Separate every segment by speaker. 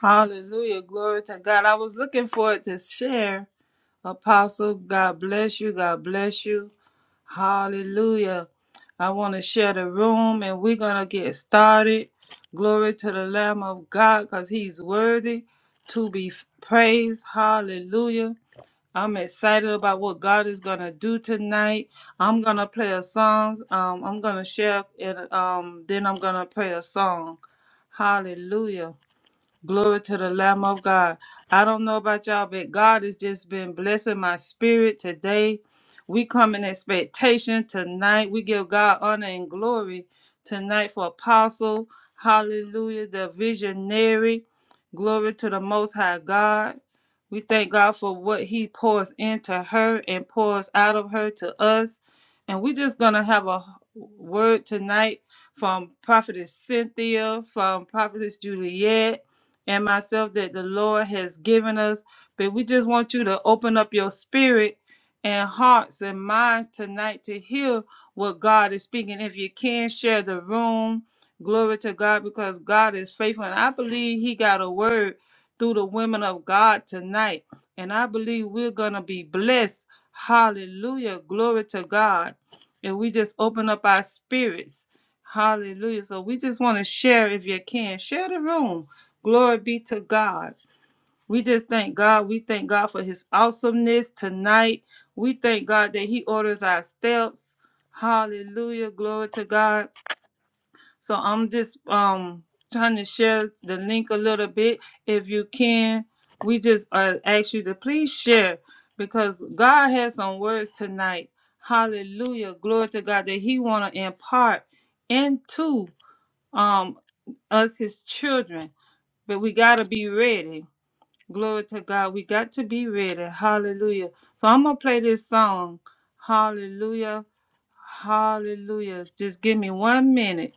Speaker 1: Hallelujah. Glory to God. I was looking forward to share. Apostle, God bless you. God bless you. Hallelujah. I want to share the room and we're going to get started. Glory to the Lamb of God because he's worthy to be praised. Hallelujah. I'm excited about what God is going to do tonight. I'm going to play a song. Um, I'm going to share it. Um, then I'm going to play a song. Hallelujah. Glory to the Lamb of God. I don't know about y'all, but God has just been blessing my spirit today. We come in expectation tonight. We give God honor and glory tonight for Apostle. Hallelujah, the visionary. Glory to the Most High God. We thank God for what He pours into her and pours out of her to us. And we're just going to have a word tonight from Prophetess Cynthia, from Prophetess Juliet and myself that the Lord has given us. But we just want you to open up your spirit and hearts and minds tonight to hear what God is speaking. If you can, share the room. Glory to God because God is faithful. And I believe He got a word through the women of God tonight. And I believe we're going to be blessed. Hallelujah. Glory to God. And we just open up our spirits. Hallelujah. So we just want to share, if you can, share the room. Glory be to God. We just thank God. We thank God for his awesomeness tonight. We thank God that he orders our steps. Hallelujah. Glory to God. So I'm just um trying to share the link a little bit if you can. We just uh, ask you to please share because God has some words tonight. Hallelujah. Glory to God that he want to impart into um us his children but we got to be ready Glory to God. We got to be ready. Hallelujah. So I'm going to play this song. Hallelujah. Hallelujah. Just give me one minute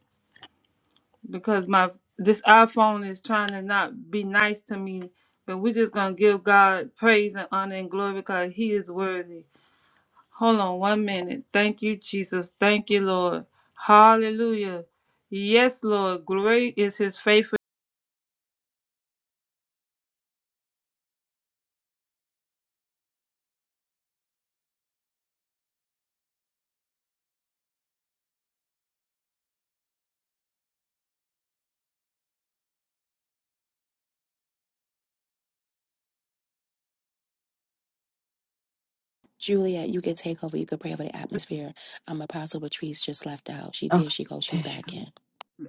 Speaker 1: because my this iPhone is trying to not be nice to me. But we're just going to give God praise and honor and glory because he is worthy. Hold on one minute. Thank you, Jesus. Thank you, Lord. Hallelujah. Yes, Lord. Great is his faithfulness.
Speaker 2: Juliet, you can take over. You can pray over the atmosphere. Um, Apostle Patrice just left out. She
Speaker 3: Oh,
Speaker 2: there. She goes. She's
Speaker 3: there she
Speaker 2: back
Speaker 3: goes.
Speaker 2: in.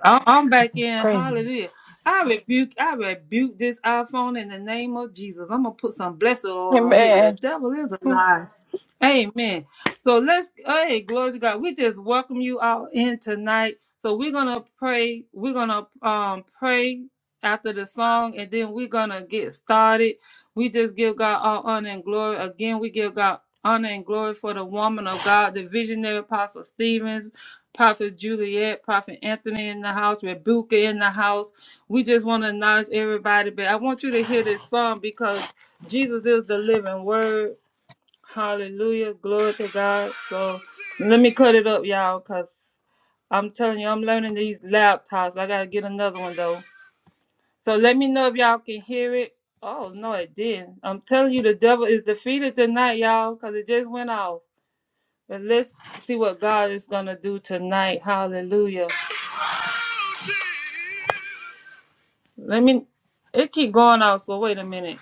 Speaker 1: I'm I'm back in.
Speaker 3: Praise him.
Speaker 1: Hallelujah. I rebuke, I rebuke this iPhone in the name of Jesus. I'm gonna put some blessed oil on it.
Speaker 3: Amen.
Speaker 1: The devil is a
Speaker 3: Hmm.
Speaker 1: lie. Amen. So let's hey, glory to God. We just welcome you all in tonight. So we're gonna pray. We're gonna um pray after the song, and then we're gonna get started. We just give God all honor and glory. Again, we give God honor and glory for the woman of God, the visionary apostle Stevens. Prophet Juliet, Prophet Anthony in the house, Rebuka in the house. We just want to acknowledge everybody, but I want you to hear this song because Jesus is the living word. Hallelujah. Glory to God. So let me cut it up, y'all, because I'm telling you, I'm learning these laptops. I got to get another one, though. So let me know if y'all can hear it. Oh, no, it didn't. I'm telling you, the devil is defeated tonight, y'all, because it just went off. But let's see what God is going to do tonight. Hallelujah. Let me. It keep going out. So wait a minute.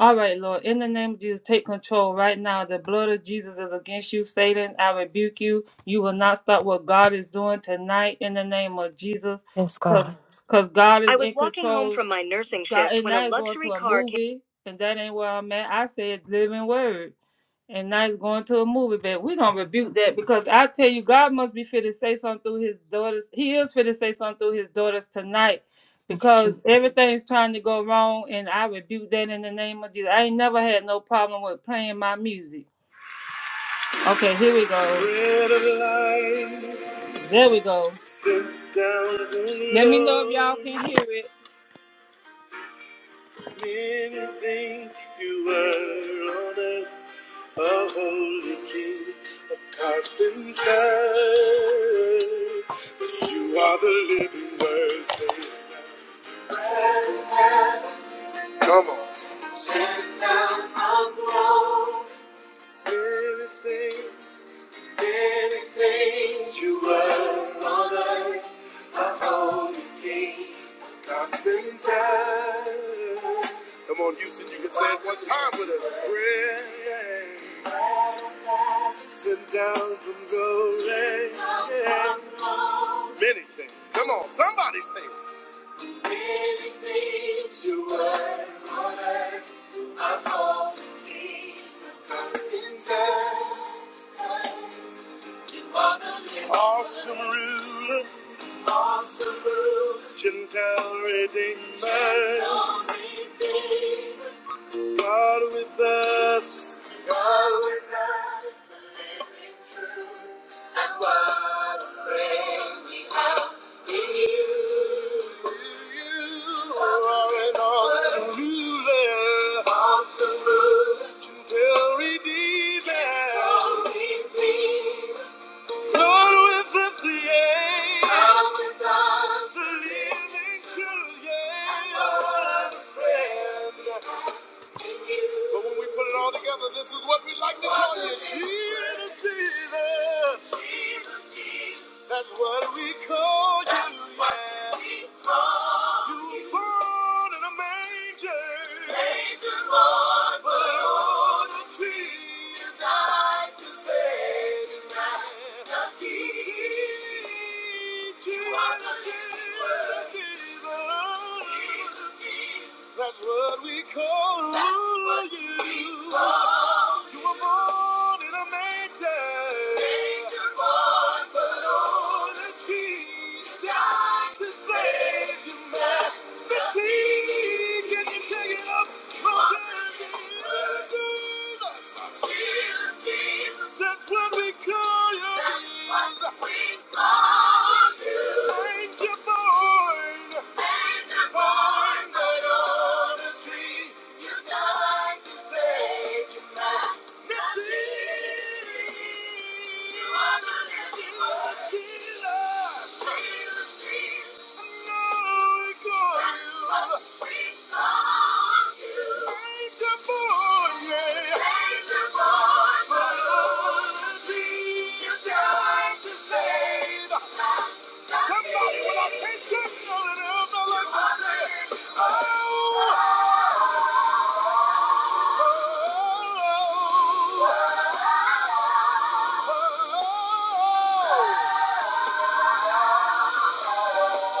Speaker 1: All right, Lord. In the name of Jesus, take control right now. The blood of Jesus is against you, Satan. I rebuke you. You will not stop what God is doing tonight. In the name of Jesus,
Speaker 3: Yes, God.
Speaker 1: because God is I was in walking home control. from my nursing God- shift and when a I was going luxury to a car. Came- movie, and that ain't where I'm at. I said living word and now he's going to a movie. But we're gonna rebuke that because I tell you, God must be fit to say something through his daughters. He is fit to say something through his daughters tonight
Speaker 3: Thank you,
Speaker 1: because
Speaker 3: Jesus.
Speaker 1: everything's trying to go wrong, and I rebuke that in the name of Jesus. I ain't never had no problem with playing my music. Okay, here we go. Bread of life, There we go. sit down and Let me know if y'all can hear it. Many think you were on earth A holy king, a carpenter. But you are the living word. Come on. Anything, carpenter. Come on, Houston, you can say it one time with us. Bread, sent down from golden. Many things. Come on, somebody say it. Living things you were on earth are only in heaven. You are the Awesome ruler, awesome ruler, gentle redeemer, gentle redeemer. God with us. God with us, the living truth. And what a friend we have in you. You are an awesome ruler. Awesome ruler. Gentle redeemer. Gentle redeemer. God with us, yeah. God with us, the living truth, yeah. And what a friend. But when we put it all together, this is what we like to call you. Jesus, Jesus. Jesus, Jesus. That's what we call you. That's what yeah. we call You You were born in a manger. Manger born, but on a tree. You died to save man. The King, Jesus, Jesus, Jesus. Jesus. That's what we call That's what you. we call you were born in a manger. Manger born for lowliness. He died to save humanity. Can you take it up? from there? Jesus, Jesus, Jesus. That's what we call you. That's what we call you. Manger born. Save! Somebody when I can't tell you all that I'm not like that. Oh,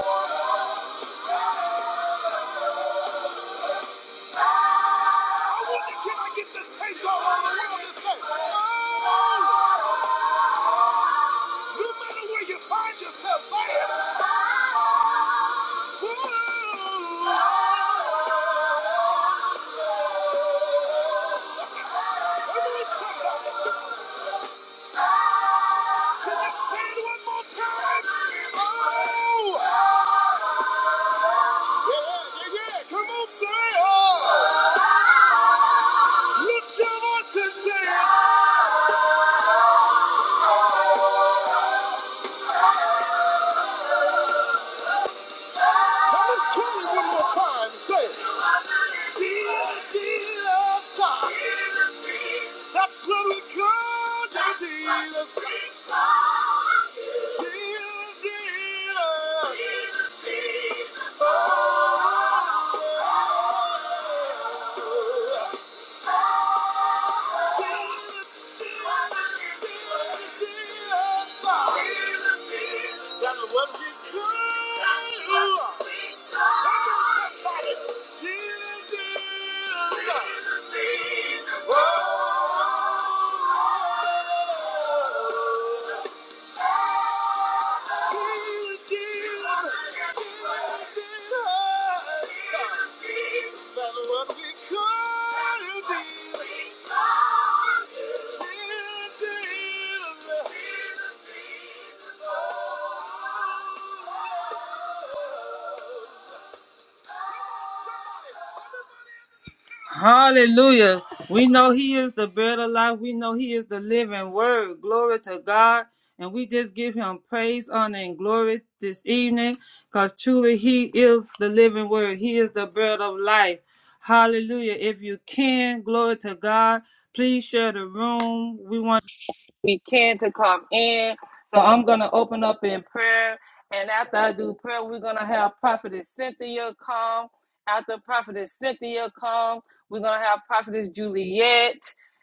Speaker 1: oh, oh, oh. I wonder, can I get the saints all over the world to say, "Oh, no matter where you find yourself, say it. Oh." Come on, somebody. Let's say it one more time. Oh! Yeah, yeah, yeah. Come on, say it. Oh! Lift your voice and say it. Now let's try it one more time and say, Jesus, Jesus, time. That's what we call you, Jesus. Jesus, Jesus. Jesus, Jesus. Jesus, Jesus, oh. Somebody, everybody Hallelujah. We know He is the bread of life. We know He is the living word. Glory to God. And we just give Him praise, honor, and glory this evening because truly He is the living word. He is the bread of life. Hallelujah. If you can, glory to God. Please share the room. We want we can to come in. So I'm going to open up in prayer. And after I do prayer, we're going to have Prophetess Cynthia come. After Prophetess Cynthia come, we're going to have Prophetess Juliet.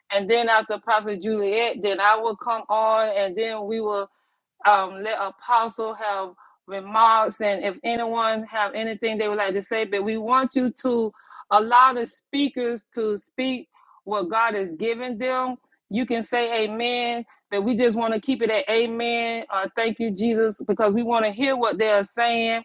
Speaker 1: And then after Prophet Juliet, then I will come on and then we will um, let Apostle have remarks and if anyone have anything they would like to say. But we want you to allow the speakers to speak what God has given them. You can say amen that we just want to keep it at amen or thank you, Jesus, because we want to hear what they are saying.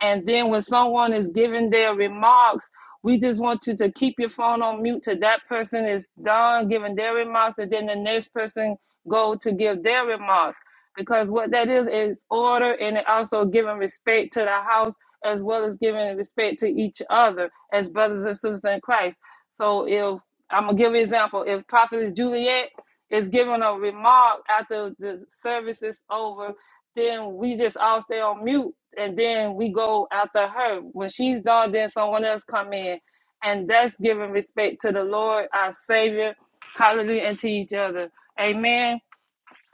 Speaker 1: And then when someone is giving their remarks, we just want you to keep your phone on mute till that person is done giving their remarks, and then the next person go to give their remarks. Because what that is is order, and it also giving respect to the house as well as giving respect to each other as brothers and sisters in Christ. So if I'm gonna give you an example, if Prophet is Juliet is giving a remark after the service is over, then we just all stay on mute and then we go after her. When she's done, then someone else come in. And that's giving respect to the Lord, our Savior, hallelujah, and to each other. Amen.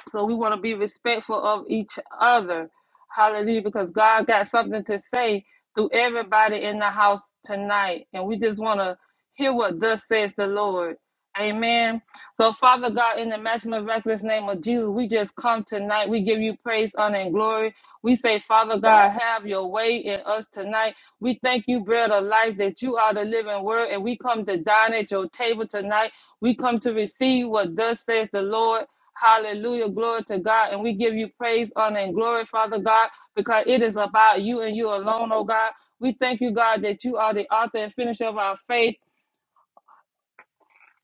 Speaker 1: So we want to be respectful of each other. Hallelujah. Because God got something to say through everybody in the house tonight. And we just want to hear what thus says the Lord. Amen. So, Father God, in the maximum reckless name of Jesus, we just come tonight. We give you praise, honor, and glory. We say, Father God, have your way in us tonight. We thank you, bread of life, that you are the living word, and we come to dine at your table tonight. We come to receive what thus says the Lord. Hallelujah. Glory to God. And we give you praise, honor, and glory, Father God, because it is about you and you alone, oh God. We thank you, God, that you are the author and finisher of our faith.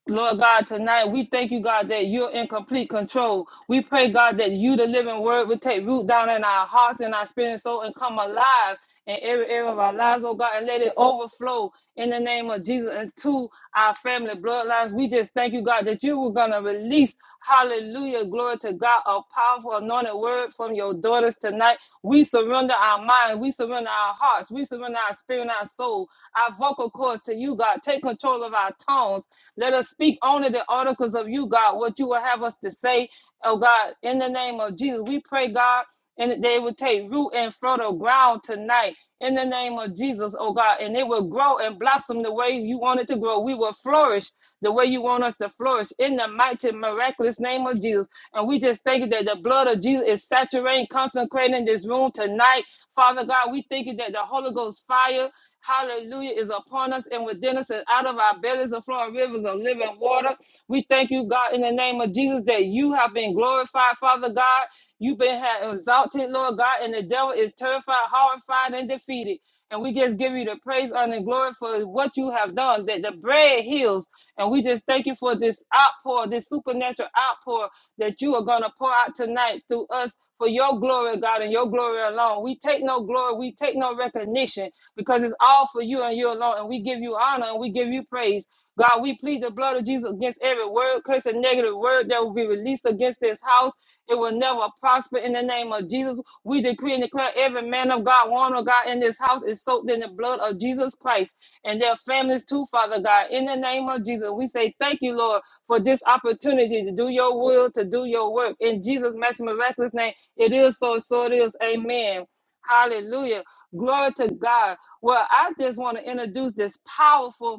Speaker 1: Lord God, tonight we thank you, God, that you're in complete control. We pray, God, that you, the living word, will take root down in our hearts and our spirit and soul and come alive in every area of our lives, oh God, and let it overflow in the name of Jesus into our family bloodlines. We just thank you, God, that you were going to release, hallelujah, glory to God, a powerful anointed word from your daughters tonight. We surrender our minds, we surrender our hearts, we surrender our spirit and our soul, our vocal cords to you, God. Take control of our tongues. Let us speak only the articles of you, God, what you will have us to say, oh God, in the name of Jesus. We pray, God and they will take root and fertile ground tonight in the name of Jesus, oh God, and it will grow and blossom the way you want it to grow. We will flourish the way you want us to flourish in the mighty, miraculous name of Jesus. And we just thank you that the blood of Jesus is saturating, consecrating this room tonight. Father God, we thank you that the Holy Ghost fire Hallelujah is upon us and within us, and out of our bellies are flowing rivers of living water. We thank you, God, in the name of Jesus, that you have been glorified, Father God. You've been exalted, Lord God, and the devil is terrified, horrified, and defeated. And we just give you the praise, honor, and glory for what you have done, that the bread heals and we just thank you for this outpour, this supernatural outpour that you are going to pour out tonight through us for your glory, God, and your glory alone. We take no glory, we take no recognition because it's all for you and you alone. And we give you honor and we give you praise. God, we plead the blood of Jesus against every word, curse, and negative word that will be released against this house. It will never prosper in the name of Jesus. We decree and declare every man of God, woman of God in this house is soaked in the blood of Jesus Christ and their families too, Father God. In the name of Jesus, we say thank you, Lord, for this opportunity to do your will, to do your work. In Jesus' mighty miraculous name, it is so, so it is. Amen. Hallelujah. Glory to God. Well, I just want to introduce this powerful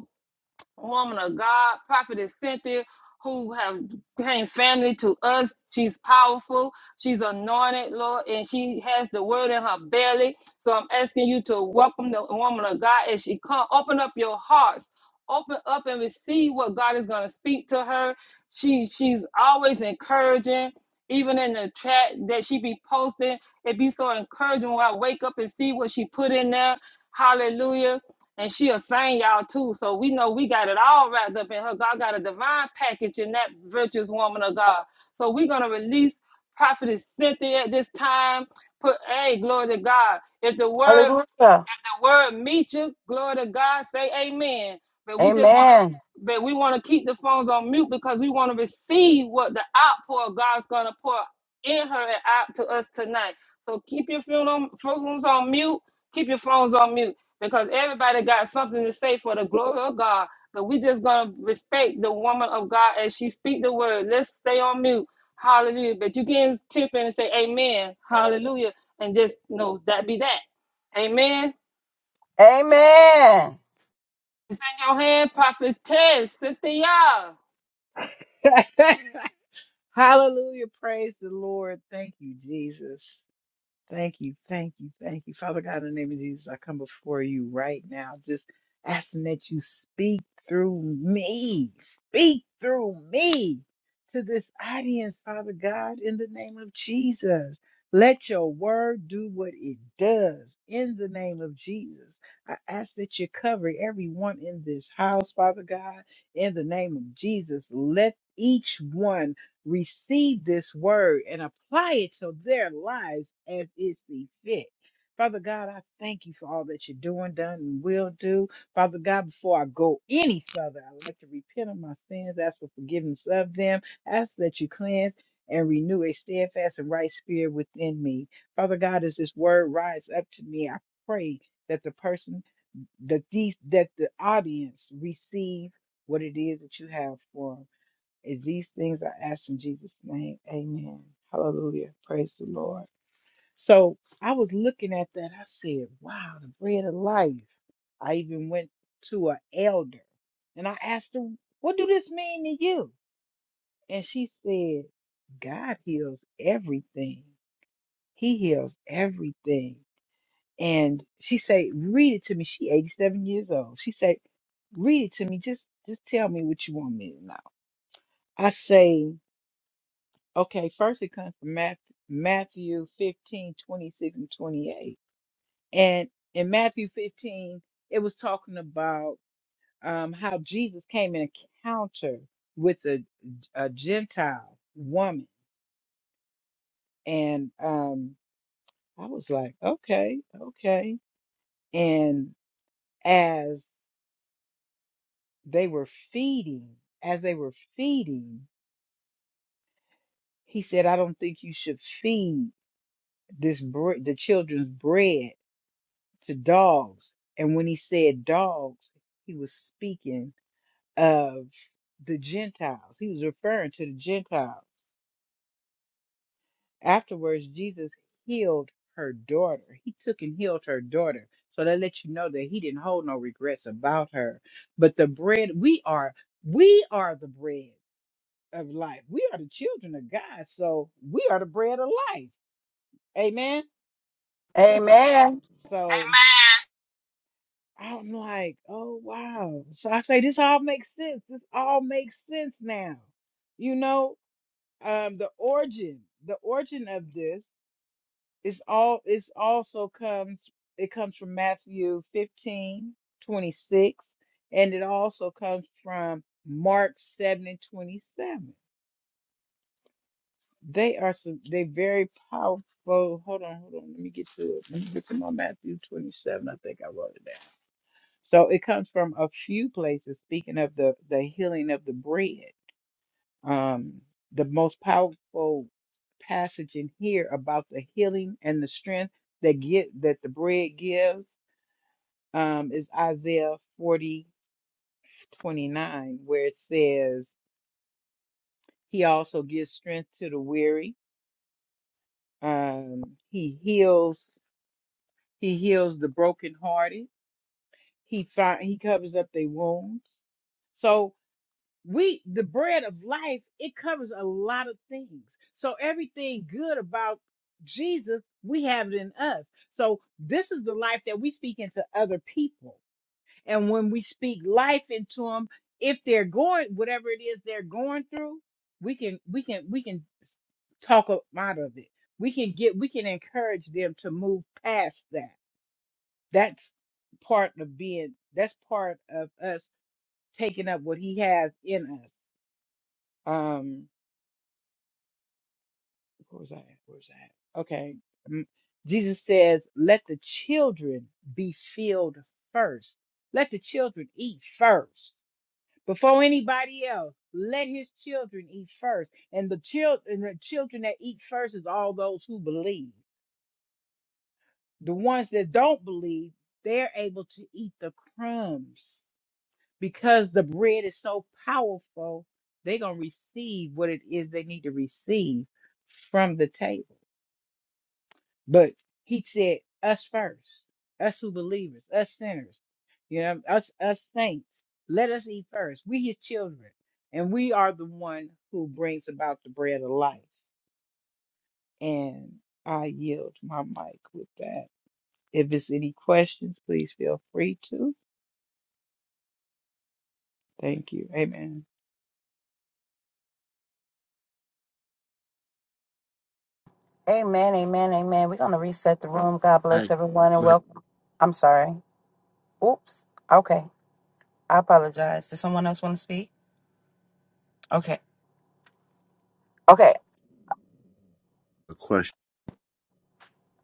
Speaker 1: woman of God, prophetess Cynthia, who have became family to us. She's powerful. She's anointed, Lord, and she has the word in her belly. So I'm asking you to welcome the woman of God as she come. Open up your hearts. Open up and receive what God is going to speak to her. She she's always encouraging, even in the chat that she be posting. It be so encouraging when I wake up and see what she put in there. Hallelujah and she'll sing y'all too. So we know we got it all wrapped up in her. God got a divine package in that virtuous woman of God. So we're gonna release Prophetess Cynthia at this time. Put hey, glory to God. If the word
Speaker 3: Hallelujah.
Speaker 1: the word meet you. Glory to God. Say amen. But we just want
Speaker 3: Amen.
Speaker 1: to, but we want to keep the phones on mute because we want to receive what the outpour of God's going to pour in her and out to us tonight. So keep your phones on mute. Keep your phones on mute because everybody got something to say for the glory of God. But we just going to respect the woman of God as she speak the word. Let's stay on mute. Hallelujah. But you can tip in and say amen. Hallelujah. And just know that be that. Amen.
Speaker 3: Amen.
Speaker 1: It's in your hand, prophetess Cynthia.
Speaker 4: Hallelujah. Praise the Lord. Thank you, Jesus. Thank you, thank you, thank you. Father God, in the name of Jesus, I come before you right now, just asking that you speak through me, speak through me to this audience, Father God, in the name of Jesus. Let your word do what it does in the name of Jesus. I ask that you cover everyone in this house, Father God, in the name of Jesus. Let each one receive this word and apply it to their lives as it see fit. Father God, I thank you for all that you're doing, done, and will do. Father God, before I go any further, I'd like to repent of my sins, ask for forgiveness of them, ask that you cleanse and renew a steadfast and right spirit within me. Father God, as this word rise up to me, I pray that the person, that these, that the audience receive what it is that you have for 'em. And these things I ask in Jesus' name. Amen. Hallelujah. Praise the Lord. So I was looking at that. I said, wow, the bread of life. I even went to an elder and I asked her, what do this mean to you? And she said, God heals everything. He heals everything. And she said, read it to me. She 87 years old. She said, read it to me. Just just tell me what you want me to know. I say. Okay, first it comes from Matthew, Matthew 15, twenty-six and 28. And in Matthew 15, it was talking about um, how Jesus came in encounter with a, a Gentile woman. And um, I was like, okay, okay. And as they were feeding, as they were feeding, he said, I don't think you should feed this bre- the children's bread to dogs. And when he said dogs, he was speaking of the Gentiles. He was referring to the Gentiles. Afterwards, Jesus healed her daughter. He took and healed her daughter. So that lets you know that he didn't hold no regrets about her. But the bread, we are, we are the bread of life. We are the children of God. So we are the bread of life. Amen.
Speaker 3: Amen. Amen.
Speaker 4: So I'm like, oh wow. So I say this all makes sense. This all makes sense now. You know, um, the origin, the origin of this is all is also comes it comes from Matthew 15:26, and it also comes from Mark 7 and 27. They are some they very powerful. Hold on, hold on. Let me get to it. Let me get to my Matthew 27. I think I wrote it down. So it comes from a few places. Speaking of the the healing of the bread, um, the most powerful passage in here about the healing and the strength that get that the bread gives um, is Isaiah forty twenty nine, where it says, "He also gives strength to the weary. Um, he heals. He heals the brokenhearted. He find, he covers up their wounds." So we the bread of life it covers a lot of things so everything good about jesus we have it in us so this is the life that we speak into other people and when we speak life into them if they're going whatever it is they're going through we can we can we can s- talk 'em out of it we can get we can encourage them to move past that that's part of being that's part of us taking up what he has in us um, what was that? Where was that? Okay. Mm. Jesus says, let the children be filled first. Let the children eat first. Before anybody else, let his children eat first. And the children the children that eat first is all those who believe. The ones that don't believe, they're able to eat the crumbs because the bread is so powerful, they're gonna receive what it is they need to receive from the table. But he said, us first, us who believers, us sinners, you know, us us saints, let us eat first. We his children, and we are the one who brings about the bread of life. And I yield my mic with that. If it's any questions, please feel free to. Thank you. Amen.
Speaker 3: Amen. Amen. We're going to reset the room. God bless
Speaker 5: I
Speaker 3: everyone and
Speaker 5: have
Speaker 3: welcome. I'm sorry. Oops. Okay. I apologize. Does someone else want to speak? Okay. Okay.
Speaker 5: a question.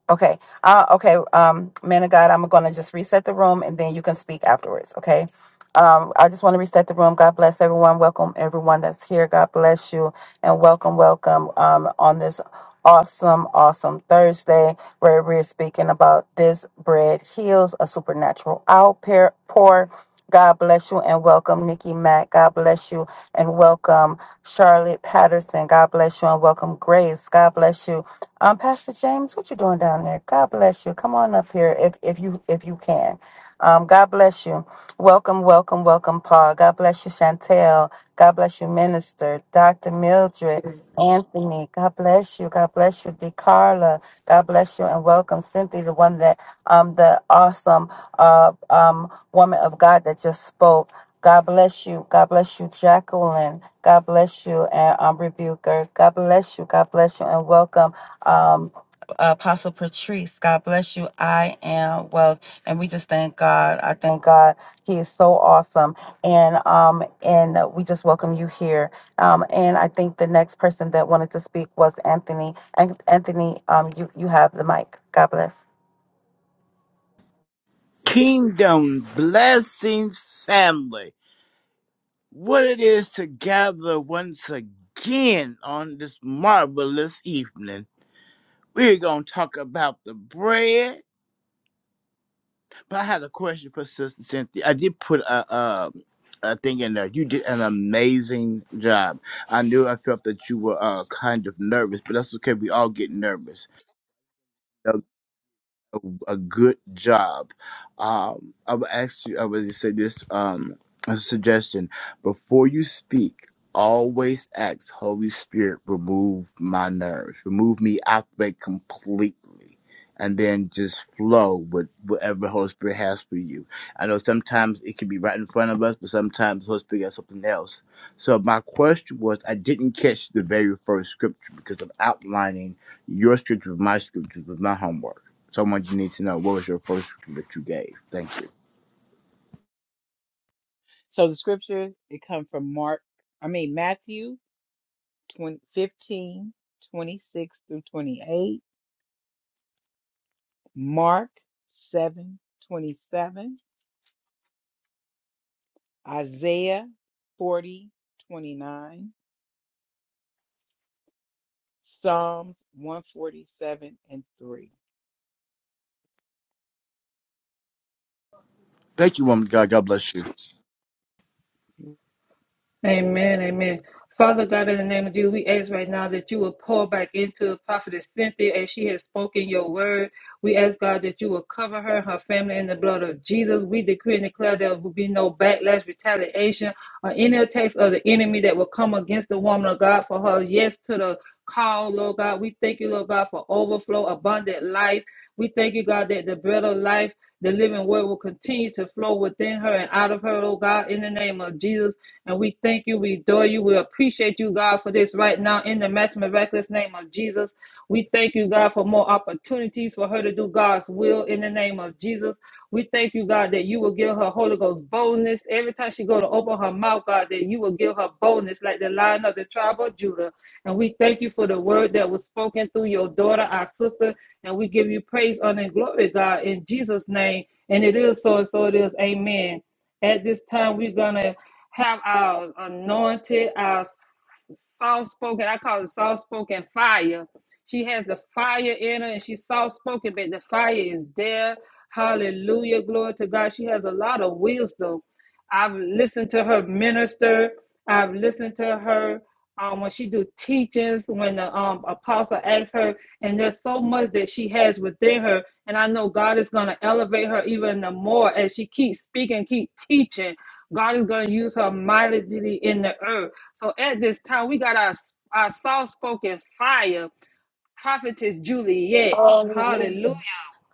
Speaker 3: Okay. Uh, okay. Um, man of God, I'm going to just reset the room and then you can speak afterwards. Okay. Um, I just want to reset the room. God bless everyone. Welcome everyone that's here. God bless you and welcome, welcome um, on this awesome, awesome Thursday where we're speaking about this bread heals a supernatural outpour. God bless you and welcome, Nikki Mack. God bless you and welcome. Charlotte Patterson. God bless you and welcome, Grace. God bless you. Um, Pastor James, what you doing down there? God bless you. Come on up here if if you if you can. Um, God bless you. Welcome, welcome, welcome, Paul. God bless you, Chantel. God bless you, Minister, Dr. Mildred, Anthony. God bless you. God bless you, DeCarla. God bless you and welcome, Cynthia, the one that, um, the awesome, uh, um, woman of God that just spoke. God bless you. God bless you, Jacqueline. God bless you and um, Rebuker. God bless you. God bless you and welcome. Um, Apostle Patrice. God bless you. I am well, and we just thank God. I thank God. He is so awesome, and um, and we just welcome you here. Um, and I think the next person that wanted to speak was Anthony. An- Anthony, um, you you have the mic. God bless.
Speaker 5: Kingdom Blessings Family, what it is to gather once again on this marvelous evening. We're going to talk about the bread, but I had a question for Sister Cynthia. I did put a, a, a thing in there. You did an amazing job. I knew I felt that you were uh, kind of nervous, but that's okay. We all get nervous. So a, a good job. Um, I would ask you, I would say this um, as a suggestion. Before you speak, always ask, Holy Spirit, remove my nerves, remove me out of it completely. And then just flow with whatever Holy Spirit has for you. I know sometimes it can be right in front of us, but sometimes Holy Spirit has something else. So my question was, I didn't catch the very first scripture because I'm outlining your scripture with my scriptures with my homework. So I you need to know what was your first scripture that you gave. Thank you.
Speaker 4: So the scripture, it comes from Mark, I mean Matthew 20 15 26 through 28, Mark 7 27. Isaiah 40 29 Psalms 147 and 3.
Speaker 5: Thank you, woman. of God, God bless you.
Speaker 1: Amen, amen. Father God, in the name of Jesus, we ask right now that you will pour back into Prophetess Cynthia as she has spoken your word. We ask God that you will cover her, and her family in the blood of Jesus. We decree and declare there will be no backlash, retaliation, or any attacks of the enemy that will come against the woman of God for her yes to the call, Lord God. We thank you, Lord God, for overflow, abundant life. We thank you, God, that the bread of life, the living word will continue to flow within her and out of her, oh God, in the name of Jesus. And we thank you, we adore you, we appreciate you, God, for this right now in the match miraculous name of Jesus. We thank you, God, for more opportunities for her to do God's will in the name of Jesus. We thank you, God, that you will give her Holy Ghost boldness. Every time she go to open her mouth, God, that you will give her boldness like the lion of the tribe of Judah. And we thank you for the word that was spoken through your daughter, our sister. And we give you praise, honor, and glory, God, in Jesus' name. And it is so, and so it is. Amen. At this time, we're going to have our anointed, our soft spoken. I call it soft spoken fire. She has the fire in her and she's soft spoken, but the fire is there. Hallelujah. Glory to God. She has a lot of wisdom. I've listened to her minister. I've listened to her um, when she do teachings, when the um, apostle asks her, and there's so much that she has within her. And I know God is going to elevate her even the more as she keeps speaking, keep teaching. God is going to use her mightily in the earth. So at this time, we got our, our soft-spoken fire, prophetess Juliet. Hallelujah.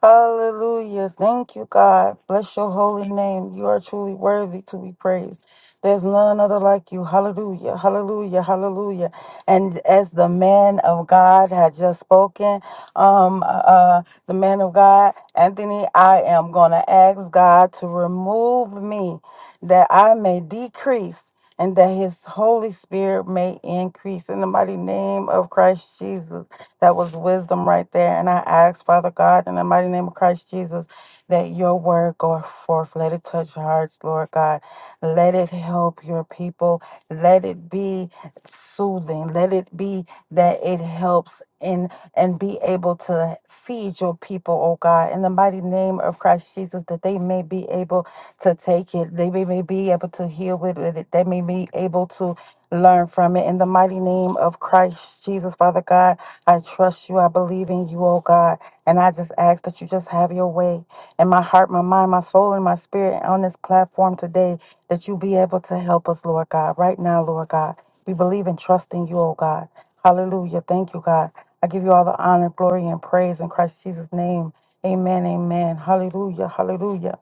Speaker 3: Hallelujah. Thank you, God. Bless your holy name. You are truly worthy to be praised. There's none other like you. Hallelujah. Hallelujah. Hallelujah. And as the man of God had just spoken, um, uh, uh, the man of God, Anthony, I am going to ask God to remove me that I may decrease and that his Holy Spirit may increase in the mighty name of Christ Jesus. That was wisdom right there. And I ask, Father God, in the mighty name of Christ Jesus, that your word go forth. Let it touch hearts, Lord God. Let it help your people. Let it be soothing. Let it be that it helps in and be able to feed your people, oh God, in the mighty name of Christ Jesus, that they may be able to take it. They may we may be able to heal with it. They may be able to learn from it. In the mighty name of Christ Jesus, Father God, I trust you. I believe in you, oh God. And I just ask that you just have your way in my heart, my mind, my soul, and my spirit on this platform today, that you be able to help us, Lord God, right now, Lord God. We believe and trust in you, oh God. Hallelujah. Thank you, God. I give you all the honor, glory, and praise in Christ Jesus' name. Amen. Amen. Hallelujah. Hallelujah.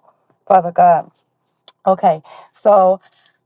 Speaker 3: Father God. Okay, so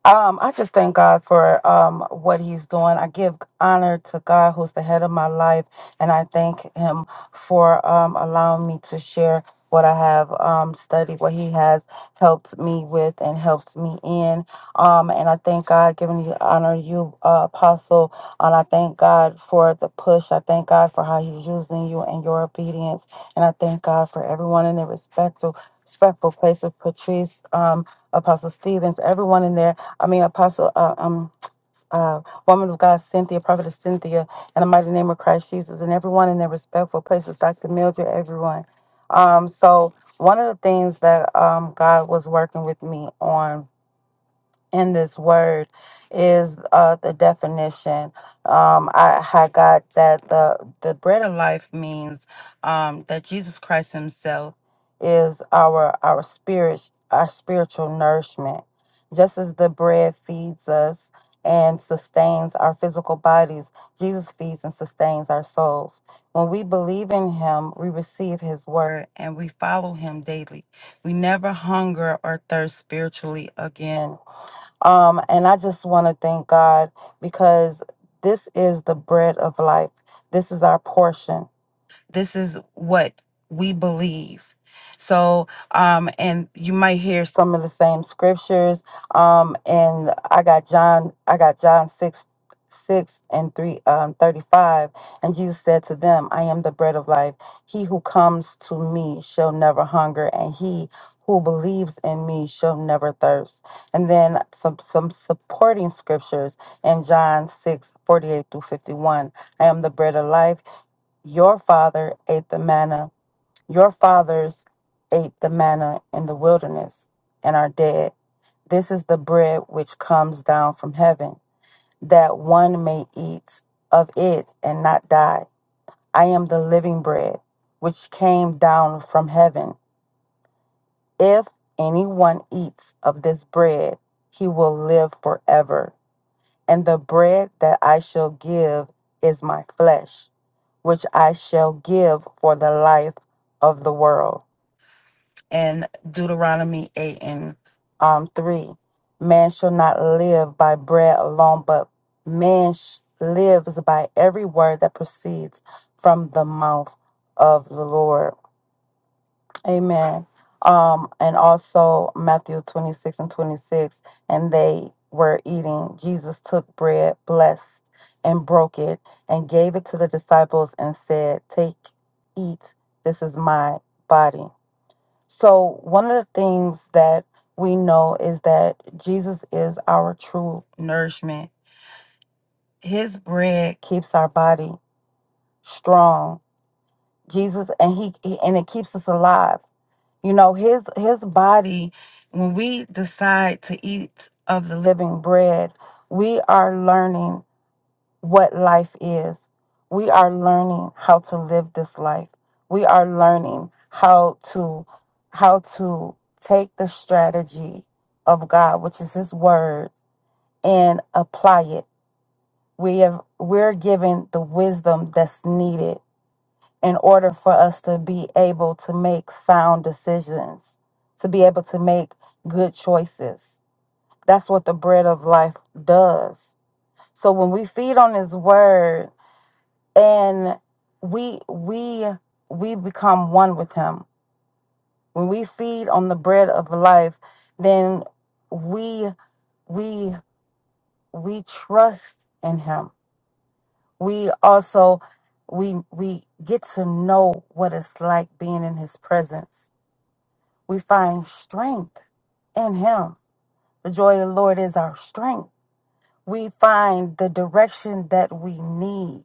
Speaker 3: um, I just thank God for um, what He's doing. I give honor to God, who's the head of my life, and I thank Him for um, allowing me to share what I have um, studied, what He has helped me with, and helped me in. Um, and I thank God, giving you honor, you uh, apostle, and I thank God for the push. I thank God for how He's using you and your obedience, and I thank God for everyone in their respectful, respectful place of Patrice. Um, Apostle Stevens, everyone in there. I mean, Apostle, uh, um, uh, woman of God, Cynthia, Prophetess Cynthia, in the mighty name of Christ Jesus, and everyone in their respectful places, Dr. Mildred, everyone. Um, so one of the things that um, God was working with me on in this word is uh, the definition. Um, I, I got that the the bread of life means um, that Jesus Christ Himself is our our spirit our spiritual nourishment. Just as the bread feeds us and sustains our physical bodies, Jesus feeds and sustains our souls. When we believe in Him, we receive His word and we follow Him daily. We never hunger or thirst spiritually again um, and I just want to thank God because this is the bread of life. This is our portion. This is what we believe. So, um, and you might hear some of the same scriptures. Um, and I got John, I got John 6, 6 and 3, um, 35. And Jesus said to them, I am the bread of life. He who comes to me shall never hunger, and he who believes in me shall never thirst. And then some some supporting scriptures in John 6 48 through 51. I am the bread of life. Your father ate the manna. Your fathers ate the manna in the wilderness and are dead. This is the bread which comes down from heaven, that one may eat of it and not die. I am the living bread which came down from heaven. If anyone eats of this bread, he will live forever. And the bread that I shall give is my flesh which I shall give for the life of the world. And Deuteronomy 8 and um, 3 Man shall not live by bread alone, but man sh- lives by every word that proceeds from the mouth of the Lord. Amen. Um, and also Matthew 26 and 26, and they were eating. Jesus took bread, blessed, and broke it, and gave it to the disciples and said, Take, eat, this is my body. So, one of the things that we know is that Jesus is our true nourishment. His bread keeps our body strong. Jesus and he and it keeps us alive. You know, his his body, when we decide to eat of the living bread, we are learning what life is. We are learning how to live this life. We are learning how to how to take the strategy of God, which is his word, and apply it. We have we're given the wisdom that's needed in order for us to be able to make sound decisions, to be able to make good choices. That's what the bread of life does. So when we feed on his word and we we we become one with him. When we feed on the bread of life, then we we we trust in him. We also we we get to know what it's like being in his presence We find strength in Him. The joy of the Lord is our strength. We find the direction that we need.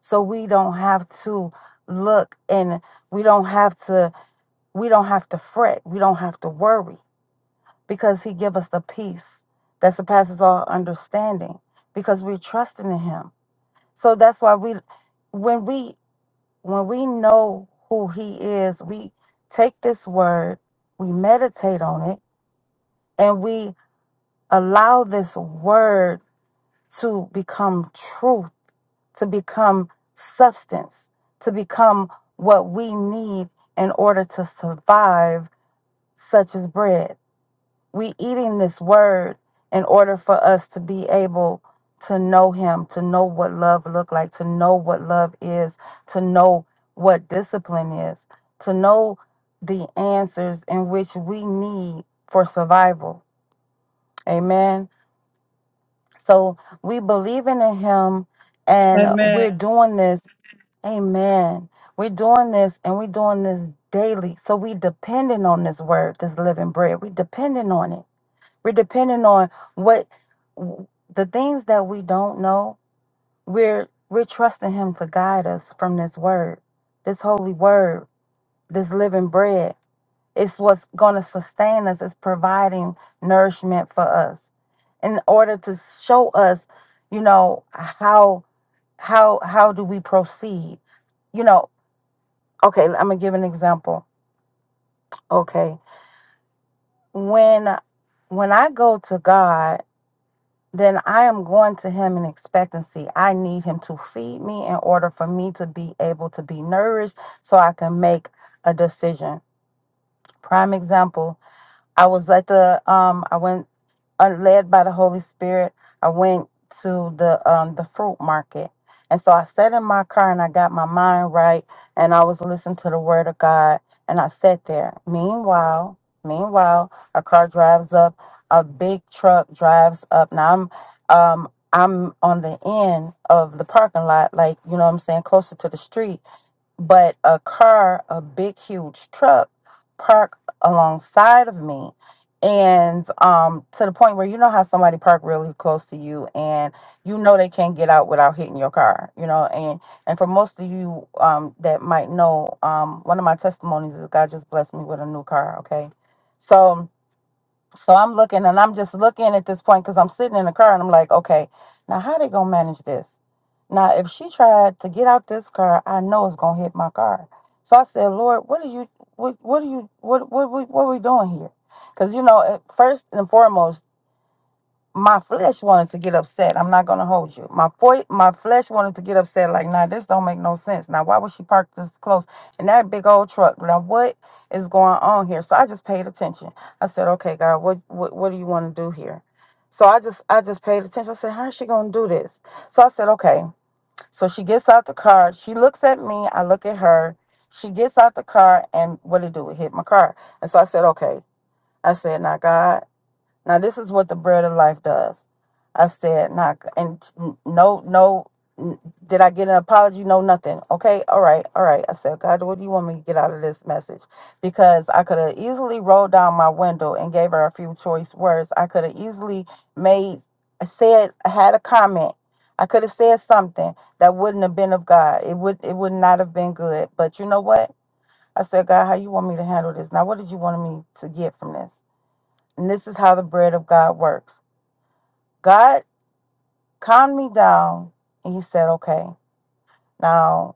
Speaker 3: So we don't have to look and we don't have to we don't have to fret. We don't have to worry because he give us the peace that surpasses all understanding because we're trusting in him. So that's why we when we when we know who he is, we take this word, we meditate on it, and we Allow this word to become truth, to become substance, to become what we need in order to survive, such as bread. We eating this word in order for us to be able to know him, to know what love look like, to know what love is, to know what discipline is, to know the answers in which we need for survival. Amen. So we believe in him and
Speaker 1: Amen.
Speaker 3: we're doing this. Amen. We're doing this and we're doing this daily. So we depending on this word, this living bread. We depending on it. We're depending on what the things that we don't know. We're we're trusting him to guide us from this word, this holy word, this living bread. It's what's going to sustain us, it's providing nourishment for us in order to show us, you know, how how how do we proceed? You know, okay, I'm going to give an example. Okay. When when I go to God, then I am going to him in expectancy. I need him to feed me in order for me to be able to be nourished so I can make a decision. Prime example I was at the um I went uh, led by the Holy Spirit. I went to the um the fruit market. And so I sat in my car and I got my mind right and I was listening to the word of God and I sat there. Meanwhile, meanwhile, a car drives up, a big truck drives up. Now I'm um I'm on the end of the parking lot, like you know what I'm saying, closer to the street but a car, a big, huge truck, parked alongside of me. And um, to the point where you know how somebody parked really close to you and you know they can't get out without hitting your car, you know. And and for most of you um, that might know, um, one of my testimonies is God just blessed me with a new car, okay? So so I'm looking and I'm just looking at this point because I'm sitting in the car and I'm like, okay, now how they gonna manage this? Now if she tried to get out this car, I know it's gonna hit my car. So I said, Lord, what are you what what are you what what what, what are we doing here? Because you know, at first and foremost, my flesh wanted to get upset. I'm not gonna hold you. My fo- my flesh wanted to get upset. Like, nah, this don't make no sense. Now, why would she park this close in that big old truck? Now, what is going on here? So I just paid attention. I said, okay, God, what what what do you want to do here? So I just I just paid attention. I said, how is she gonna do this? So I said, okay. So she gets out the car. She looks at me. I look at her. She gets out the car, and what it do? It hit my car. And so I said, okay. I said, now, God. Now this is what the bread of life does. I said, not and no, no. n- Did I get an apology? No, nothing. Okay, all right, all right. I said, God, what do you want me to get out of this message? Because I could have easily rolled down my window and gave her a few choice words. I could have easily made said had a comment. I could have said something that wouldn't have been of God. It would it would not have been good. But you know what? I said, God, how you want me to handle this? Now, what did you want me to get from this? And this is how the bread of God works. God calmed me down and he said, okay, now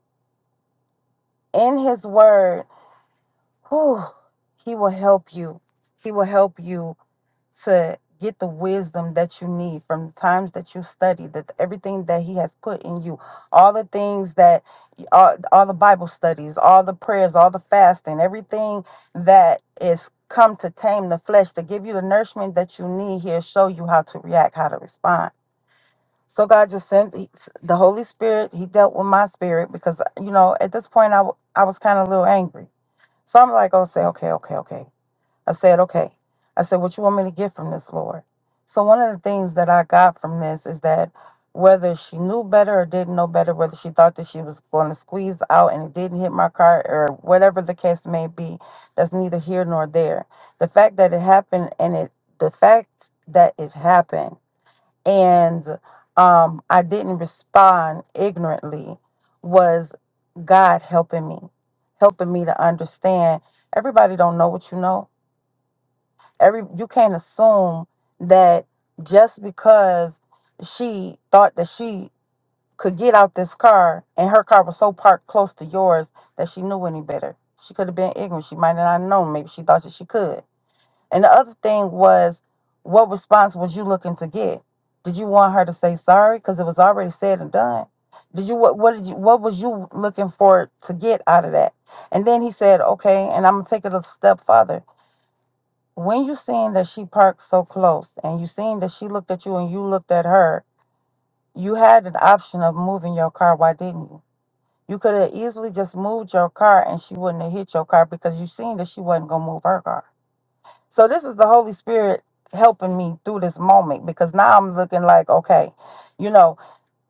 Speaker 3: in his word, whew, he will help you. He will help you to get the wisdom that you need from the times that you study, that everything that he has put in you, all the things that all, all the Bible studies, all the prayers, all the fasting, everything that is come to tame the flesh, to give you the nourishment that you need, he'll show you how to react, how to respond. So God just sent he- the Holy Spirit. He dealt with my spirit because you know at this point I, w- I was kind of a little angry. So I'm like, oh, say okay, okay, okay. I said okay. I said, what you want me to get from this, Lord? So one of the things that I got from this is that whether she knew better or didn't know better, whether she thought that she was going to squeeze out and it didn't hit my car or whatever the case may be, that's neither here nor there. The fact that it happened and it the fact that it happened and um, I didn't respond ignorantly was God helping me, helping me to understand. Everybody don't know what you know. Every you can't assume that just because she thought that she could get out this car and her car was so parked close to yours that she knew any better. She could have been ignorant. She might not have known. Maybe she thought that she could. And the other thing was, what response was you looking to get? Did you want her to say sorry because it was already said and done? Did you what what did you what was you looking for to get out of that? And then he said, okay, and I'm gonna take it a step further. When you seen that she parked so close and you seen that she looked at you and you looked at her, you had an option of moving your car. Why didn't you? You could have easily just moved your car and she wouldn't have hit your car because you seen that she wasn't gonna move her car. So this is the Holy Spirit helping me through this moment because now I'm looking like, okay, you know,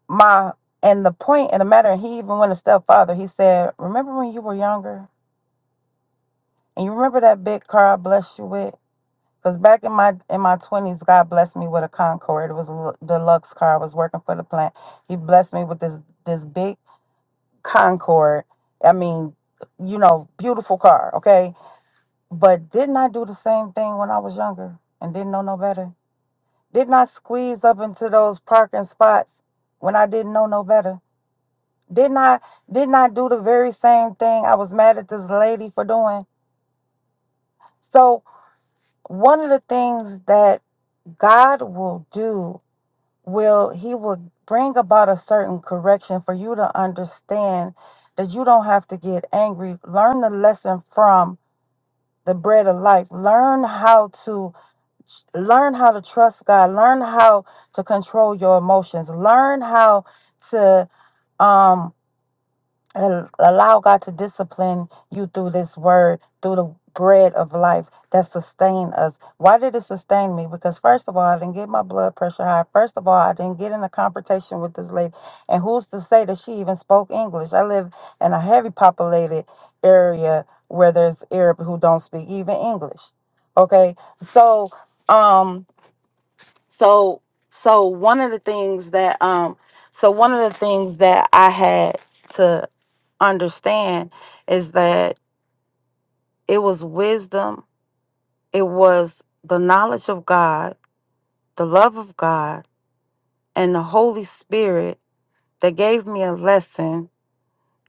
Speaker 3: my and the point point in the matter, and he even went a step farther. He said, Remember when you were younger? And you remember that big car I blessed you with? Because back in my in my twenties, God blessed me with a Concord. It was a l- deluxe car. I was working for the plant. He blessed me with this this big Concord. I mean, you know, beautiful car, okay? But didn't I do the same thing when I was younger and didn't know no better? Didn't I squeeze up into those parking spots when I didn't know no better? Didn't I didn't I do the very same thing I was mad at this lady for doing? So one of the things that God will do will he will bring about a certain correction for you to understand that you don't have to get angry. Learn the lesson from the bread of life. Learn how to learn how to trust God, learn how to control your emotions, learn how to um al- allow God to discipline you through this word, through the bread of life that sustain us. Why did it sustain me? Because first of all, I didn't get my blood pressure high. First of all, I didn't get in a confrontation with this lady. And who's to say that she even spoke English? I live in a heavy populated area where there's Arab who don't speak even English. Okay. So um so so one of the things that um so one of the things that I had to understand is that it was wisdom, it was the knowledge of God, the love of God, and the Holy Spirit that gave me a lesson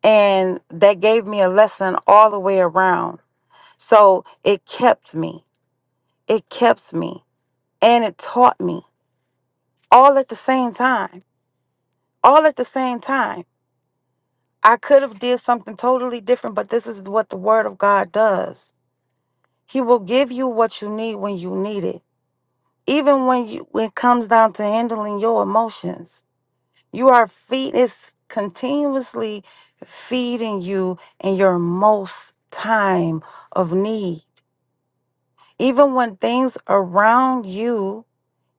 Speaker 3: and that gave me a lesson all the way around. So it kept me. It kept me and it taught me all at the same time. All at the same time I could have did something totally different, but this is what the word of God does. He will give you what you need when you need it. Even when you when it comes down to handling your emotions. You are feed is continuously feeding you in your most time of need. Even when things around you,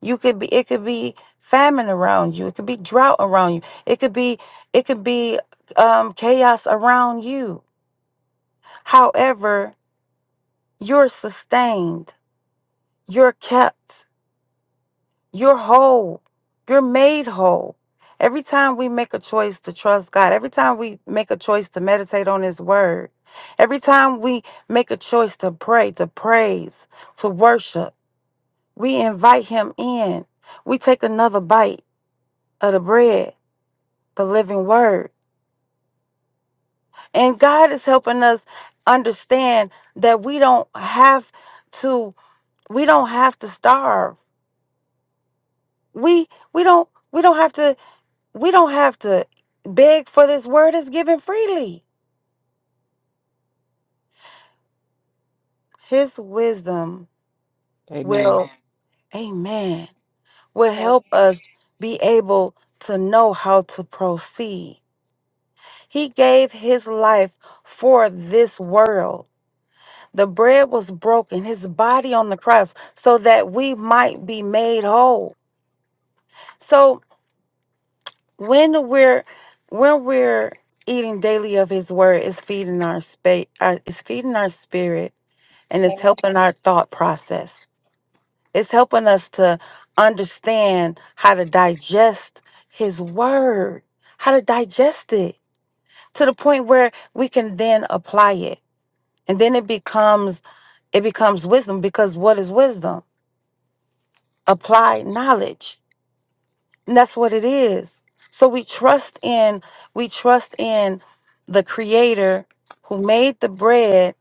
Speaker 3: you could be it could be famine around you, it could be drought around you, it could be it could be um chaos around you. However, You're sustained. You're kept. You're whole. You're made whole. Every time we make a choice to trust God, every time we make a choice to meditate on His Word, every time we make a choice to pray, to praise, to worship, we invite Him in. We take another bite of the bread, the living Word. And God is helping us understand that we don't have to, we don't have to starve we we don't we don't have to we don't have to beg for this word is given freely his wisdom
Speaker 4: Amen.
Speaker 3: will amen, will help us be able to know how to proceed he gave his life for this world the bread was broken his body on the cross so that we might be made whole so when we're when we're eating daily of his word it's feeding our space uh, it's feeding our spirit and it's helping our thought process it's helping us to understand how to digest his word how to digest it to the point where we can then apply it and then it becomes it becomes wisdom because what is wisdom applied knowledge And that's what it is. So we trust in we trust in the creator who made the bread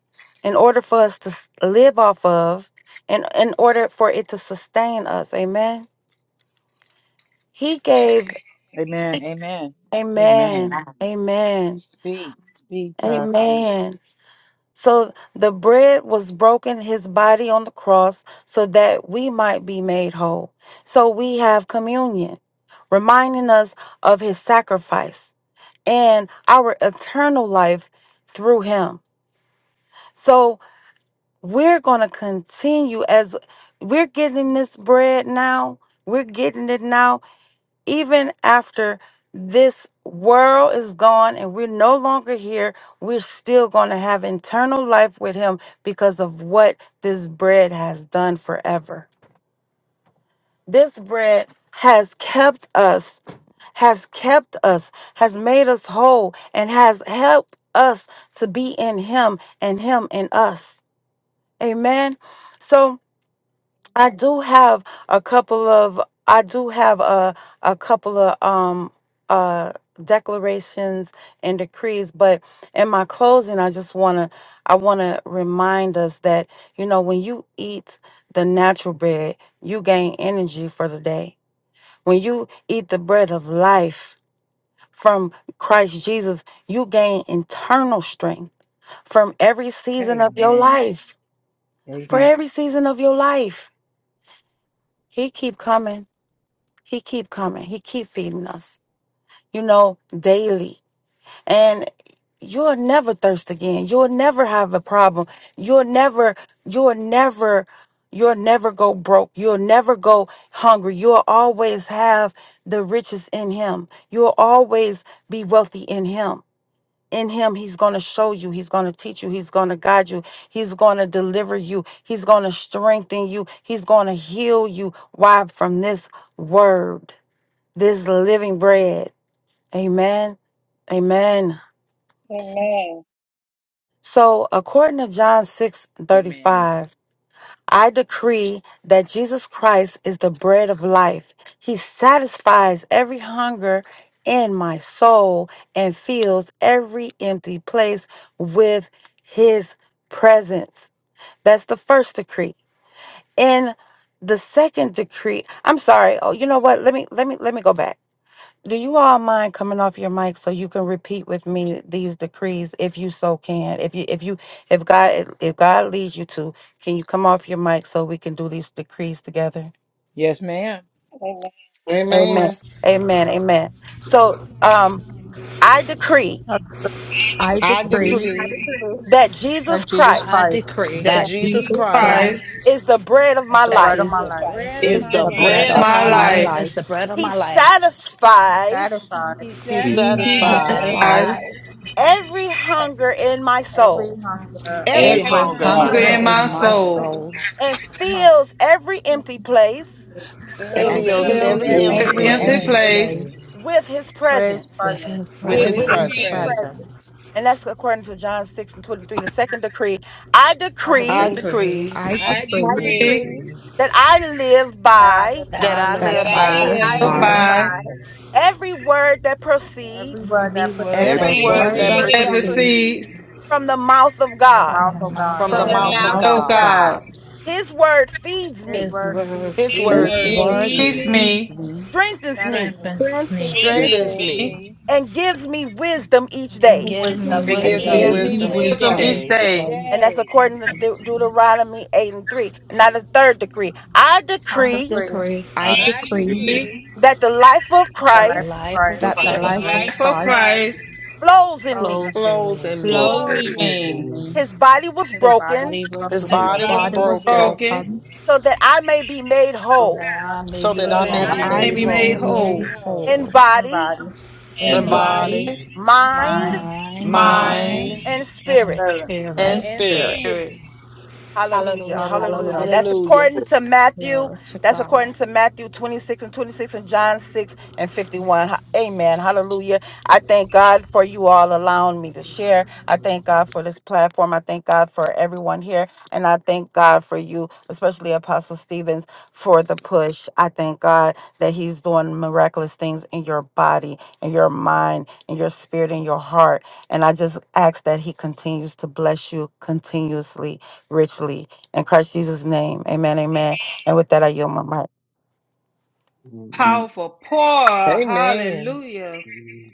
Speaker 3: in order for us to s- live off of and in order for it to sustain us. Amen. He gave
Speaker 4: Amen. Amen.
Speaker 3: amen.
Speaker 4: Amen.
Speaker 3: Amen.
Speaker 4: Speak. Speak, prophetess.
Speaker 3: Amen. So the bread was broken his body on the cross so that we might be made whole. So we have communion reminding us of his sacrifice and our eternal life through him. So we're going to continue as we're getting this bread now. We're getting it now, even after this world is gone and we're no longer here. We're still going to have eternal life with him because of what this bread has done forever. This bread has kept us, has kept us, has made us whole, and has helped us to be in Him and Him in us. Amen. So I do have a couple of, I do have a, a couple of, um, uh, declarations and decrees but in my closing i just want to i want to remind us that you know when you eat the natural bread you gain energy for the day when you eat the bread of life from Christ Jesus, you gain internal strength from every season of your
Speaker 4: Amen.
Speaker 3: life. For
Speaker 4: Amen.
Speaker 3: every season of your life, he keep coming. He keep coming. He keep feeding us. You know, daily. and you'll never thirst again. You'll never have a problem. You'll never, you'll never, you'll never go broke. You'll never go hungry. You'll always have the riches in Him. You'll always be wealthy in Him. In him, he's going to show you. He's going to teach you. He's going to guide you. He's going to deliver you. He's going to strengthen you. He's going to heal you. Why? From this word, this living bread. Amen. Amen.
Speaker 1: Amen.
Speaker 3: So, according to John 6 thirty
Speaker 4: Amen.
Speaker 3: five, I decree that Jesus Christ is the bread of life. He satisfies every hunger in my soul and fills every empty place with his presence. That's the first decree. In the second decree, I'm sorry. Oh, you know what? Let me let me let me go back. Do you all mind coming off your mic so you can repeat with me these decrees if you so can? If you if you if God if God leads you to, can you come off your mic so we can do these decrees together?
Speaker 4: Yes, ma'am.
Speaker 3: Amen.
Speaker 6: Amen.
Speaker 3: Amen. Amen. So um I decree
Speaker 7: that
Speaker 1: I
Speaker 8: I
Speaker 1: decree
Speaker 6: I
Speaker 8: decree
Speaker 9: I
Speaker 6: decree
Speaker 9: decree
Speaker 3: that Jesus
Speaker 7: Jesus
Speaker 10: I
Speaker 3: Christ
Speaker 7: Christ
Speaker 10: decree
Speaker 6: that
Speaker 9: that
Speaker 1: that
Speaker 8: that
Speaker 6: Jesus
Speaker 1: Jesus
Speaker 9: Jesus
Speaker 8: Jesus
Speaker 6: Christ
Speaker 9: Christ
Speaker 1: Christ
Speaker 8: Christ
Speaker 3: is the bread of
Speaker 7: is
Speaker 3: my
Speaker 7: the
Speaker 10: that
Speaker 7: bread of
Speaker 4: Is
Speaker 3: life.
Speaker 7: my
Speaker 4: the
Speaker 10: Jesus
Speaker 7: life.
Speaker 4: bread
Speaker 10: Christ
Speaker 4: of
Speaker 9: is
Speaker 6: is
Speaker 4: my
Speaker 8: is
Speaker 9: the
Speaker 6: the
Speaker 8: the bread
Speaker 9: bread
Speaker 6: bread
Speaker 4: life.
Speaker 8: of
Speaker 9: of
Speaker 6: of
Speaker 9: my
Speaker 1: my
Speaker 6: my
Speaker 8: my
Speaker 9: life.
Speaker 1: life,
Speaker 6: life.
Speaker 10: is the
Speaker 8: life.
Speaker 10: bread of
Speaker 3: He
Speaker 10: my life.
Speaker 7: He
Speaker 3: satisfies
Speaker 7: satisfies
Speaker 4: He
Speaker 6: He
Speaker 5: He's
Speaker 8: He
Speaker 9: He
Speaker 10: He
Speaker 4: satisfies
Speaker 6: satisfies
Speaker 1: lies
Speaker 10: satisfies
Speaker 9: satisfies
Speaker 8: satisfies
Speaker 3: every
Speaker 10: us
Speaker 3: hunger in my
Speaker 7: every
Speaker 3: soul
Speaker 7: hunger
Speaker 6: every
Speaker 5: every
Speaker 7: of
Speaker 8: every
Speaker 7: my
Speaker 4: every
Speaker 9: every
Speaker 6: hunger in
Speaker 5: time
Speaker 6: my
Speaker 4: hunger
Speaker 7: soul,
Speaker 10: every
Speaker 1: hunger
Speaker 9: hunger
Speaker 8: hunger
Speaker 4: in
Speaker 1: in
Speaker 10: hunger
Speaker 4: my
Speaker 6: soul
Speaker 10: in
Speaker 1: my
Speaker 8: in
Speaker 9: of
Speaker 10: my
Speaker 9: my
Speaker 8: my
Speaker 10: life.
Speaker 4: soul
Speaker 1: soul.
Speaker 9: soul
Speaker 8: soul
Speaker 3: and
Speaker 10: My,
Speaker 3: fills every
Speaker 10: my-
Speaker 3: empty place
Speaker 6: and
Speaker 4: and
Speaker 9: and
Speaker 8: and
Speaker 10: fills
Speaker 6: fills
Speaker 7: every
Speaker 10: every
Speaker 4: fills
Speaker 11: The
Speaker 9: fills
Speaker 6: every
Speaker 10: empty
Speaker 8: fills
Speaker 5: you
Speaker 7: place
Speaker 4: every
Speaker 11: things
Speaker 6: empty
Speaker 9: every
Speaker 11: that
Speaker 1: Every
Speaker 8: every
Speaker 4: empty
Speaker 11: I
Speaker 10: place
Speaker 11: think
Speaker 9: empty
Speaker 1: empty
Speaker 11: my
Speaker 8: empty
Speaker 6: place
Speaker 4: place
Speaker 11: she
Speaker 9: space
Speaker 1: place
Speaker 11: said,
Speaker 8: place
Speaker 3: with his
Speaker 7: where His
Speaker 3: presence.
Speaker 10: with
Speaker 7: presence.
Speaker 10: his
Speaker 6: with
Speaker 1: will
Speaker 8: with
Speaker 6: his
Speaker 11: I
Speaker 4: with
Speaker 9: with
Speaker 4: his
Speaker 11: think
Speaker 8: his
Speaker 9: His
Speaker 10: presence.
Speaker 6: presence.
Speaker 4: presence.
Speaker 11: praise him.
Speaker 9: presence.
Speaker 8: presence.
Speaker 3: And that's according to John 6 and 23, the second decree. I
Speaker 7: I
Speaker 10: I
Speaker 6: I
Speaker 3: decree
Speaker 7: decree
Speaker 10: decree
Speaker 6: decree
Speaker 8: I
Speaker 5: I
Speaker 4: I
Speaker 11: I
Speaker 9: I
Speaker 5: pray,
Speaker 8: decree
Speaker 11: just
Speaker 4: decree
Speaker 1: be
Speaker 9: decree
Speaker 11: praise
Speaker 3: that I live
Speaker 7: that I
Speaker 3: by
Speaker 7: live
Speaker 10: that
Speaker 6: that
Speaker 10: I
Speaker 7: by
Speaker 6: I
Speaker 10: live
Speaker 8: that
Speaker 4: that
Speaker 6: live
Speaker 8: I
Speaker 4: I
Speaker 10: by
Speaker 9: that
Speaker 6: by
Speaker 9: I
Speaker 4: live
Speaker 8: live
Speaker 11: My
Speaker 1: filled
Speaker 12: released
Speaker 8: by
Speaker 9: live
Speaker 11: every
Speaker 4: by.
Speaker 1: by
Speaker 9: by
Speaker 11: body,
Speaker 3: every word that
Speaker 7: every
Speaker 3: proceeds
Speaker 7: word
Speaker 10: every
Speaker 7: that
Speaker 10: word
Speaker 5: every
Speaker 7: proceeds
Speaker 8: every
Speaker 6: every
Speaker 10: that
Speaker 11: I
Speaker 4: every
Speaker 6: word
Speaker 8: word
Speaker 9: every
Speaker 11: just
Speaker 12: there
Speaker 6: that
Speaker 4: word
Speaker 8: that
Speaker 4: that
Speaker 9: word
Speaker 1: that
Speaker 9: that
Speaker 10: proceeds
Speaker 6: proceeds
Speaker 8: proceeds
Speaker 4: proceeds
Speaker 1: proceeds,
Speaker 9: proceeds
Speaker 3: from the mouth of
Speaker 7: from the
Speaker 3: God.
Speaker 10: from
Speaker 7: mouth
Speaker 10: the
Speaker 7: of
Speaker 10: mouth
Speaker 7: God.
Speaker 6: from
Speaker 10: of
Speaker 9: from
Speaker 6: the
Speaker 8: from
Speaker 4: from
Speaker 9: the
Speaker 4: the
Speaker 8: the
Speaker 6: mouth of
Speaker 9: mouth
Speaker 10: God.
Speaker 4: mouth
Speaker 8: mouth
Speaker 1: O
Speaker 4: of
Speaker 9: of
Speaker 8: of
Speaker 6: God.
Speaker 4: God.
Speaker 1: God.
Speaker 9: God,
Speaker 8: God.
Speaker 3: His word feeds
Speaker 7: His
Speaker 3: me,
Speaker 10: His
Speaker 7: word feeds
Speaker 10: word
Speaker 6: His
Speaker 4: This
Speaker 6: word
Speaker 5: Christian,
Speaker 10: feeds
Speaker 8: This
Speaker 4: word
Speaker 10: me,
Speaker 9: which
Speaker 6: feeds
Speaker 8: word
Speaker 4: feeds
Speaker 1: Teach
Speaker 6: me,
Speaker 4: me,
Speaker 8: feeds
Speaker 1: me
Speaker 8: me
Speaker 3: strengthens me,
Speaker 7: sentences
Speaker 10: strengthens me,
Speaker 9: strengthens
Speaker 6: strengthens
Speaker 4: strengthens
Speaker 9: me,
Speaker 6: me,
Speaker 4: me,
Speaker 3: and gives me wisdom each
Speaker 7: and gives
Speaker 10: and
Speaker 7: me
Speaker 3: day.
Speaker 10: gives
Speaker 9: gives
Speaker 10: me
Speaker 7: wisdom
Speaker 9: me
Speaker 6: and
Speaker 4: and
Speaker 7: each
Speaker 6: gives
Speaker 8: and
Speaker 6: me
Speaker 10: wisdom
Speaker 7: day.
Speaker 4: gives
Speaker 5: this
Speaker 8: gives
Speaker 9: wisdom
Speaker 5: is
Speaker 4: me
Speaker 10: each
Speaker 8: me
Speaker 6: wisdom
Speaker 9: each
Speaker 10: day.
Speaker 5: Christian.
Speaker 6: each
Speaker 1: wisdom
Speaker 9: day.
Speaker 4: wisdom
Speaker 8: wisdom
Speaker 1: each
Speaker 4: each
Speaker 6: day.
Speaker 8: each
Speaker 1: day.
Speaker 8: day.
Speaker 3: And that's
Speaker 4: day.
Speaker 3: according to De-
Speaker 8: Thanks.
Speaker 3: Deuteronomy 8 and 3. And now the third decree. I
Speaker 7: I
Speaker 10: I
Speaker 3: decree
Speaker 7: decree
Speaker 10: decree
Speaker 8: I
Speaker 5: I
Speaker 12: at
Speaker 4: I
Speaker 5: pray
Speaker 8: decree
Speaker 4: decree
Speaker 3: that the life of
Speaker 7: that the
Speaker 10: that the
Speaker 7: life of
Speaker 3: Christ
Speaker 10: life of
Speaker 7: Christ
Speaker 5: that
Speaker 8: that
Speaker 5: the
Speaker 8: the
Speaker 12: that
Speaker 4: that
Speaker 5: right
Speaker 4: the
Speaker 8: life
Speaker 10: Christ
Speaker 8: of
Speaker 4: life of
Speaker 6: Christ
Speaker 1: for
Speaker 8: Christ
Speaker 4: Christ
Speaker 1: Christ,
Speaker 3: flows in
Speaker 7: rose in
Speaker 3: me.
Speaker 7: me.
Speaker 10: clothes
Speaker 6: flows
Speaker 10: and
Speaker 6: in
Speaker 5: clothes
Speaker 6: me.
Speaker 4: flows
Speaker 12: day.
Speaker 4: in
Speaker 8: flows
Speaker 11: husband
Speaker 4: me.
Speaker 8: in
Speaker 1: being
Speaker 11: me.
Speaker 8: me.
Speaker 3: His body was
Speaker 7: His
Speaker 10: his
Speaker 7: body
Speaker 3: broken
Speaker 10: body
Speaker 7: was
Speaker 10: was,
Speaker 6: His
Speaker 10: was
Speaker 7: broken
Speaker 4: His
Speaker 5: is
Speaker 8: His
Speaker 6: body was
Speaker 10: broken
Speaker 4: body
Speaker 8: body
Speaker 4: was
Speaker 8: was
Speaker 6: broken
Speaker 1: broken,
Speaker 4: broken
Speaker 8: broken
Speaker 3: so that I may be made
Speaker 10: so that
Speaker 3: whole
Speaker 7: that I
Speaker 10: I
Speaker 7: can
Speaker 10: may
Speaker 6: so
Speaker 4: so
Speaker 7: be
Speaker 6: that
Speaker 10: be
Speaker 7: made
Speaker 6: I
Speaker 8: so
Speaker 4: that
Speaker 6: may
Speaker 11: My
Speaker 10: whole,
Speaker 8: that
Speaker 5: not
Speaker 7: whole
Speaker 6: be
Speaker 4: I
Speaker 8: I
Speaker 1: may
Speaker 4: may
Speaker 6: made
Speaker 10: whole,
Speaker 1: be
Speaker 5: easy,
Speaker 8: may
Speaker 4: be
Speaker 11: every
Speaker 1: made
Speaker 8: be
Speaker 4: wo-
Speaker 6: whole
Speaker 8: made
Speaker 4: made
Speaker 1: whole.
Speaker 11: miracle.
Speaker 4: whole
Speaker 3: in
Speaker 8: whole
Speaker 7: in
Speaker 3: body
Speaker 7: body,
Speaker 8: in
Speaker 5: and
Speaker 1: And
Speaker 6: in
Speaker 4: in
Speaker 5: by-
Speaker 10: body,
Speaker 8: body,
Speaker 4: body,
Speaker 6: body,
Speaker 1: body,
Speaker 11: Amen.
Speaker 3: mind
Speaker 7: mind,
Speaker 10: mind,
Speaker 1: mind,
Speaker 4: mind,
Speaker 6: mind,
Speaker 8: mind,
Speaker 11: Amen.
Speaker 3: and
Speaker 7: and
Speaker 10: and
Speaker 3: spirit.
Speaker 7: spirit.
Speaker 6: and
Speaker 8: and
Speaker 10: spirit.
Speaker 4: and
Speaker 8: spirit.
Speaker 6: spirit.
Speaker 1: spirit.
Speaker 4: spirit.
Speaker 3: Hallelujah.
Speaker 10: Hallelujah,
Speaker 3: Hallelujah.
Speaker 7: Hallelujah.
Speaker 10: hallelujah.
Speaker 3: That's
Speaker 6: Hallelujah.
Speaker 3: according to Matthew.
Speaker 8: Glory to
Speaker 3: That's
Speaker 8: God.
Speaker 3: according to Matthew 26 and 26 and John 6 and 51. Ha- Amen. Hallelujah. I thank God for you all allowing me to share. I thank God for this platform. I thank God for everyone here. And I thank God for you, especially Apostle Stevens, for the push. I thank God that He's doing miraculous things in your body, in your mind, in your spirit, in your heart. And I just ask that He continues to bless you continuously richly. In Christ Jesus' name. Amen. Amen. And with that, I yield my mic.
Speaker 1: Powerful, poor,
Speaker 6: Amen.
Speaker 1: hallelujah.
Speaker 11: Amen.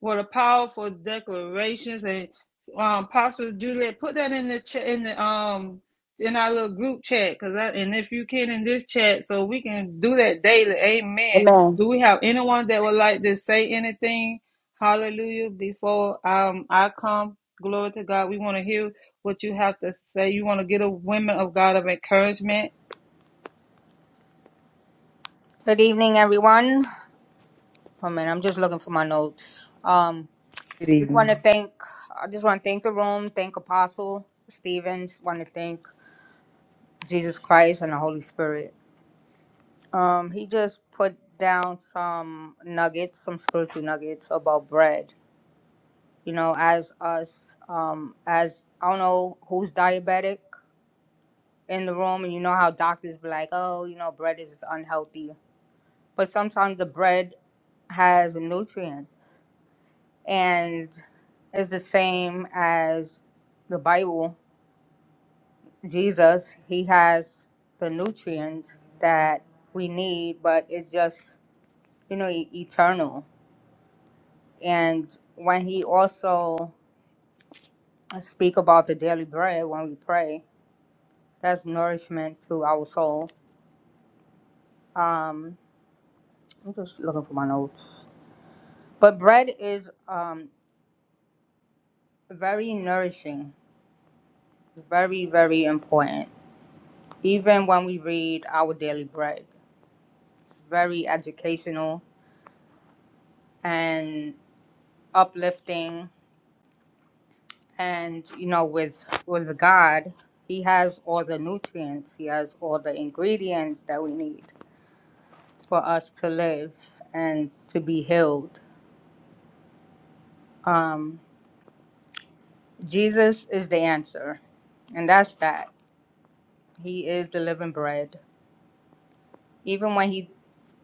Speaker 1: What a powerful declarations and um, Apostle Juliet, put that in the chat in the um in our little group chat, cause I, and if you can in this chat, so we can do that daily. Amen.
Speaker 3: Amen.
Speaker 1: Do we have anyone that would like to say anything? Hallelujah! Before um I come, glory to God. We want to hear what you have to say. You want to get a women of God of encouragement
Speaker 7: Good evening, everyone. Oh man, I'm just looking for my notes. Um, just want to thank. I just want to thank the room, thank Apostle Stevens. Want to thank Jesus Christ and the Holy Spirit. Um, he just put down some nuggets, some spiritual nuggets about bread. You know, as us, um, as I don't know who's diabetic in the room, and you know how doctors be like, oh, you know, bread is unhealthy, but sometimes the bread has nutrients and it's the same as the Bible. Jesus, he has the nutrients that we need, but it's just you know e- eternal. And when he also speak about the daily bread when we pray, that's nourishment to our soul. Um, I'm just looking for my notes. But bread is um, very nourishing. It's very very important. Even when we read our daily bread. very educational and uplifting and you know with with god he has all the nutrients he has all the ingredients that we need for us to live and to be healed um, jesus is the answer and that's that he is the living bread even when he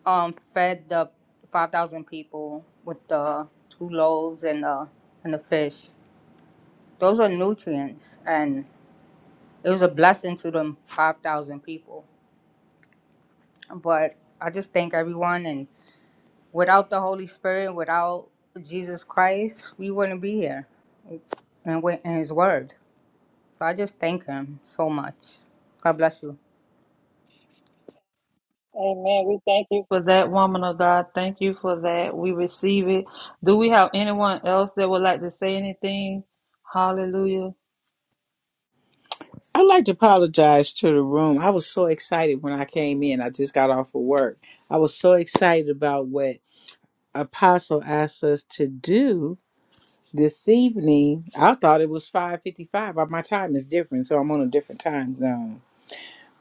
Speaker 7: um, fed the 5000 people with the two loaves and the and the fish those are nutrients and. it was a blessing to them 5,000 people. But I just thank everyone. And without the Holy Spirit, without Jesus Christ, we wouldn't be here and, with, and His Word. So I just thank Him so much. God bless you.
Speaker 1: Amen. We thank you for that woman of God. Thank you for that. We receive it. Do we have anyone else that would like to say anything? Hallelujah.
Speaker 4: I'd like to apologize to the room. I was so excited when I came in. I just got off of work. I was so excited about what Apostle asked us to do this evening. I thought it was 5:55. My time is different, so I'm on a different time zone.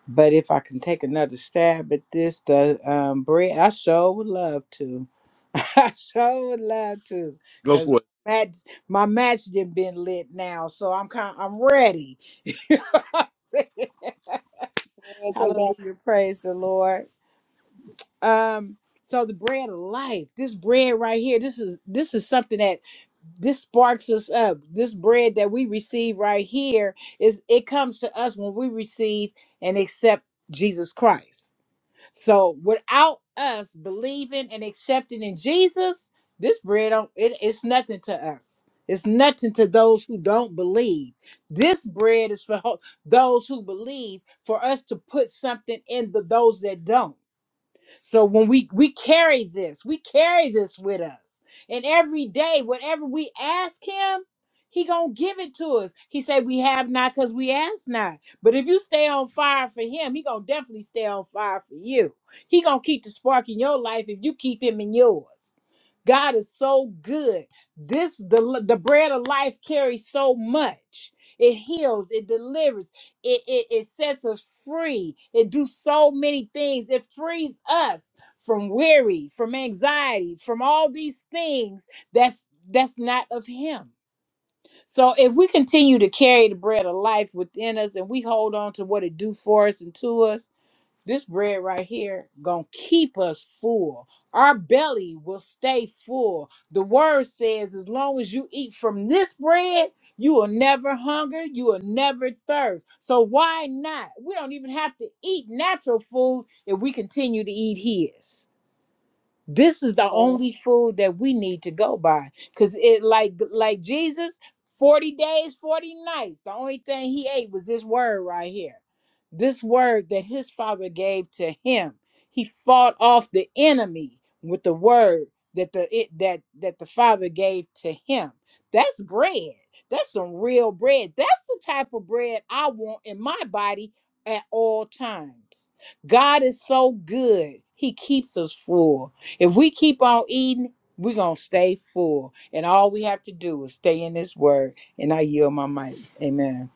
Speaker 4: But if I can take another stab at this, the um, bread, I sure would love to. I sure would love to,
Speaker 5: go
Speaker 4: cause
Speaker 5: for it.
Speaker 4: match, my match didn't been lit now, so I'm kind, I'm ready.
Speaker 1: Glory to God.
Speaker 4: Hallelujah. Praise the Lord. Um, so the bread of life, this bread right here, this is this is something that this sparks us up. This bread that we receive right here is it comes to us when we receive and accept Jesus Christ. So without us believing and accepting in Jesus, this bread don't it, it's nothing to us. It's nothing to those who don't believe. This bread is for ho- those who believe, for us to put something in the those that don't. So when we we carry this, we carry this with us. And every day, whatever we ask him, he gonna give it to us. He said we have not because we ask not. But if you stay on fire for him, he gonna definitely stay on fire for you. He gonna keep the spark in your life if you keep him in yours. God is so good. This the the bread of life carries so much. It heals, it delivers it, it, it sets us free. It do so many things. It frees us from weary, from anxiety, from all these things that's that's not of him. So if we continue to carry the bread of life within us and we hold on to what it do for us and to us, this bread right here gonna keep us full. Our belly will stay full. The word says, as long as you eat from this bread, you will never hunger, you will never thirst. So why not? We don't even have to eat natural food if we continue to eat his this is the
Speaker 1: Amen.
Speaker 4: only food that we need to go by because it like like jesus 40 days 40 nights the only thing he ate was this word right here this word that his father gave to him he fought off the enemy with the word that the it that that the father gave to him that's bread that's some real bread that's the type of bread i want in my body at all times god is so good he keeps us full if we keep on eating, we're going to stay full. And all we have to do is stay in this word. And I yield my mic. Amen.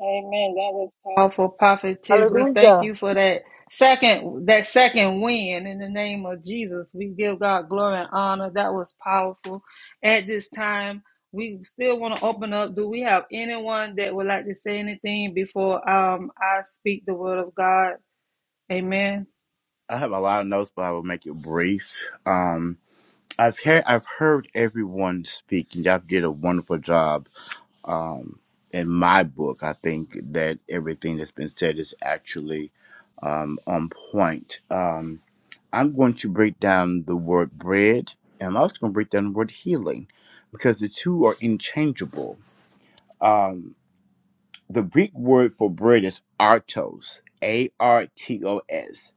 Speaker 1: Amen. That was powerful, prophetess. We thank
Speaker 3: Hallelujah.
Speaker 1: you for that second, that second win in the name of Jesus. We give God glory and honor. That was powerful. At this time, we still want to open up. Do we have anyone that would like to say anything before um I speak the word of God? Amen.
Speaker 5: I have a lot of notes, but I will make it brief. Um, I've heard I've heard everyone speak, and y'all did a wonderful job Um, in my book, I think that everything that's been said is actually um, on point. Um, I'm going to break down the word bread, and I'm also going to break down the word healing, because the two are interchangeable. Um, the Greek word for bread is artos, A R T O S.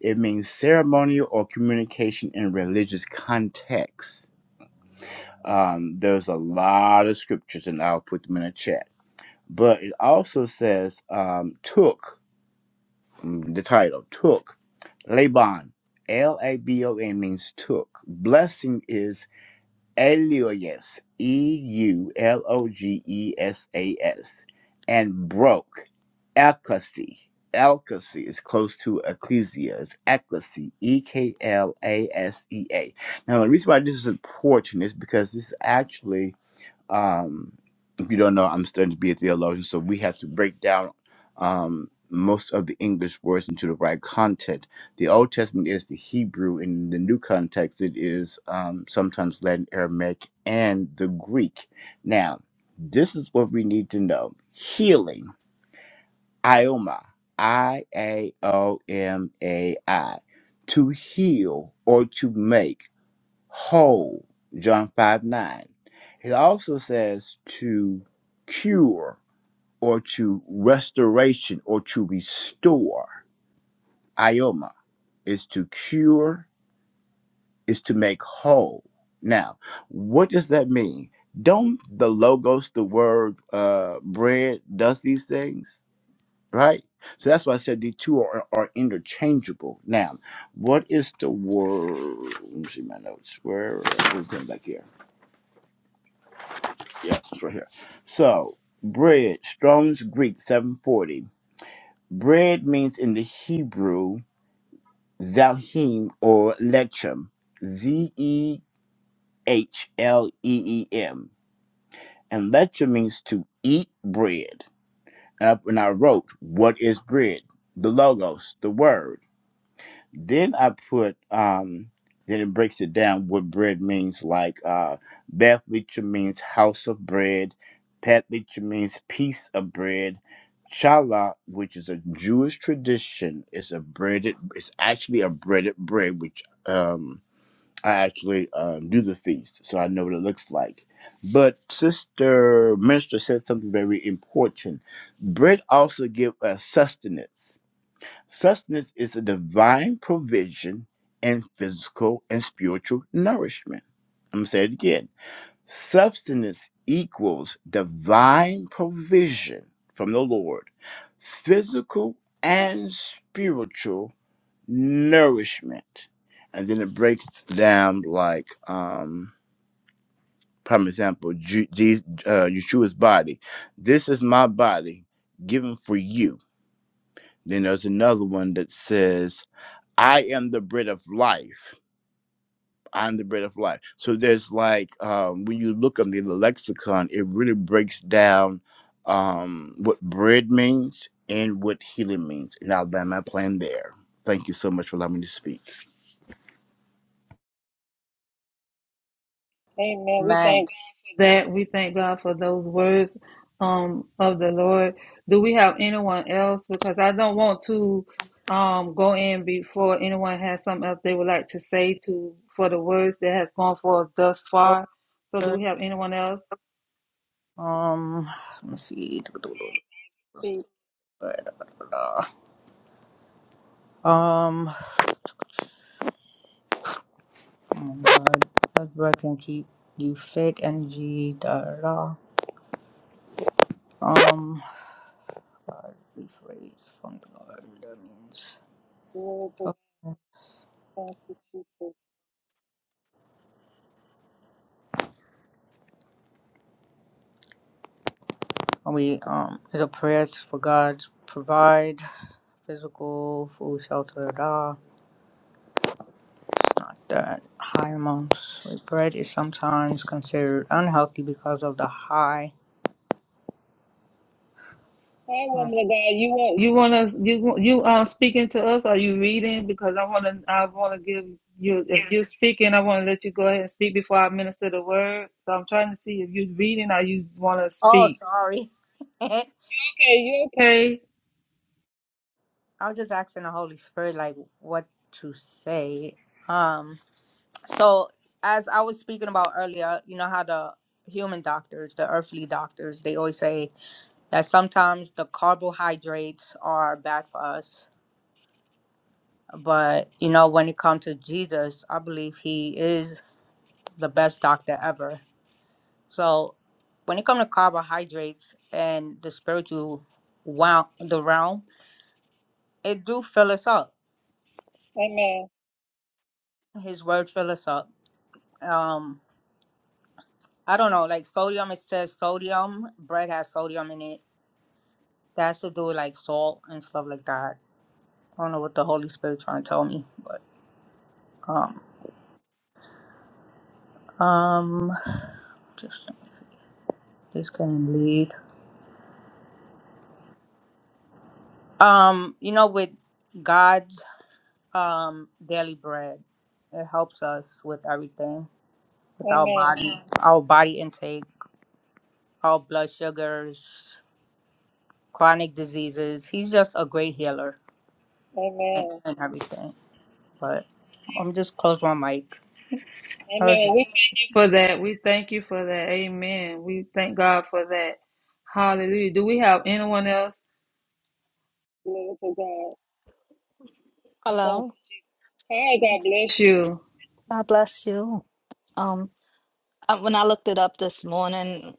Speaker 5: It means ceremonial or communication in religious context. Um, there's a lot of scriptures, and I'll put them in a chat But it also says um, took, mm, the title, took Laban. L A B O N means took. Blessing is Elias, E U L O G E S A S. And broke, Ecclesi. Ecclesi is close to ecclesia. It's ecclesi, E K L A S E A. Now, the reason why this is important is because this is actually um, if you don't know, I'm studying to be a theologian, so we have to break down um, most of the English words into the right content. The Old Testament is the Hebrew, and in the new context, it is um, sometimes Latin, Aramaic, and the Greek. Now, this is what we need to know healing, ioma, I A O M A I, to heal or to make whole, John 5 9. It also says to cure or to restoration or to restore. Ioma is to cure, is to make whole. Now, what does that mean? Don't the logos, the word uh, bread, does these things, right? So that's why I said the two are, are interchangeable. Now, what is the word? Let me see my notes. Where? we me come back here Yep, it's right here. So, bread, Strong's Greek 740. Bread means in the Hebrew, zahim or lechem. Z E H L E E M. And lechem means to eat bread. And I and I wrote, What is bread? The Logos, the Word. Then I put um then it breaks it down what bread means like uh Bethlehem means house of bread, Bethlehem means piece of bread, Challah, which is a Jewish tradition, is a breaded it's actually a breaded bread which um I actually uh, do the feast, so I know what it looks like. But Sister Minister said something very important. Bread also give us sustenance Sustenance is a divine provision and physical and spiritual nourishment. I'm going to say it again. Substance equals divine provision from the Lord, physical and spiritual nourishment. And then it breaks down like, um, prime example, Ju- Je- uh, Yeshua's body. This is my body given for you. Then there's another one that says, I am the bread of life. I'm the bread of life. So there's like um, when you look on the lexicon, it really breaks down um, what bread means and what healing means. And I'll land my plan there. Thank you so much for allowing me to speak.
Speaker 1: Amen. We
Speaker 7: Amen.
Speaker 1: thank God for that. We thank God for those words um, of the Lord. Do we have anyone else? Because I don't want to um, go in before anyone has something else they would like to say to for the words that has gone forth thus far. So, do we have anyone else?
Speaker 7: Um, let's see.
Speaker 1: Thank you,
Speaker 7: Um, oh my God. That breath can keep you fit, energy, da da da. Um, rephrase from the Lord. That means.
Speaker 1: Lord, for the thank you, Jesus.
Speaker 7: We um is a prayer for God to provide physical food, shelter, da. not that high amounts. Like, Bread is sometimes considered unhealthy because of the high. Mm.
Speaker 1: You wanna you you um speaking to us? Are you reading? Because I wanna I wanna give you if you're speaking, I wanna let you go ahead and speak before I minister the word. So I'm trying to see if you're reading or you wanna
Speaker 7: Oh,
Speaker 1: speak.
Speaker 7: sorry. I
Speaker 1: Okay, you okay?
Speaker 7: was just asking the Holy Spirit like what to say. Um. So as I was speaking about earlier, you know how the human doctors, the earthly doctors, they always say that sometimes the carbohydrates are bad for us But you know, when it comes to Jesus, I believe he is the best doctor ever. So when it comes to carbohydrates and the spiritual wow the realm, it do fill us up.
Speaker 1: Amen.
Speaker 7: His word fill us up. Um I don't know, like sodium it says sodium, bread has sodium in it. That has to do with like salt and stuff like that. I don't know what the Holy Spirit trying to tell me, but um um just let me see. This can lead. Um, you know, with God's um daily bread it helps us with everything with our
Speaker 1: Amen.
Speaker 7: body Mhm. our body intake our blood sugars chronic diseases he's just a great healer and,
Speaker 1: Amen.
Speaker 7: and everything but i'm just close my mic That was
Speaker 1: Amen. We
Speaker 7: it.
Speaker 1: thank you for that. We thank you for that. Amen. We thank God for that. Hallelujah. Do we have anyone else? Glory to God. Thank you.
Speaker 10: Hello,
Speaker 1: Hi, God bless you.
Speaker 10: God bless you. Um, I, when I looked it up this morning,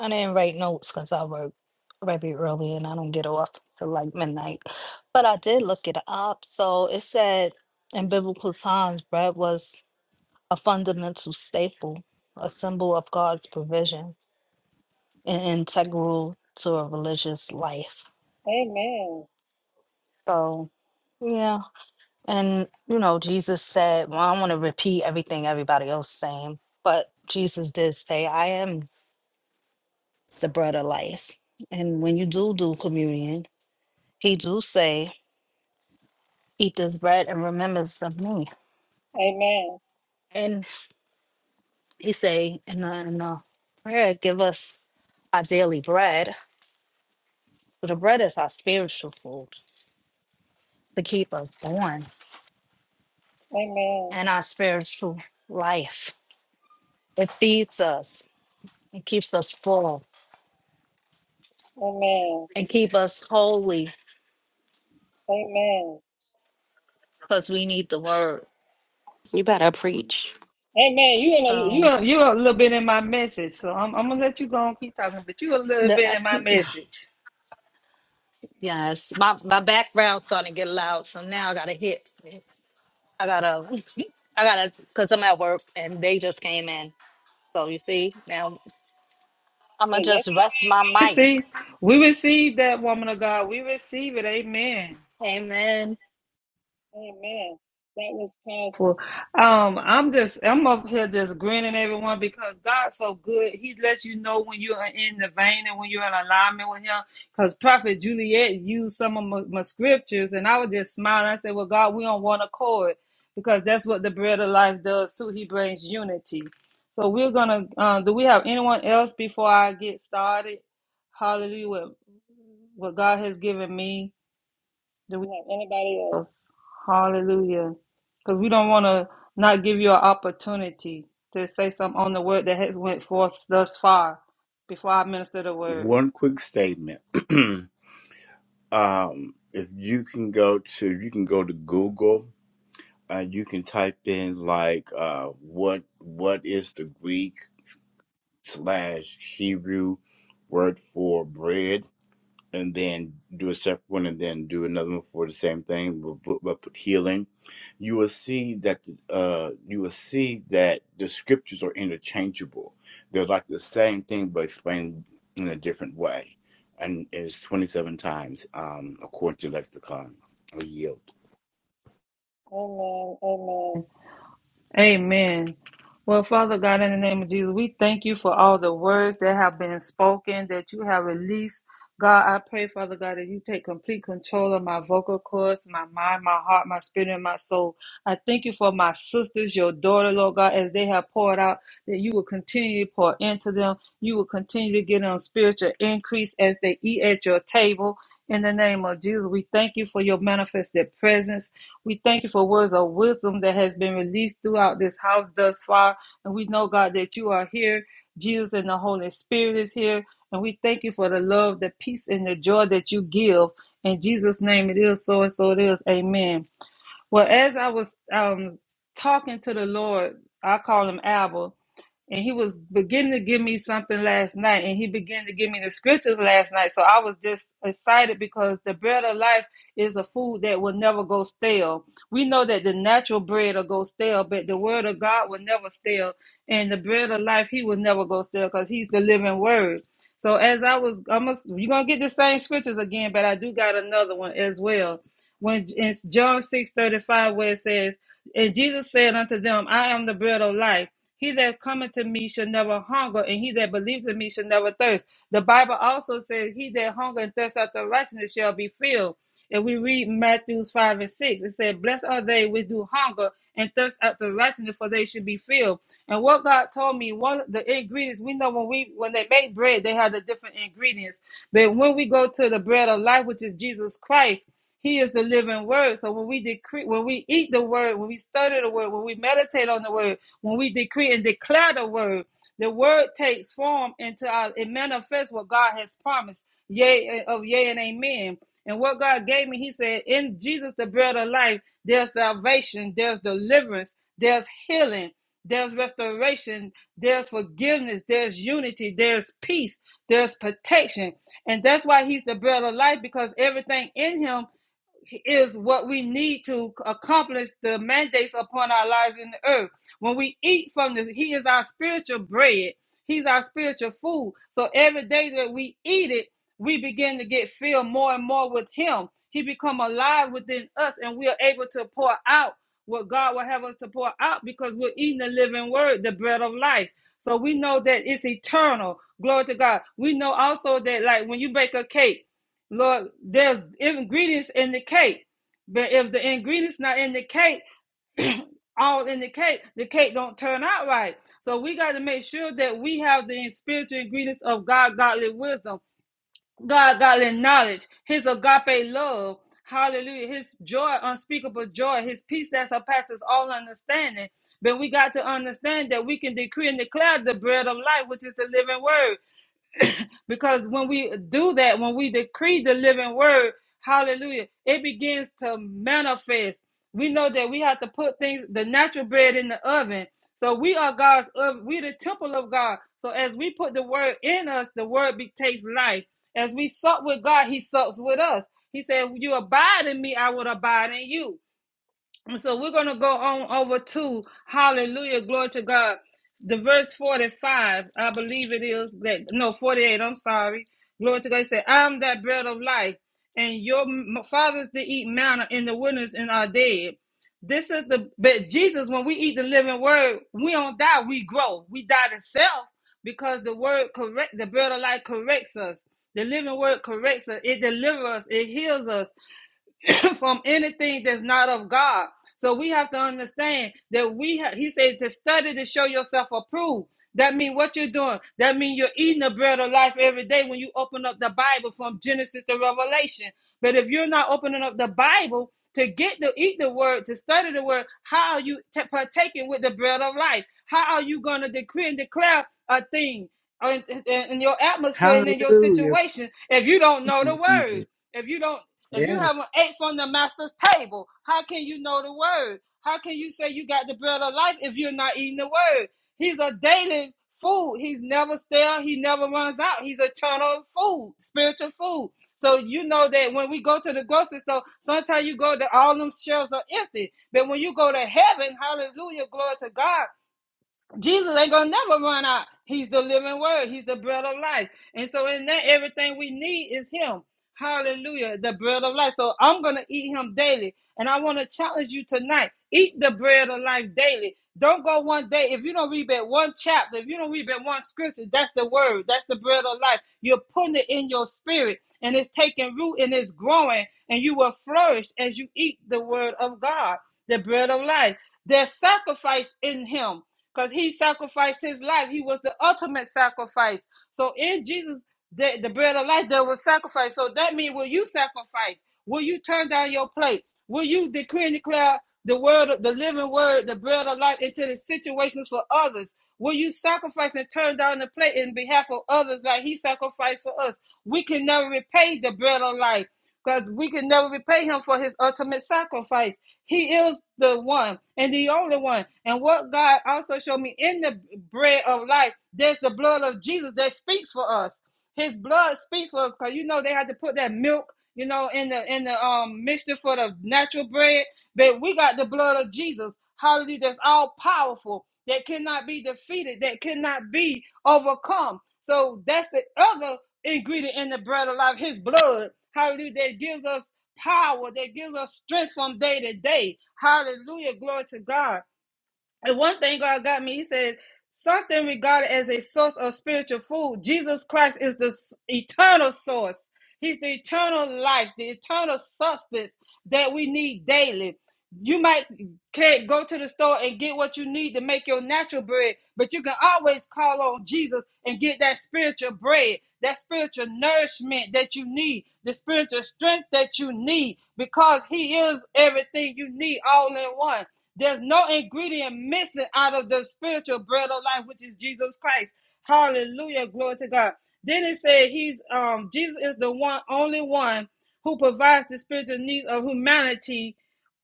Speaker 10: I didn't write notes because I work very early and I don't get off till like midnight. But I did look it up. So it said in biblical times, bread was a fundamental staple, a symbol of God's provision. and integral to a religious life.
Speaker 1: Amen.
Speaker 10: So, yeah. And, you know, Jesus said, well, I don't want to repeat everything everybody else saying, but Jesus did say, I am the bread of life. And when you do do communion, he do say, eat this bread and remembrance of me.
Speaker 1: Amen.
Speaker 10: And he say in the, in the prayer, give us our daily bread. So the bread is our spiritual food to keep us going
Speaker 1: Amen.
Speaker 10: and our spiritual life It feeds us. It keeps us full
Speaker 1: Amen.
Speaker 10: and keep us holy
Speaker 1: Man,
Speaker 10: because we need the word.
Speaker 2: You better preach.
Speaker 1: hey man, you in a you
Speaker 10: So
Speaker 1: a, you a little bit in my message, so I'm I'm gonna let you go and keep talking, but you a little
Speaker 10: the-
Speaker 1: bit
Speaker 10: I-
Speaker 1: in my message.
Speaker 10: yes, my my background's gonna get loud. So now I gotta hit. I gotta. I gotta because I'm at work and they just came in. So you see now I'm gonna
Speaker 1: Man,
Speaker 10: just
Speaker 1: that's
Speaker 10: rest my
Speaker 1: we
Speaker 10: mic.
Speaker 1: receive. We receive that woman of God. We receive it. Amen.
Speaker 10: Amen.
Speaker 1: Amen. That was powerful. Um, I'm just I'm up here just grinning everyone because God's so good. He lets you know when you're in the vein and when you're in alignment with him. Because Prophet Juliet used some of my, my scriptures and I was just smiling. I said, Well, God, we on one accord because that's what the bread of life does too. He brings unity. So we're gonna uh, do we have anyone else before I get started? Hallelujah. What, what God has given me. Do we have anybody else? Hallelujah. Because we don't want to not give you an opportunity to say something on the word that has went forth thus far before I minister the word.
Speaker 5: One quick statement. um, if you can go to you can go to Google and you can type in like uh, what what is the Greek slash Hebrew word for bread and then do a separate one and then do another one for the same thing but, but, but put healing you will see that the, uh you will see that the scriptures are interchangeable they're like the same thing but explained in a different way and it's 27 times um according to lexicon or yield
Speaker 1: Amen. Amen. Well, Father God, in the name of Jesus, we thank you for all the words that have been spoken, that you have released. God, I pray, Father God, that you take complete control of my vocal cords, my mind, my heart, my spirit, and my soul. I thank you for my sisters, your daughter, Lord God, as they have poured out, that you will continue to pour into them. You will continue to give them spiritual increase as they eat at your table. In the name of Jesus, we thank you for your manifested presence we thank you for words of wisdom that has been released throughout this house thus far. And we know, God, that you are here. Jesus and the Holy Spirit is here. And we thank you for the love, the peace, and the joy that you give. In Jesus' name it is so and so it is. Amen. Well, as I was um, talking to the Lord, I call him Abba, and he was beginning to give me something last night, and he began to give me the scriptures last night. So I was just excited because the bread of life is a food that will never go stale. We know that the natural bread will go stale, but the word of God will never stale, and the bread of life, he will never go stale because he's the living word. So as I was, I must, you're going to get the same scriptures again, but I do got another one as well when in John six thirty five, where it says, And Jesus said unto them, I am the bread of life. He that cometh to me shall never hunger, and he that believeth in me shall never thirst. The Bible also says, He that hunger and thirst after righteousness shall be filled. And we read Matthews 5 and 6. It said, Blessed are they which do hunger and thirst after righteousness, for they should be filled. And what God told me, one of the ingredients, we know when we when they make bread, they have the different ingredients. But when we go to the bread of life, which is Jesus Christ, he is the living word. So when we decree, when we eat the word, when we study the word, when we meditate on the word, when we decree and declare the word, the word takes form into our, it manifests what God has promised. Yea, eh, of yea and amen. And what God gave me, He said, in Jesus, the bread of life, there's salvation, there's deliverance, there's healing, there's restoration, there's forgiveness, there's unity, there's peace, there's protection. And that's why He's the bread of life because everything in Him is what we need to accomplish the mandates upon our lives in the earth. When we eat from this, He is our spiritual bread. He's our spiritual food. So every day that we eat it, we begin to get filled more and more with Him. He become alive within us, and we are able to pour out what God will have us to pour out because we're eating the living Word, the bread of life. So we know that it's eternal. Glory to God. We know also that, like when you bake a cake Lord, there's ingredients in the cake, but if the ingredients not in the cake, all in the cake, the cake don't turn out right. So we got to make sure that we have the spiritual ingredients of God, godly wisdom, God, godly knowledge, His agape love, Hallelujah, His joy, unspeakable joy, His peace that surpasses all understanding. But we got to understand that we can decree and declare the bread of life, which is the living word because when we do that, when we decree the living word, hallelujah, it begins to manifest. We know that we have to put things, the natural bread in the oven. So we are God's oven. We the temple of God. So as we put the word in us, the word be, takes life. As we sup with God, he sups with us. He said, You abide in me, I will abide in you. And so we're going to go on over to hallelujah, glory to God. The verse 45, I believe it is that no 48, I'm sorry. Glory to God. He said, I'm that bread of life, and your m- fathers did eat manna in the wilderness and are dead. This is the but Jesus, when we eat the living word, we don't die, we grow. We die to self because the word correct the bread of life corrects us. The living word corrects us, it delivers us, it heals us, from anything that's not of God. So we have to understand that we have. he says to study to show yourself approved. That means what you're doing. That means you're eating the bread of life every day when you open up the Bible from Genesis to Revelation. But if you're not opening up the Bible to get to eat the word, to study the word, how are you t- partaking with the bread of life? How are you going to decree and declare a thing in, in in your atmosphere and in your
Speaker 4: Hallelujah.
Speaker 1: situation if you don't
Speaker 4: Thank
Speaker 1: know the
Speaker 4: you,
Speaker 1: word?
Speaker 4: Jesus.
Speaker 1: If you don't if you
Speaker 4: Yes.
Speaker 1: haven't ate from the master's table, how can you know the word? How can you say you got the bread of life if you're not eating the word? He's a daily food. He's never stale. He never runs out. He's eternal food, spiritual food. So you know that when we go to the grocery store, sometimes you go to all them shelves are empty. But when you go to heaven, hallelujah, glory to God, Jesus ain't gonna never run out. He's the living word, he's the bread of life. And so in that everything we need is him. Hallelujah, the bread of life. So I'm gonna eat him daily. And I want to challenge you tonight. Eat the bread of life daily. Don't go one day. If you don't read that one chapter, if you don't read that one scripture, that's the word. That's the bread of life. You're putting it in your spirit and it's taking root and it's growing and you will flourish as you eat the word of God, the bread of life. There's sacrifice in him because he sacrificed his life. He was the ultimate sacrifice. So in Jesus, the, the bread of life, there was sacrifice. So that means, will you sacrifice? Will you turn down your plate? Will you decree and declare the word, the living word, the bread of life into the situations for others? Will you sacrifice and turn down the plate in behalf of others like he sacrificed for us? We can never repay the bread of life because we can never repay him for his ultimate sacrifice. He is the one and the only one. And what God also showed me in the bread of life, there's the blood of Jesus that speaks for us. His blood speaks for us because you know they had to put that milk, you know, in the in the um mixture for the natural bread. But we got the blood of Jesus, hallelujah, that's all powerful, that cannot be defeated, that cannot be overcome. So that's the other ingredient in the bread of life, his blood, hallelujah, that gives us power that gives us strength from day to day. Hallelujah. Glory to God. And one thing God got me, he said, something regarded as a source of spiritual food. Jesus Christ is the s- eternal source. He's the eternal life, the eternal substance that we need daily. You might can't go to the store and get what you need to make your natural bread, but you can always call on Jesus and get that spiritual bread, that spiritual nourishment that you need, the spiritual strength that you need, because He is everything you need all in one. There's no ingredient missing out of the spiritual bread of life, which is Jesus Christ. Hallelujah. Glory to God. Then it said he's um Jesus is the one only one who provides the spiritual needs of humanity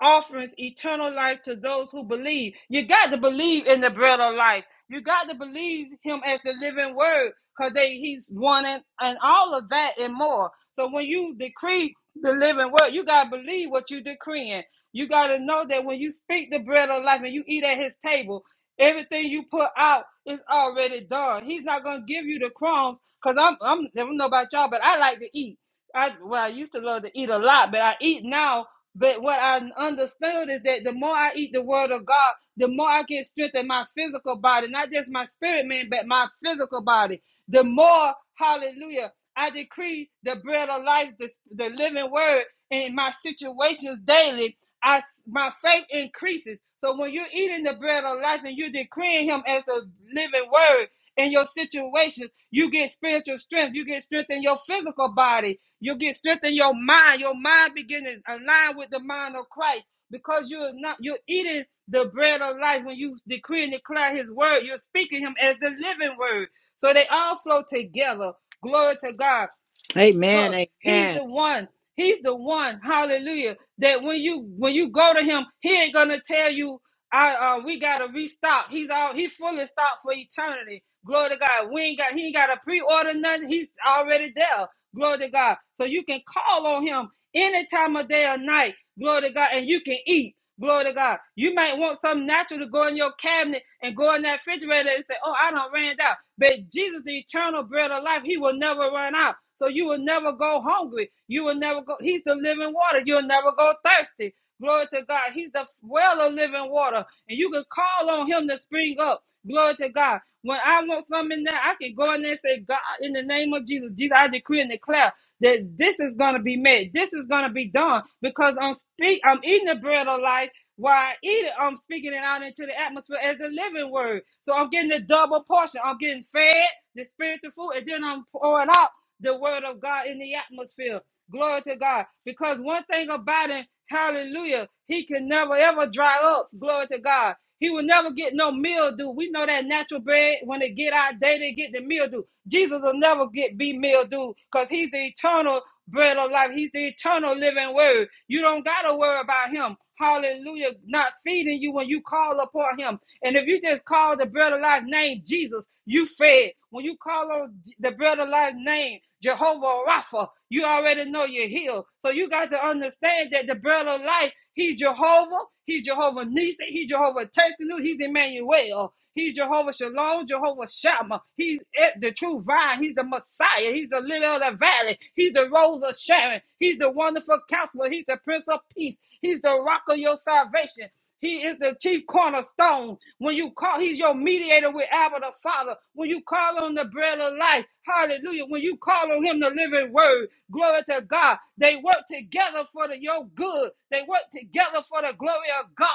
Speaker 1: offerings eternal life to those who believe. You got to believe in the bread of life. You got to believe him as the living word because he's one and, and all of that and more. So when you decree the living word, you got to believe what you decreeing. You got to know that when you speak the bread of life and you eat at his table, everything you put out is already done. He's not going to give you the crumbs because I'm, I'm, I don't know about y'all, but I like to eat. I well, I used to love to eat a lot, but I eat now. But what I understood is that the more I eat the word of God, the more I can strengthen my physical body, not just my spirit man, but my physical body. The more, hallelujah, I decree the bread of life, the, the living word in my situations daily, I my faith increases. So when you're eating the bread of life and you're decreeing him as the living word, in your situations. You get spiritual strength. You get strength in your physical body. You get strength in your mind. Your mind begins to align with the mind of Christ because you're not you're eating the bread of life when you decree and declare His word. You're speaking Him as the living word. So they all flow together. Glory to God.
Speaker 4: Amen.
Speaker 1: So He's
Speaker 4: Amen.
Speaker 1: the one. He's the one. Hallelujah. That when you when you go to Him, He ain't gonna tell you. I uh, we gotta restock. He's all he fully stocked for eternity. Glory to God. We ain't got he ain't gotta pre-order nothing. He's already there. Glory to God. So you can call on him any time of day or night. Glory to God, and you can eat. Glory to God. You might want something natural to go in your cabinet and go in that refrigerator and say, "Oh, I don't ran out." But Jesus, the eternal bread of life, He will never run out. So you will never go hungry. You will never go. He's the living water. You'll never go thirsty. Glory to God. He's the well of living water, and you can call on him to spring up. Glory to God. When I want something now, I can go in there and say, God, in the name of Jesus, Jesus, I decree and declare that this is going to be made. This is going to be done because I'm speak. I'm eating the bread of life. While I eat it, I'm speaking it out into the atmosphere as a living word. So I'm getting the double portion. I'm getting fed the spiritual food, and then I'm pouring out the word of God in the atmosphere. Glory to God. Because one thing about him, hallelujah, he can never ever dry up. Glory to God. He will never get no mildew. We know that natural bread, when they get out day, they get the mildew. Jesus will never get be mildew because he's the eternal bread of life. He's the eternal living word. You don't gotta worry about him. Hallelujah. Not feeding you when you call upon him. And if you just call the bread of life name Jesus, you fed. When you call on the bread of life name Jehovah Rapha, you already know you're healed. So you got to understand that the bread of life, he's Jehovah, he's Jehovah Nisa, he's Jehovah Tuscany, he's Emmanuel. He's Jehovah Shalom, Jehovah Shammah. He's the true vine. He's the Messiah. He's the lily of the valley. He's the rose of Sharon. He's the wonderful counselor. He's the prince of peace. He's the rock of your salvation. He is the chief cornerstone. When you call, he's your mediator with Abba the Father. When you call on the bread of life, hallelujah. When you call on him, the living word, glory to God. They work together for the, your good. They work together for the glory of God.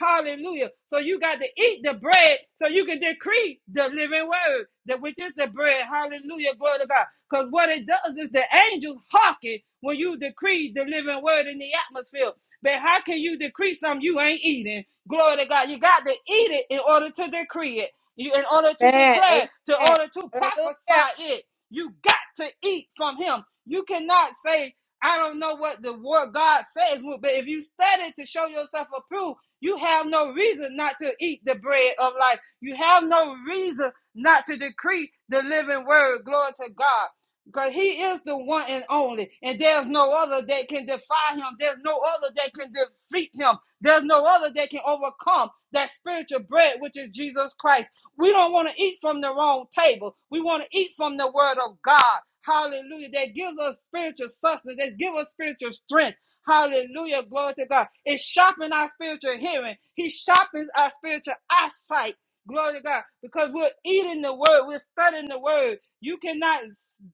Speaker 1: Hallelujah. So you got to eat the bread so you can decree the living word, that which is the bread. Hallelujah. Glory to God. Because what it does is the angels hearken when you decree the living word in the atmosphere. But how can you decree something you ain't eating? Glory to God. You got to eat it in order to decree it. You in order to
Speaker 4: Amen.
Speaker 1: declare, it, to
Speaker 4: Amen.
Speaker 1: order to
Speaker 4: Hallelujah.
Speaker 1: prophesy it. You got to eat from him. You cannot say, I don't know what the word God says, but if you study to show yourself approved, you have no reason not to eat the bread of life. You have no reason not to decree the living word. Glory to God because he is the one and only, and there's no other that can defy him. There's no other that can defeat him. There's no other that can overcome that spiritual bread, which is Jesus Christ. We don't want to eat from the wrong table. We want to eat from the word of God. Hallelujah. That gives us spiritual sustenance. That gives us spiritual strength. Hallelujah. Glory to God. It sharpens our spiritual hearing. He sharpens our spiritual eyesight. Glory to God. Because we're eating the word. We're studying the word. You cannot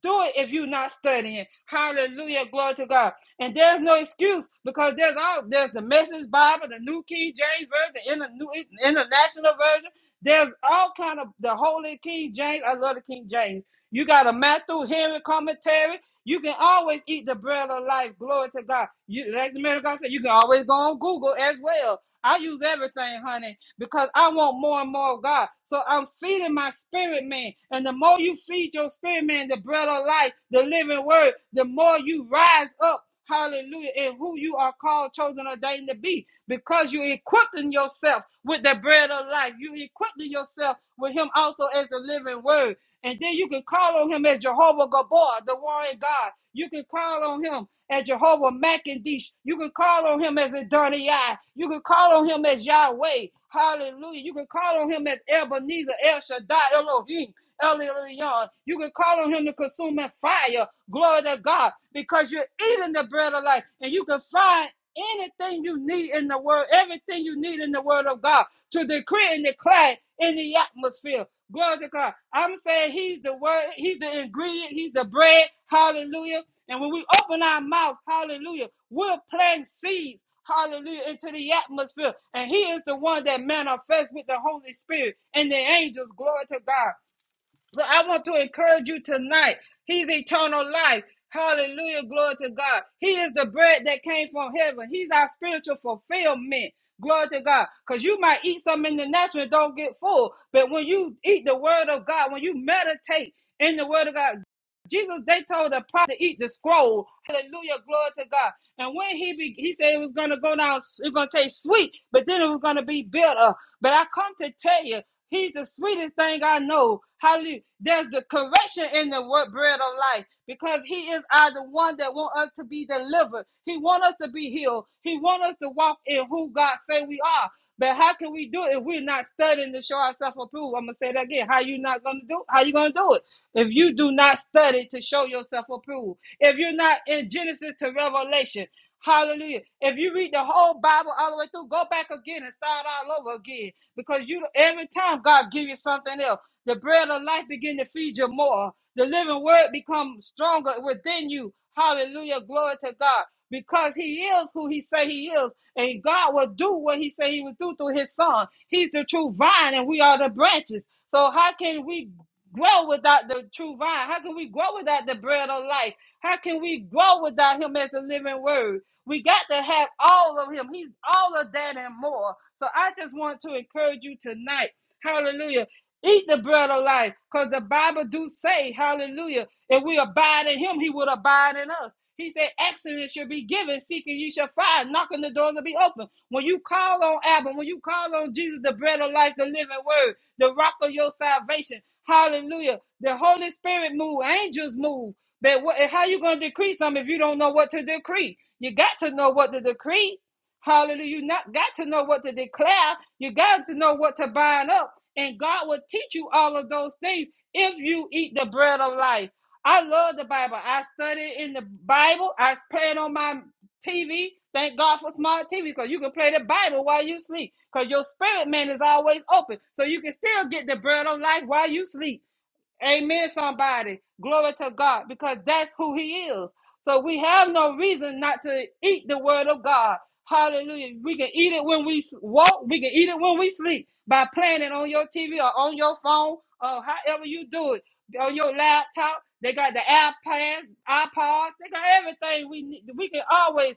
Speaker 1: do it if you're not studying. Hallelujah, glory to God. And there's no excuse because there's all there's the Message Bible, the New King James Version, the New International Version. There's all kind of the Holy King James. I love the King James. You got a Matthew Henry commentary. You can always eat the bread of life. Glory to God. You, like the man of God said, you can always go on Google as well. I use everything, honey because I want more and more of God. So I'm feeding my spirit man. And the more you feed your spirit man the bread of life, the living word, the more you rise up. Hallelujah. And who you are called, chosen, ordained to be. Because you're equipping yourself with the bread of life. You're equipping yourself with him also as the living word. And then you can call on him as Jehovah Gabor, the warrior God. You can call on him as Jehovah Macandish. You can call on him as Adonai. You can call on him as Yahweh. Hallelujah. You can call on him as Ebenezer, El Shaddai, Elohim, El Elyon. You can call on him to consume fire. Glory to God. Because you're eating the bread of life and you can find anything you need in the word, everything you need in the word of God to decree and declare in the atmosphere. Glory to God. I'm saying he's the word, he's the ingredient, he's the bread. Hallelujah. And when we open our mouth, hallelujah, we're planting seeds, hallelujah, into the atmosphere. And he is the one that manifests with the Holy Spirit and the angels. Glory to God. So I want to encourage you tonight. He's eternal life. Hallelujah. Glory to God. He is the bread that came from heaven. He's our spiritual fulfillment. Glory to God. Because you might eat something in the natural and don't get full. But when you eat the word of God, when you meditate in the word of God, Jesus, they told the prophet to eat the scroll. Hallelujah, glory to God. And when he be, he said it was gonna go down, it's gonna taste sweet, but then it was gonna be bitter. But I come to tell you, he's the sweetest thing I know. Hallelujah. There's the correction in the word bread of life because he is our the one that want us to be delivered. He want us to be healed. He want us to walk in who God say we are. But how can we do it if we're not studying to show ourselves approved? I'm gonna say that again. How you not gonna do? it? How you gonna do it? If you do not study to show yourself approved, if you're not in Genesis to Revelation, hallelujah. If you read the whole Bible all the way through, go back again and start all over again. Because you every time God give you something else, the bread of life begin to feed you more. The living word becomes stronger within you. Hallelujah. Glory to God. Because he is who he say he is, and God will do what he said he would do through his son. He's the true vine, and we are the branches. So how can we? grow without the true vine? How can we grow without the bread of life? How can we grow without him as the living word? We got to have all of him. He's all of that and more. So I just want to encourage you tonight. Hallelujah. Eat the bread of life, because the Bible do say, hallelujah, if we abide in him, he would abide in us. He said, Excellence shall be given, seeking you shall find, knocking the doors will be open. When you call on Abba, when you call on Jesus, the bread of life, the living word, the rock of your salvation, hallelujah. The Holy Spirit move, angels move. But what, how you going to decree something if you don't know what to decree? You got to know what to decree. Hallelujah. You not got to know what to declare. You got to know what to bind up. And God will teach you all of those things if you eat the bread of life. I love the Bible. I study in the Bible. I play it on my TV. Thank God for smart TV because you can play the Bible while you sleep because your spirit man is always open. So you can still get the bread of life while you sleep. Amen, somebody. Glory to God, because that's who He is. So we have no reason not to eat the Word of God. Hallelujah. We can eat it when we s- walk, we can eat it when we sleep by playing it on your TV or on your phone or however you do it. On your laptop, they got the iPads, iPods, they got everything we need. We can always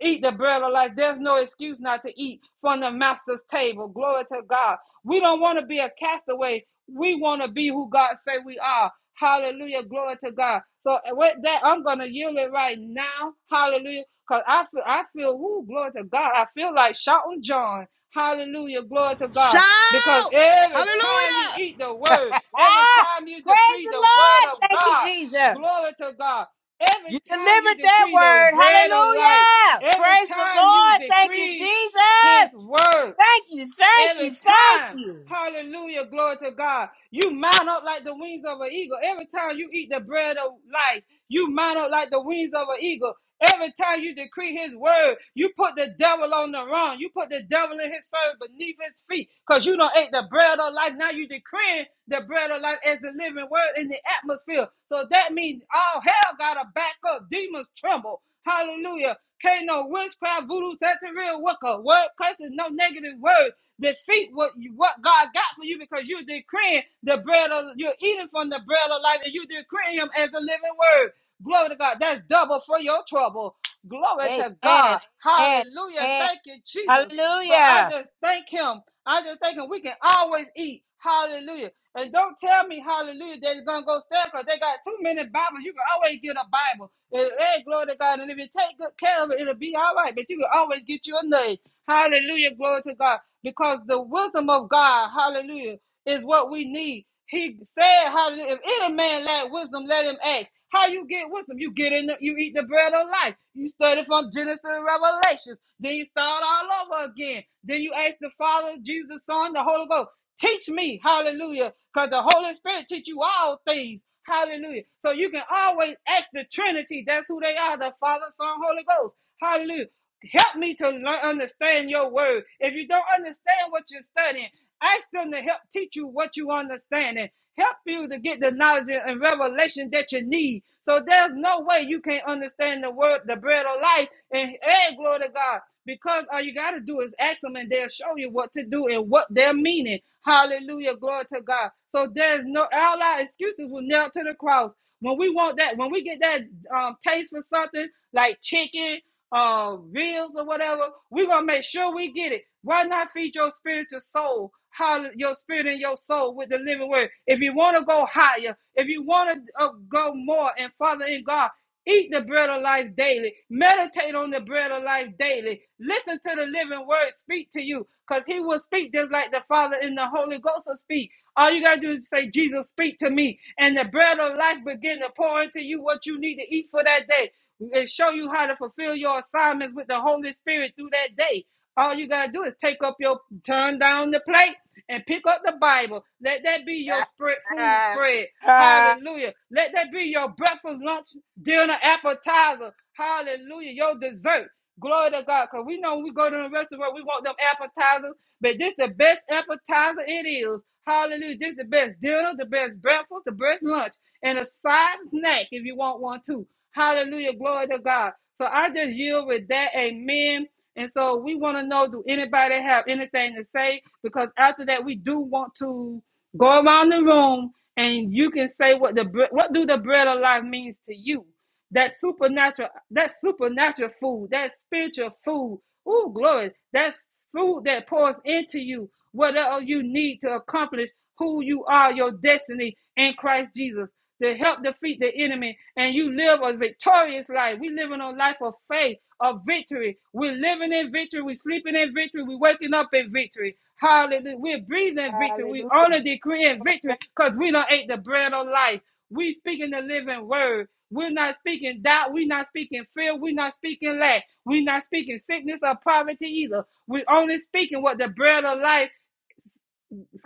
Speaker 1: eat the bread of life. There's no excuse not to eat from the master's table. Glory to God. We don't want to be a castaway. We want to be who God say we are. Hallelujah. Glory to God. So uh, with that, I'm gonna yield it right now. Hallelujah. Cause I feel I feel whoo, glory to God. I feel like shouting John. Hallelujah. Glory to God. Because every time you eat the word, every
Speaker 4: Ah,
Speaker 1: time you
Speaker 4: praise
Speaker 1: decree the
Speaker 4: the
Speaker 1: word of
Speaker 4: Lord. Thank you,
Speaker 1: God,
Speaker 4: Jesus.
Speaker 1: glory to God. Every
Speaker 4: You
Speaker 1: time you
Speaker 4: delivered that
Speaker 1: decree the
Speaker 4: word.
Speaker 1: bread of life.
Speaker 4: Hallelujah.
Speaker 1: Every
Speaker 4: Praise the
Speaker 1: time you
Speaker 4: Lord. Thank you,
Speaker 1: decree his
Speaker 4: Jesus.
Speaker 1: word,
Speaker 4: Thank you. Thank you.
Speaker 1: every
Speaker 4: Thank
Speaker 1: time,
Speaker 4: you.
Speaker 1: hallelujah, glory to God, you mount up like the wings of an eagle. Every time you eat the bread of life, you mount up like the wings of an eagle. Every time you decree his word, you put the devil on the run. You put the devil in his servant beneath his feet because you don't ate the bread of life. Now you decreeing the bread of life as the living word in the atmosphere. So that means all hell got to back up. Demons tremble. Hallelujah. Can't no witchcraft, voodoo, Satan, real wicca, word curses, no negative words. Defeat what you, what God got for you because you're decreeing the bread of you're eating from the bread of life and you decreeing Him as the living word. Glory to God. That's double for your trouble. Glory to
Speaker 4: Amen.
Speaker 1: God.
Speaker 4: Amen.
Speaker 1: Hallelujah.
Speaker 4: Amen.
Speaker 1: Thank you, Jesus. So I
Speaker 4: Hallelujah.
Speaker 1: just thank him. I just thank him. We can always eat. Hallelujah. And don't tell me, hallelujah, they're going to go stand because they got too many Bibles. You can always get a Bible. And, hey, glory to God. And if you take good care of it, it'll be all right. But you can always get you a name. Hallelujah. Glory to God because the wisdom of God, hallelujah, is what we need. He said, hallelujah, if any man lack wisdom, let him ask. How you get wisdom? You get in, the, you eat the bread of life. You study from Genesis to Revelation. Then you start all over again. Then you ask the Father, Jesus, Son, the Holy Ghost. Teach me, hallelujah, because the Holy Spirit teach you all things. Hallelujah. So you can always ask the Trinity. That's who they are, the Father, Son, Holy Ghost. Hallelujah. Help me to learn, understand your word. If you don't understand what you're studying, ask them to help teach you what you understand and help you to get the knowledge and revelation that you need. So there's no way you can't understand the word, the bread of life, and hey, glory to God. Because all you gotta do is ask them and they'll show you what to do and what they're meaning. Hallelujah, glory to God. So there's no all our excuses were nailed to the cross. When we want that, when we get that um, taste for something like chicken uh, reels or whatever, we're going to make sure we get it. Why not feed your spiritual soul, how your spirit and your soul with the living word? If you want to go higher, if you want to uh, go more and Father in God, Eat the bread of life daily. Meditate on the bread of life daily. Listen to the living word speak to you because he will speak just like the Father and the Holy Ghost will speak. All you got to do is say, Jesus, speak to me. And the bread of life begin to pour into you what you need to eat for that day and show you how to fulfill your assignments with the Holy Spirit through that day. All you gotta do is take up your turn down the plate and pick up the Bible. Let that be your spread food spread. Hallelujah. Let that be your breakfast, lunch, dinner, appetizer. Hallelujah. Your dessert. Glory to God. Because we know when we go to the restaurant, we want them appetizers. But this is the best appetizer it is. Hallelujah. This is the best dinner, the best breakfast, the best lunch, and a side snack if you want one too. Hallelujah. Glory to God. So I just yield with that. Amen. And so we want to know do anybody have anything to say? Because after that, we do want to go around the room and you can say what the bre- what do the bread of life means to you that supernatural, that supernatural food, that spiritual food. Oh, glory. That food that pours into you, whatever you need to accomplish who you are, your destiny in Christ Jesus. To help defeat the enemy, and you live a victorious life. We're living a life of faith, of victory. We're living in victory. We're sleeping in victory. We're waking up in victory. Hallelujah. We're breathing victory. We
Speaker 4: Hallelujah.
Speaker 1: only decree in victory because we don't ate the bread of life. We speaking the living word. We're not speaking doubt. We're not speaking fear. We're not speaking lack. We're not speaking sickness or poverty either. We're only speaking what the bread of life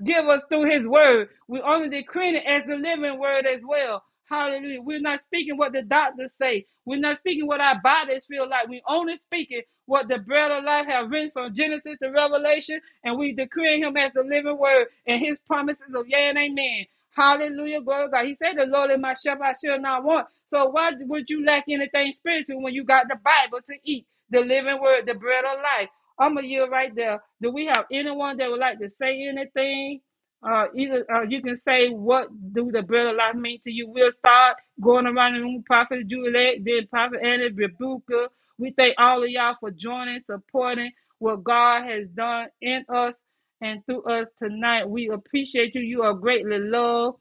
Speaker 1: give us through his word. We're only decreeing it as the living word as well. Hallelujah. We're not speaking what the doctors say. We're not speaking what our bodies feel like. We're only speaking what the bread of life have written from Genesis to Revelation, and we decreeing him as the living word and his promises of yea and amen. Hallelujah. Glory to God. He said, The Lord is my shepherd, I shall not want. So why would you lack anything spiritual when you got the Bible to eat? The living word, the bread of life. I'm a year right there. Do we have anyone that would like to say anything? Uh, either uh, you can say what do the bread of life mean to you. We'll start going around the room, Prophet Juliet, then Prophet Annie Rebuka. We thank all of y'all for joining, supporting what God has done in us and through us tonight. We appreciate you. You are greatly loved.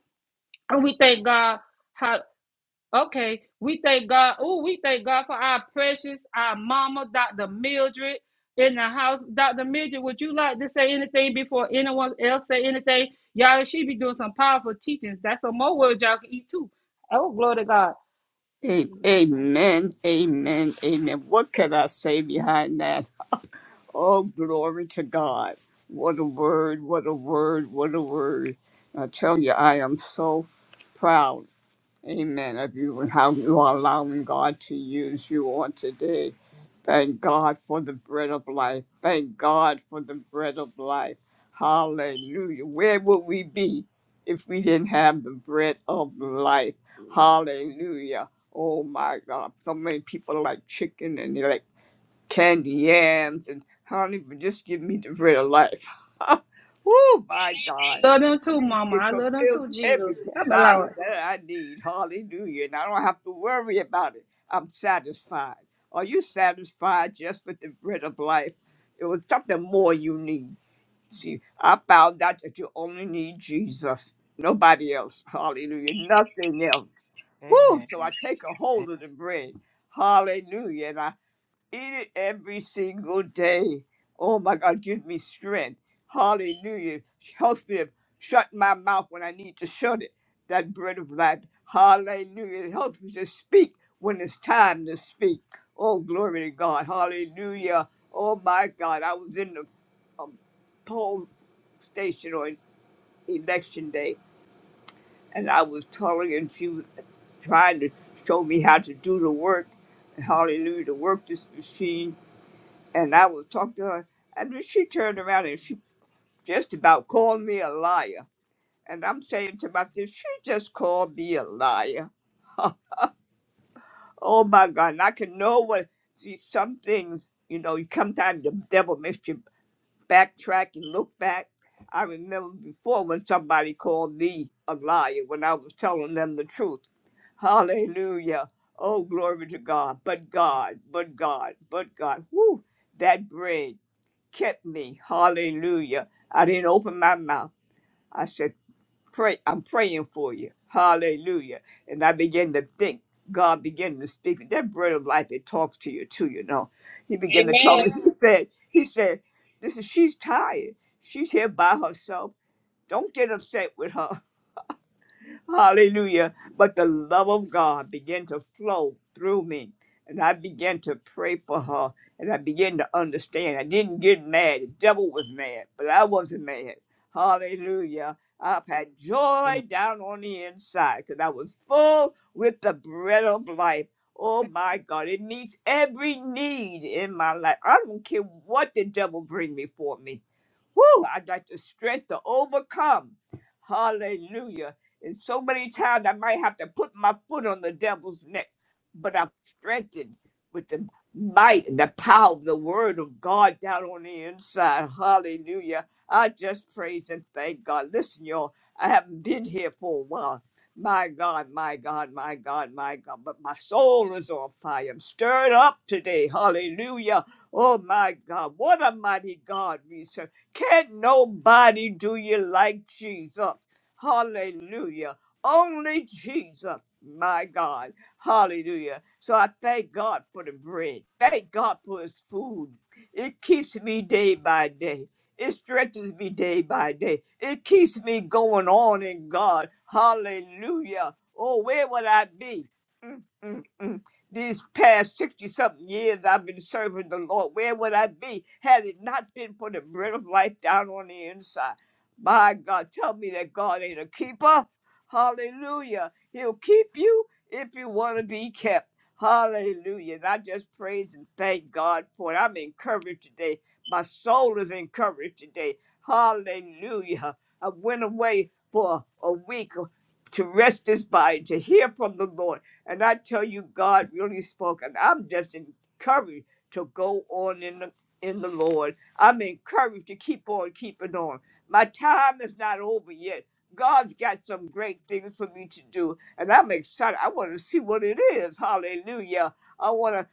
Speaker 1: And we thank God. How, okay. We thank God. Oh, we thank God for our precious, our mama, Dr. Mildred in the house. Dr. Mildred, would you like to say anything before anyone else say anything? Y'all, she be doing some powerful teachings. That's some more words y'all can eat too. Oh, glory to God.
Speaker 13: A- Amen, amen, amen. What can I say behind that? Oh, glory to God. What a word, what a word, what a word. I tell you, I am so proud Amen. Of you and how you are allowing God to use you on today. Thank God for the bread of life. Thank God for the bread of life. Hallelujah. Where would we be if we didn't have the bread of life? Hallelujah. Oh my God. So many people like chicken and they like candy yams and honey, but just give me the bread of life. oh my God.
Speaker 1: I love them too,
Speaker 13: You-
Speaker 1: mama.
Speaker 13: It
Speaker 1: I love them too,
Speaker 13: fulfills
Speaker 1: Jesus.
Speaker 13: every
Speaker 1: I'm a Lord.
Speaker 13: desire that I need. Hallelujah. And I don't have to worry about it. I'm satisfied. Are you satisfied just with the bread of life? It was something more you need. See, I found out that you only need Jesus, nobody else. Hallelujah. Nothing else. Woo!
Speaker 4: Amen.
Speaker 13: So I take a hold of the bread. Hallelujah. Eat it every single day. Oh my God, give me strength. Hallelujah. Help me to shut my mouth when I need to shut it. That bread of life. Hallelujah. Help me to speak when it's time to speak. Oh, glory to God. Hallelujah. Oh my God. I was in the um, poll station on election day, and I was telling and she was trying to show me how to do the work. Hallelujah, to work this machine and I was talking to her, and then she turned around and she just about called me a liar. And I'm saying to myself, she just called me a liar. Oh my God! And I can know what. See, some things, you know, you sometimes the devil makes you backtrack and look back. I remember before when somebody called me a liar when I was telling them the truth. Hallelujah! Oh, glory to God! But God, but God, but God. Whoo! That brain. kept me. Hallelujah. I didn't open my mouth. I said, Pray, I'm praying for you. Hallelujah. And I began to think. God began to speak. That bread of life, it talks to you too, you know. He began to talk. He said, He said, Listen, she's tired. She's here by herself. Don't get upset with her. Hallelujah. But the love of God began to flow through me. And I began to pray for her. And I began to understand. I didn't get mad. The devil was mad, but I wasn't mad. Hallelujah. I've had
Speaker 4: Amen.
Speaker 13: joy down on the inside because I was full with the bread of life. Oh my God, it meets every need in my life. I don't care what the devil bring before me. Woo! I got the strength to overcome. Hallelujah. And so many times I might have to put my foot on the devil's neck, but I'm strengthened with the might and the power of the word of God down on the inside. Hallelujah. I just praise and thank God. Listen, y'all, I haven't been here for a while. My God, my God, my God, my God. But my soul is on fire. I'm stirred up today. Hallelujah. Oh, my God. What a mighty God we serve. Can't nobody do you like Jesus. Hallelujah. Only Jesus, my God. Hallelujah. So I thank God for the bread. Thank God for his food. It keeps me day by day. It stretches me day by day. It keeps me going on in God. Hallelujah. Oh, where would I be? Mm, mm, mm these past 60 something years I've been serving the Lord. Where would I be had it not been for the bread of life down on the inside? My God, tell me that God ain't a keeper. Hallelujah. He'll keep you if you want to be kept. Hallelujah. And I just praise and thank God for it. I'm encouraged today. My soul is encouraged today. Hallelujah. I went away for a week to rest this body, to hear from the Lord. And I tell you, God really spoke, and I'm just encouraged to go on in the in the Lord. I'm encouraged to keep on keeping on. My time is not over yet. God's got some great things for me to do, and I'm excited. I want to see what it is. Hallelujah. I want to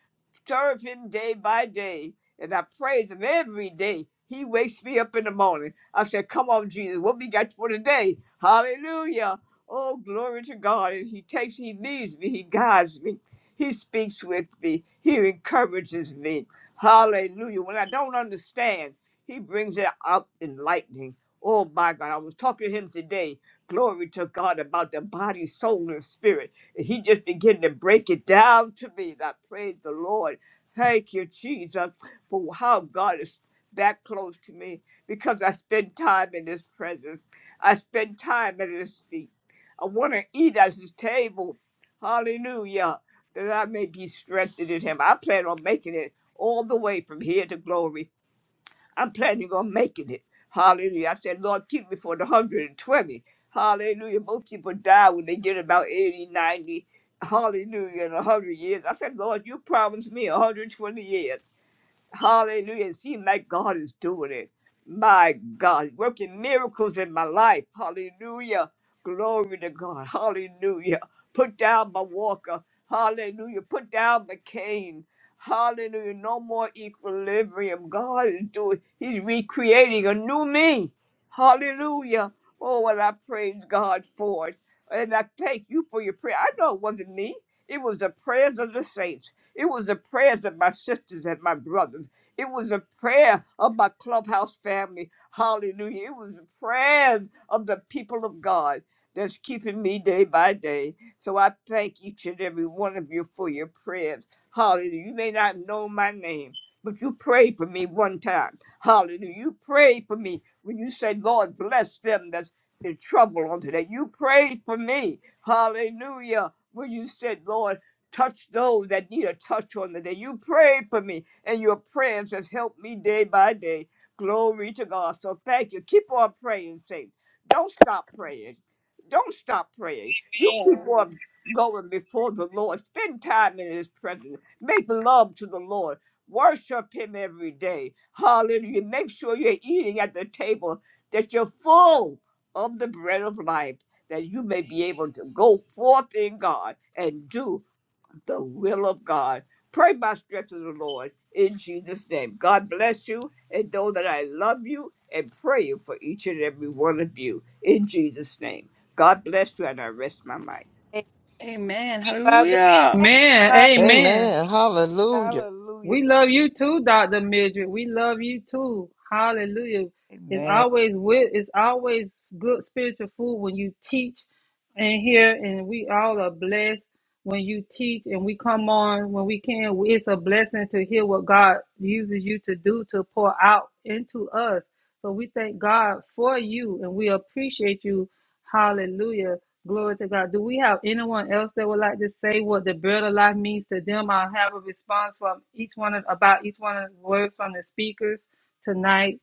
Speaker 13: serve Him day by day, and I praise Him every day. He wakes me up in the morning. I said, Come on, Jesus, what we got for today? Hallelujah. Oh, glory to God. And he takes, he leads me, he guides me, he speaks with me, he encourages me. Hallelujah. When I don't understand, he brings it out in lightning. Oh my God. I was talking to him today. Glory to God about the body, soul, and spirit. And he just began to break it down to me. And I praise the Lord. Thank you, Jesus, for how God is that close to me because I spend time in his presence. I spend time at his feet. I want to eat at his table. Hallelujah. That I may be strengthened in him. I plan on making it all the way from here to glory. I'm planning on making it. Hallelujah. I said, Lord, keep me for the 120. Hallelujah. Most people die when they get about 80, 90. Hallelujah. In 100 years. I said, Lord, you promised me 120 years. Hallelujah. It seems like God is doing it. My God, working miracles in my life. Hallelujah. Glory to God. Hallelujah. Put down my walker. Hallelujah. Put down the cane. Hallelujah. No more equilibrium. God is doing, He's recreating a new me. Hallelujah. Oh, and I praise God for it. And I thank you for your prayer. I know it wasn't me, it was the prayers of the saints. It was the prayers of my sisters and my brothers. It was a prayer of my clubhouse family. Hallelujah. It was the prayers of the people of God that's keeping me day by day. So I thank each and every one of you for your prayers. Hallelujah. You may not know my name, but you prayed for me one time. Hallelujah. You prayed for me when you said, Lord, bless them that's in trouble on today. You prayed for me. Hallelujah. When you said, Lord, Touch those that need a touch on the day. You prayed for me, and your prayers has helped me day by day. Glory to God. So thank you. Keep on praying, saints. Don't stop praying. Don't stop praying. You keep
Speaker 1: Amen.
Speaker 13: on going before the Lord. Spend time in His presence. Make love to the Lord. Worship Him every day. Hallelujah. Make sure you're eating at the table, that you're full of the bread of life, that you may be able to go forth in God and do the will of God. Pray by strength of the Lord in Jesus' name. God bless you and know that I love you and pray for each and every one of you in Jesus' name. God bless you and I rest my mind.
Speaker 4: Hey,
Speaker 3: Amen.
Speaker 4: Mother.
Speaker 3: Hallelujah.
Speaker 4: Thank you,
Speaker 1: Amen.
Speaker 4: Mother.
Speaker 1: Amen.
Speaker 6: Amen. Hallelujah.
Speaker 4: Hallelujah.
Speaker 1: We love you too, Dr. Mildred. We love you too. Hallelujah. It's
Speaker 4: Amen.
Speaker 1: always with it's always good spiritual food when you teach and hear and we all are blessed when you teach and we come on when we can. It's a blessing to hear what God uses you to do to pour out into us. So we thank God for you and we appreciate you Hallelujah. Glory to God. Do we have anyone else that would like to say what the bread of life means to them? I'll have a response from each one of, about each one of the words from the speakers tonight.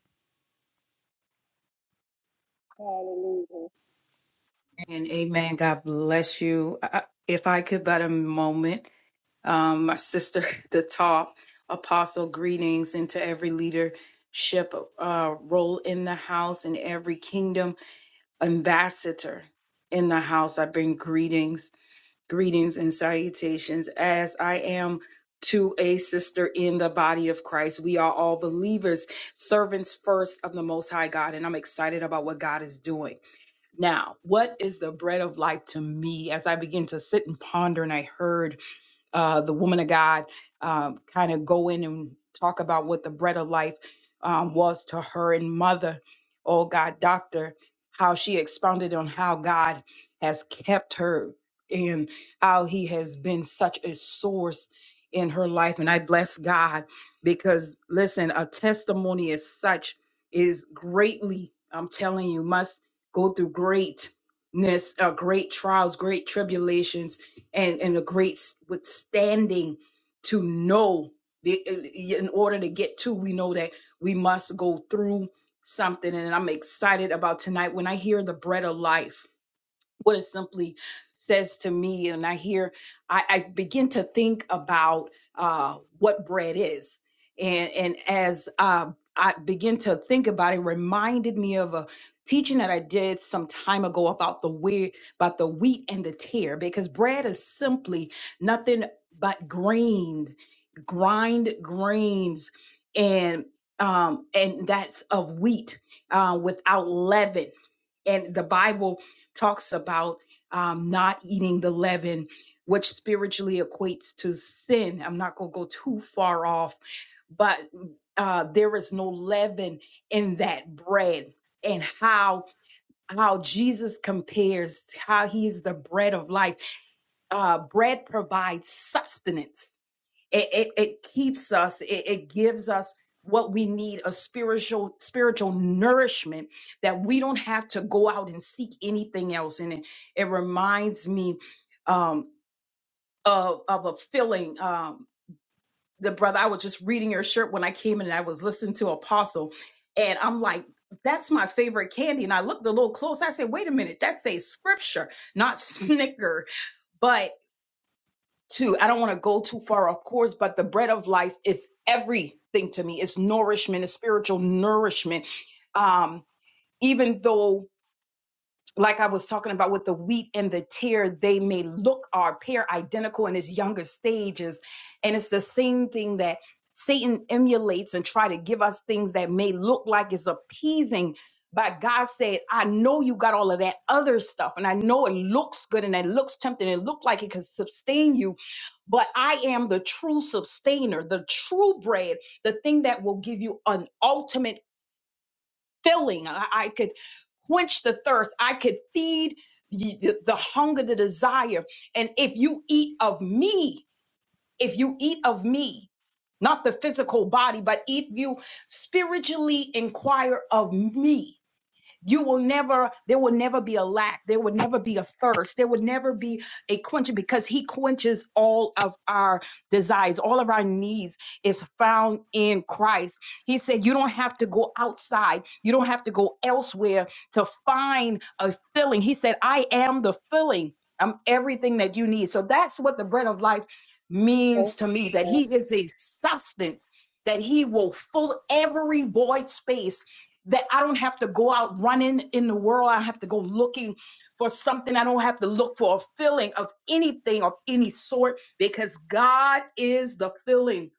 Speaker 14: And amen. God bless you. I- If I could, but a moment, um, my sister at the top, apostle greetings into every leadership uh, role in the house and every kingdom ambassador in the house. I bring greetings, greetings and salutations as I am to a sister in the body of Christ. We are all believers, servants first of the Most High God. And I'm excited about what God is doing. Now, what is the bread of life to me? As I begin to sit and ponder, and I heard uh, the woman of God um, kind of go in and talk about what the bread of life um, was to her and mother, oh God, doctor, how she expounded on how God has kept her and how he has been such a source in her life. And I bless God because, listen, a testimony as such is greatly, I'm telling you, must go through greatness, uh, great trials, great tribulations and and a great s- withstanding to know the- in order to get to we know that we must go through something and i'm excited about tonight when i hear the bread of life what it simply says to me. And I hear, I, I begin to think about uh, what bread is. And, and as uh, I begin to think about it, it reminded me of a teaching that I did some time ago about the wheat, about the wheat and the tear, because bread is simply nothing but grain, grind grains and um, and that's of wheat uh, without leaven and the Bible talks about um, not eating the leaven, which spiritually equates to sin. I'm not going to go too far off, but uh, there is no leaven in that bread and how how Jesus compares how he is the bread of life uh bread provides substance it, it, it keeps us it, it gives us what we need a spiritual spiritual nourishment that we don't have to go out and seek anything else and it, it reminds me um of of a feeling um the brother i was just reading your shirt when i came in and i was listening to apostle and i'm like that's my favorite candy and i looked a little close i said wait a minute that says scripture not snicker But to i don't want to go too far of course but the bread of life is everything to me it's nourishment it's spiritual nourishment um even though like I was talking about with the wheat and the tear, they may look or appear identical in its younger stages. And it's the same thing that Satan emulates and try to give us things that may look like it's appeasing. But God said, I know you got all of that other stuff, and I know it looks good and it looks tempting, it looked like it could sustain you, but I am the true sustainer, the true bread, the thing that will give you an ultimate filling. I, I could quench the thirst. I could feed the, the hunger, the desire. And if you eat of me, if you eat of me, not the physical body, but if you spiritually inquire of me, you will never, there will never be a lack. There will never be a thirst. There will never be a quenching because He quenches all of our desires. All of our needs is found in Christ. He said, You don't have to go outside. You don't have to go elsewhere to find a filling. He said, I am the filling. I'm everything that you need. So that's what the bread of life means to me that He is a substance that He will fill every void space that I don't have to go out running in the world. I don't have to go looking for something. I don't have to look for a filling of anything of any sort because God is the filling.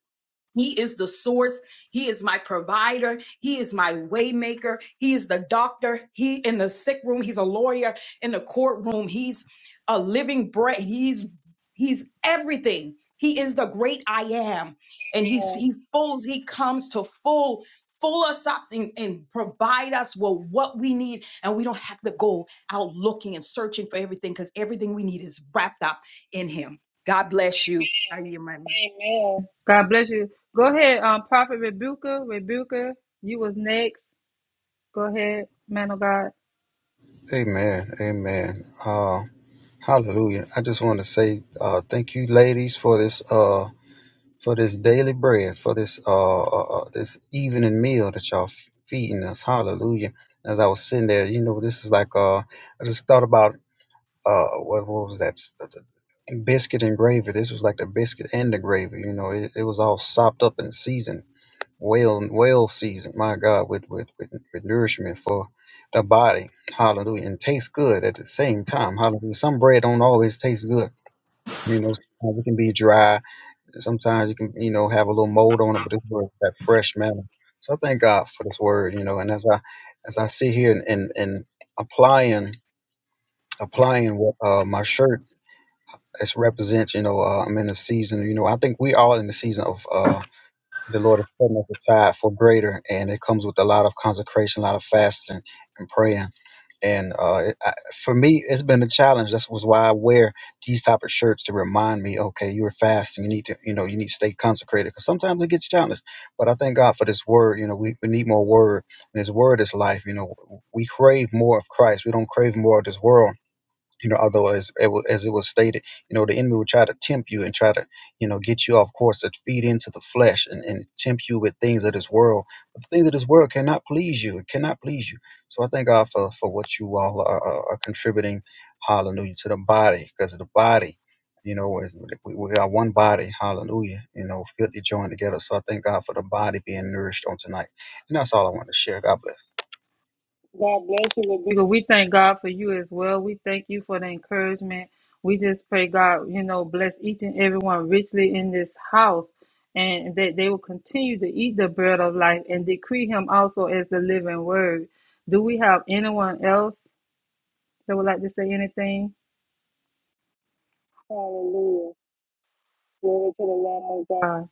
Speaker 14: He is the source. He is my provider. He is my waymaker. He is the doctor. He in the sick room. He's a lawyer in the courtroom. He's a living bread. He's he's everything. He is the great I am, and he's he full. He comes to full full us up and, and provide us with what we need, and we don't have to go out looking and searching for everything because everything we need is wrapped up in Him. God bless you.
Speaker 1: Amen. God bless you. Go ahead, um, Prophet Rebuka. Rebuka, you was next. Go ahead, man of God.
Speaker 15: Amen. Amen. Uh, hallelujah. I just want to say uh, thank you, ladies, for this uh, for this daily bread, for this uh, uh, uh, this evening meal that y'all f- feeding us. Hallelujah. As I was sitting there, you know, this is like uh, I just thought about uh, what, what was that? s- Biscuit and gravy. This was like the biscuit and the gravy. You know, it, it was all sopped up and seasoned well well seasoned, my God, with with with, with nourishment for the body. Hallelujah. And tastes good at the same time. Hallelujah. Some bread don't always taste good. You know, sometimes it can be dry. Sometimes you can, you know, have a little mold on it, but it's worth that fresh manner. So I thank God for this word, you know, and as I as I sit here and and, and applying applying what uh my shirt it represents, you know, uh, I'm in the season, you know, I think we all in the season of uh the Lord is setting us aside for greater, and it comes with a lot of consecration, a lot of fasting and praying. And uh, it, I, for me, it's been a challenge. That's was why I wear these type of shirts to remind me, okay, you're fasting. You need to, you know, you need to stay consecrated because sometimes it gets challenged. But I thank God for this word. You know, we, we need more word. And His word is life. You know, we crave more of Christ. We don't crave more of this world you know, although as it wa- as it was stated, you know, the enemy will try to tempt you and try to, you know, get you off course to feed into the flesh and, and tempt you with things of this world. But the things of this world cannot please you. It cannot please you. So I thank God for, for what you all are, are, are contributing, hallelujah, to the body, because the body, you know, is- we, we are one body, hallelujah, you know, fitly joined together. So I thank God for the body being nourished on tonight. And that's all I want to share. God bless.
Speaker 1: God bless you, Rebecca. We thank God for you as well. We thank you for the encouragement. We just pray God, you know, bless each and everyone richly in this house and that they will continue to eat the bread of life and decree him also as the living word. Do we have anyone else that would like to say anything? Hallelujah. Glory to the Lamb of God.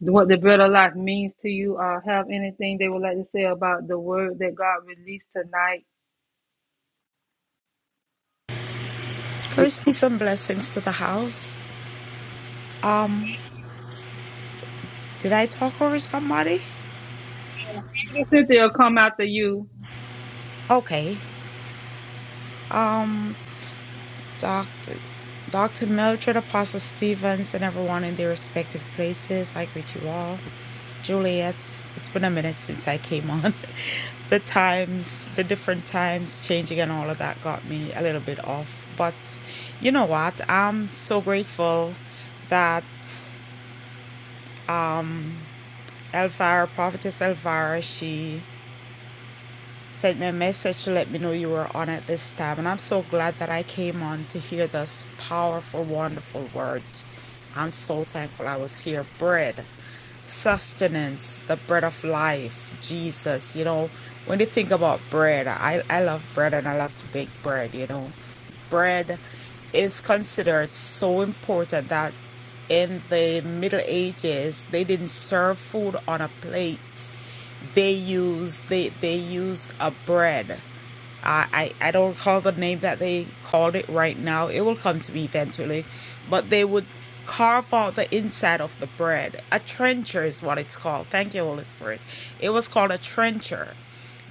Speaker 1: What the bread of life means to you, uh, have anything they would like to say about the word that God released tonight?
Speaker 4: Yeah.
Speaker 8: Grace, peace, and blessings to the house. Um, did I talk over somebody?
Speaker 1: And Cynthia will come after you.
Speaker 8: Okay. Um, Doctor, Doctor Mildred, Apostle Stevens, and everyone in their respective places. I greet you all. Juliet, it's been a minute since I came on. the times, the different times changing and all of that got me a little bit off. But you know what? I'm so grateful that um, Elvira, Prophetess Elvira, she sent me a message to let me know you were on at this time. And I'm so glad that I came on to hear this powerful, wonderful word. I'm so thankful I was here. Bread. sustenance, the bread of life, Jesus. You know, when you think about bread, I, I love bread and I love to bake bread, you know. Bread is considered so important that in the Middle Ages they didn't serve food on a plate. They used they they used a bread. I, I I don't recall the name that they called it right now. It will come to me eventually. But they would carve out the inside of the bread. A trencher is what it's called. Thank you, Holy Spirit. It was called a trencher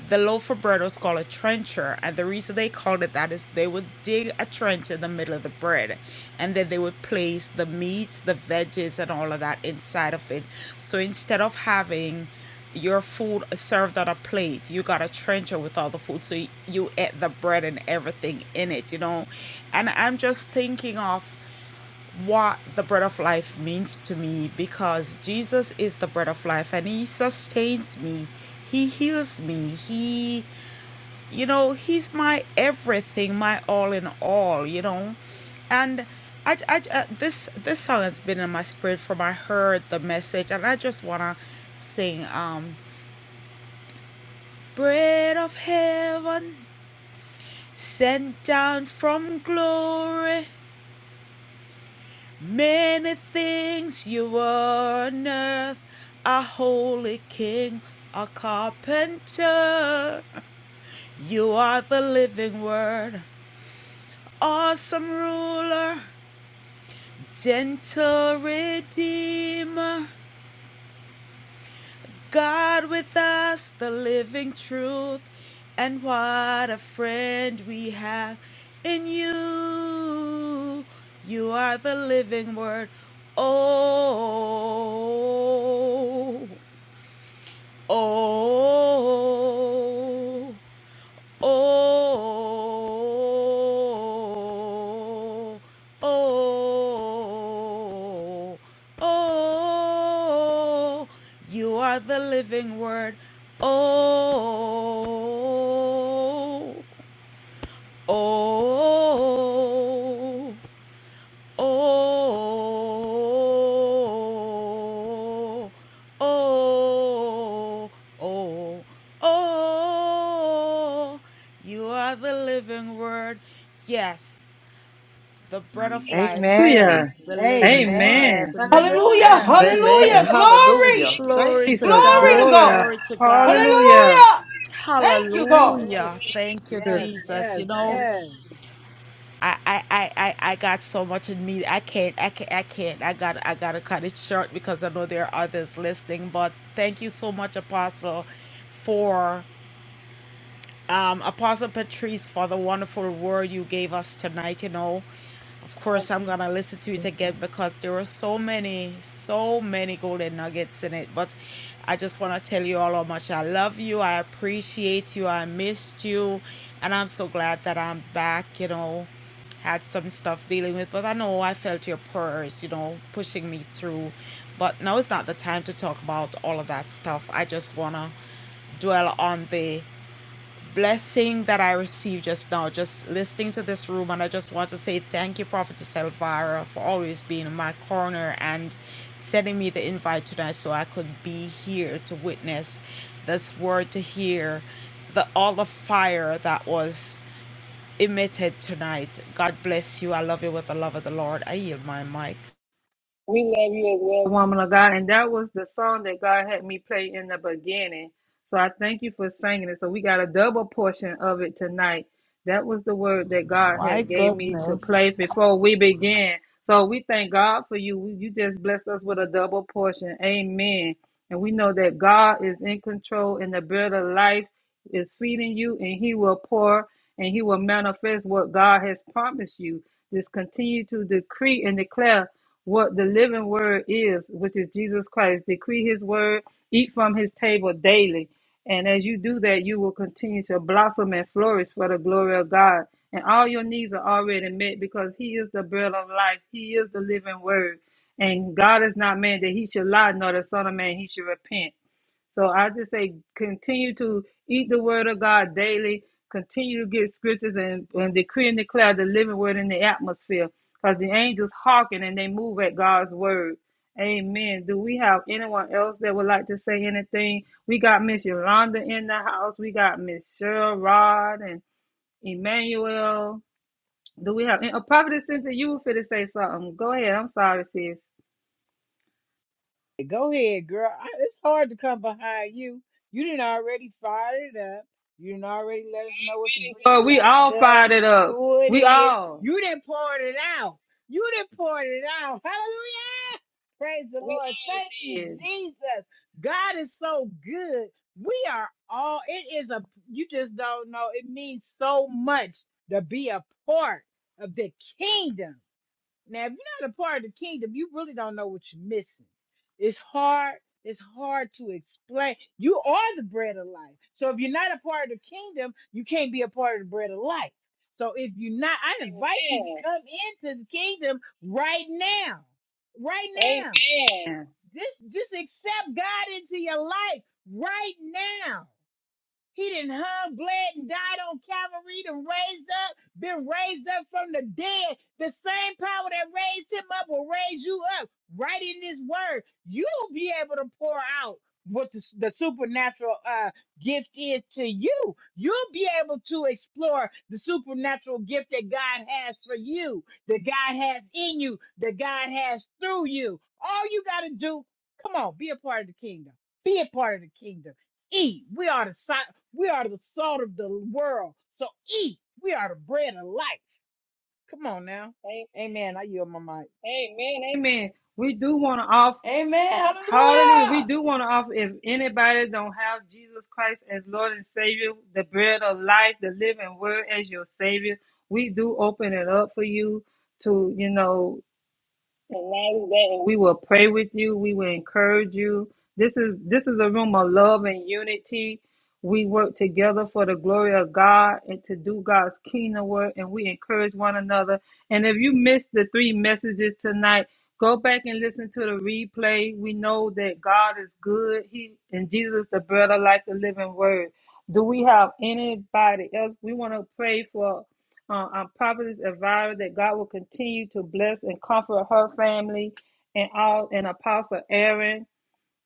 Speaker 8: the loaf of bread was called a trencher, and the reason they called it that is they would dig a trench in the middle of the bread, and then they would place the meats, the veggies, and all of that inside of it. So instead of having your food served on a plate, you got a trencher with all the food, so you, you ate the bread and everything in it, you know. And I'm just thinking of what the bread of life means to me because Jesus is the bread of life and he sustains me. He heals me. He you know, he's my everything, my all in all, you know. And I, I, I- this this song has been in my spirit from I heard the message and I just want to sing um bread of heaven sent down from glory many things you are on earth a holy king a carpenter you are the living word awesome ruler Gentle Redeemer, God with us, the living truth, and what a friend we have in you. You are the living word. Oh, oh. Oh, oh, oh, oh, you are the living word. Oh, oh, oh, oh, oh, oh, oh, oh. You are the living word. Yes, the bread of life
Speaker 4: Amen.
Speaker 1: Hallelujah.
Speaker 8: is the living word
Speaker 4: Amen.
Speaker 1: Amen.
Speaker 8: to me.
Speaker 3: Hallelujah.
Speaker 8: And
Speaker 4: Hallelujah.
Speaker 6: Amen.
Speaker 3: Hallelujah. Glory.
Speaker 6: Hallelujah. Thank
Speaker 8: glory
Speaker 6: you,
Speaker 8: to
Speaker 1: Jesus,
Speaker 3: Glory
Speaker 8: God,
Speaker 3: to
Speaker 6: Jesus.
Speaker 1: glory.
Speaker 3: God.
Speaker 8: glory to God.
Speaker 1: Hallelujah.
Speaker 3: Hallelujah. Thank you, God.
Speaker 4: Yes,
Speaker 8: Hallelujah. Thank you,
Speaker 1: Jesus,
Speaker 4: yes,
Speaker 8: Jesus.
Speaker 4: yes,
Speaker 8: You know,
Speaker 4: yes.
Speaker 8: I, I, I, I I got so much in me. I can't, I can't, I can't. I got, I got to cut it short because I know there are others listening. But thank you so much, Apostle, for um, Apostle Patrice, for the wonderful word you gave us tonight, you know. Of course, I'm going to listen to it again because there were so many, so many golden nuggets in it. But I just want to tell you all how much I love you. I appreciate you. I missed you. And I'm so glad that I'm back, you know. Had some stuff dealing with, but I know I felt your prayers, you know, pushing me through. But now it's not the time to talk about all of that stuff. I just want to dwell on the blessing that I received just now, just listening to this room. And I just want to say thank you, Prophetess Elvira, for always being in my corner and sending me the invite tonight so I could be here to witness this word, to hear the all the fire that was emitted tonight. God bless you. I love you with the love of the Lord. I yield my mic.
Speaker 1: we love you as well, woman of God. And that was the song that God had me play in the beginning. So I thank you for singing it. So we got a double portion of it tonight. That was the word that God
Speaker 8: My
Speaker 1: had gave me to
Speaker 8: goodness.
Speaker 1: play before we began. So we thank God for you. You just blessed us with a double portion. Amen. And we know that God is in control and the bread of life is feeding you and he will pour and he will manifest what God has promised you. Just continue to decree and declare what the living word is, which is Jesus Christ. Decree his word, eat from his table daily. And as you do that, you will continue to blossom and flourish for the glory of God. And all your needs are already met because He is the bread of life, He is the living word. And God is not man that He should lie, nor the Son of Man He should repent. So I just say continue to eat the word of God daily, continue to get scriptures and, and decree and declare the living word in the atmosphere. Because the angels hearken and they move at God's word. Amen. Do we have anyone else that would like to say anything? We got Miss Yolanda in the house. We got Miss Cheryl Rod and Emmanuel. Do we have and, a Prophet Cynthia? You were fit to say something. Go ahead. I'm sorry, sis.
Speaker 4: Go ahead, girl. I, it's hard to come behind you. You didn't already fire it up. You didn't already let us know what the bread of
Speaker 1: But we
Speaker 4: life
Speaker 1: all fired
Speaker 4: does,
Speaker 1: it up.
Speaker 4: who it
Speaker 1: We
Speaker 4: is.
Speaker 1: all.
Speaker 4: You didn't pour it out. You didn't pour it out. Hallelujah! Praise the
Speaker 1: We
Speaker 4: Lord. Thank you,
Speaker 1: all did.
Speaker 4: Jesus. God is so good. We are all. It is a. You just don't know. It means so much to be a part of the kingdom. Now, if you're not a part of the kingdom, you really don't know what you're missing. It's hard. It's hard to explain. You are the bread of life. So if you're not a part of the kingdom, you can't be a part of the bread of life. So if you're not, I invite you to come into the kingdom right now. Right now.
Speaker 1: Amen.
Speaker 4: Just just accept God into your life right now. He didn't hung, bled, and died on Calvary, and raised up, been raised up from the dead. The same power that raised him up will raise you up. Right in this word, you'll be able to pour out what the, the supernatural uh, gift is to you. You'll be able to explore the supernatural gift that God has for you, that God has in you, that God has through you. All you got to do, come on, be a part of the kingdom. Be a part of the kingdom eat. We are the salt. We are the salt of the world. So eat. We are the bread of life. Come on now. Amen. I yield my mic.
Speaker 1: Amen. Amen. We do want to all
Speaker 3: Amen.
Speaker 1: Hallelujah. We
Speaker 3: Hallelujah.
Speaker 1: do want to offer if anybody don't have Jesus Christ as Lord and Savior, the bread of life, the living word as your savior, we do open it up for you to, you know, and not only that, and we will pray with you. We will encourage you. This is this is a room of love and unity. We work together for the glory of God and to do God's kingdom work, and we encourage one another. And if you missed the three messages tonight, go back and listen to the replay. We know that God is good. He and Jesus is the bread of life, the living word. Do we have anybody else? We want to pray for uh, our prophetess Elvira that God will continue to bless and comfort her family and all and Apostle Aaron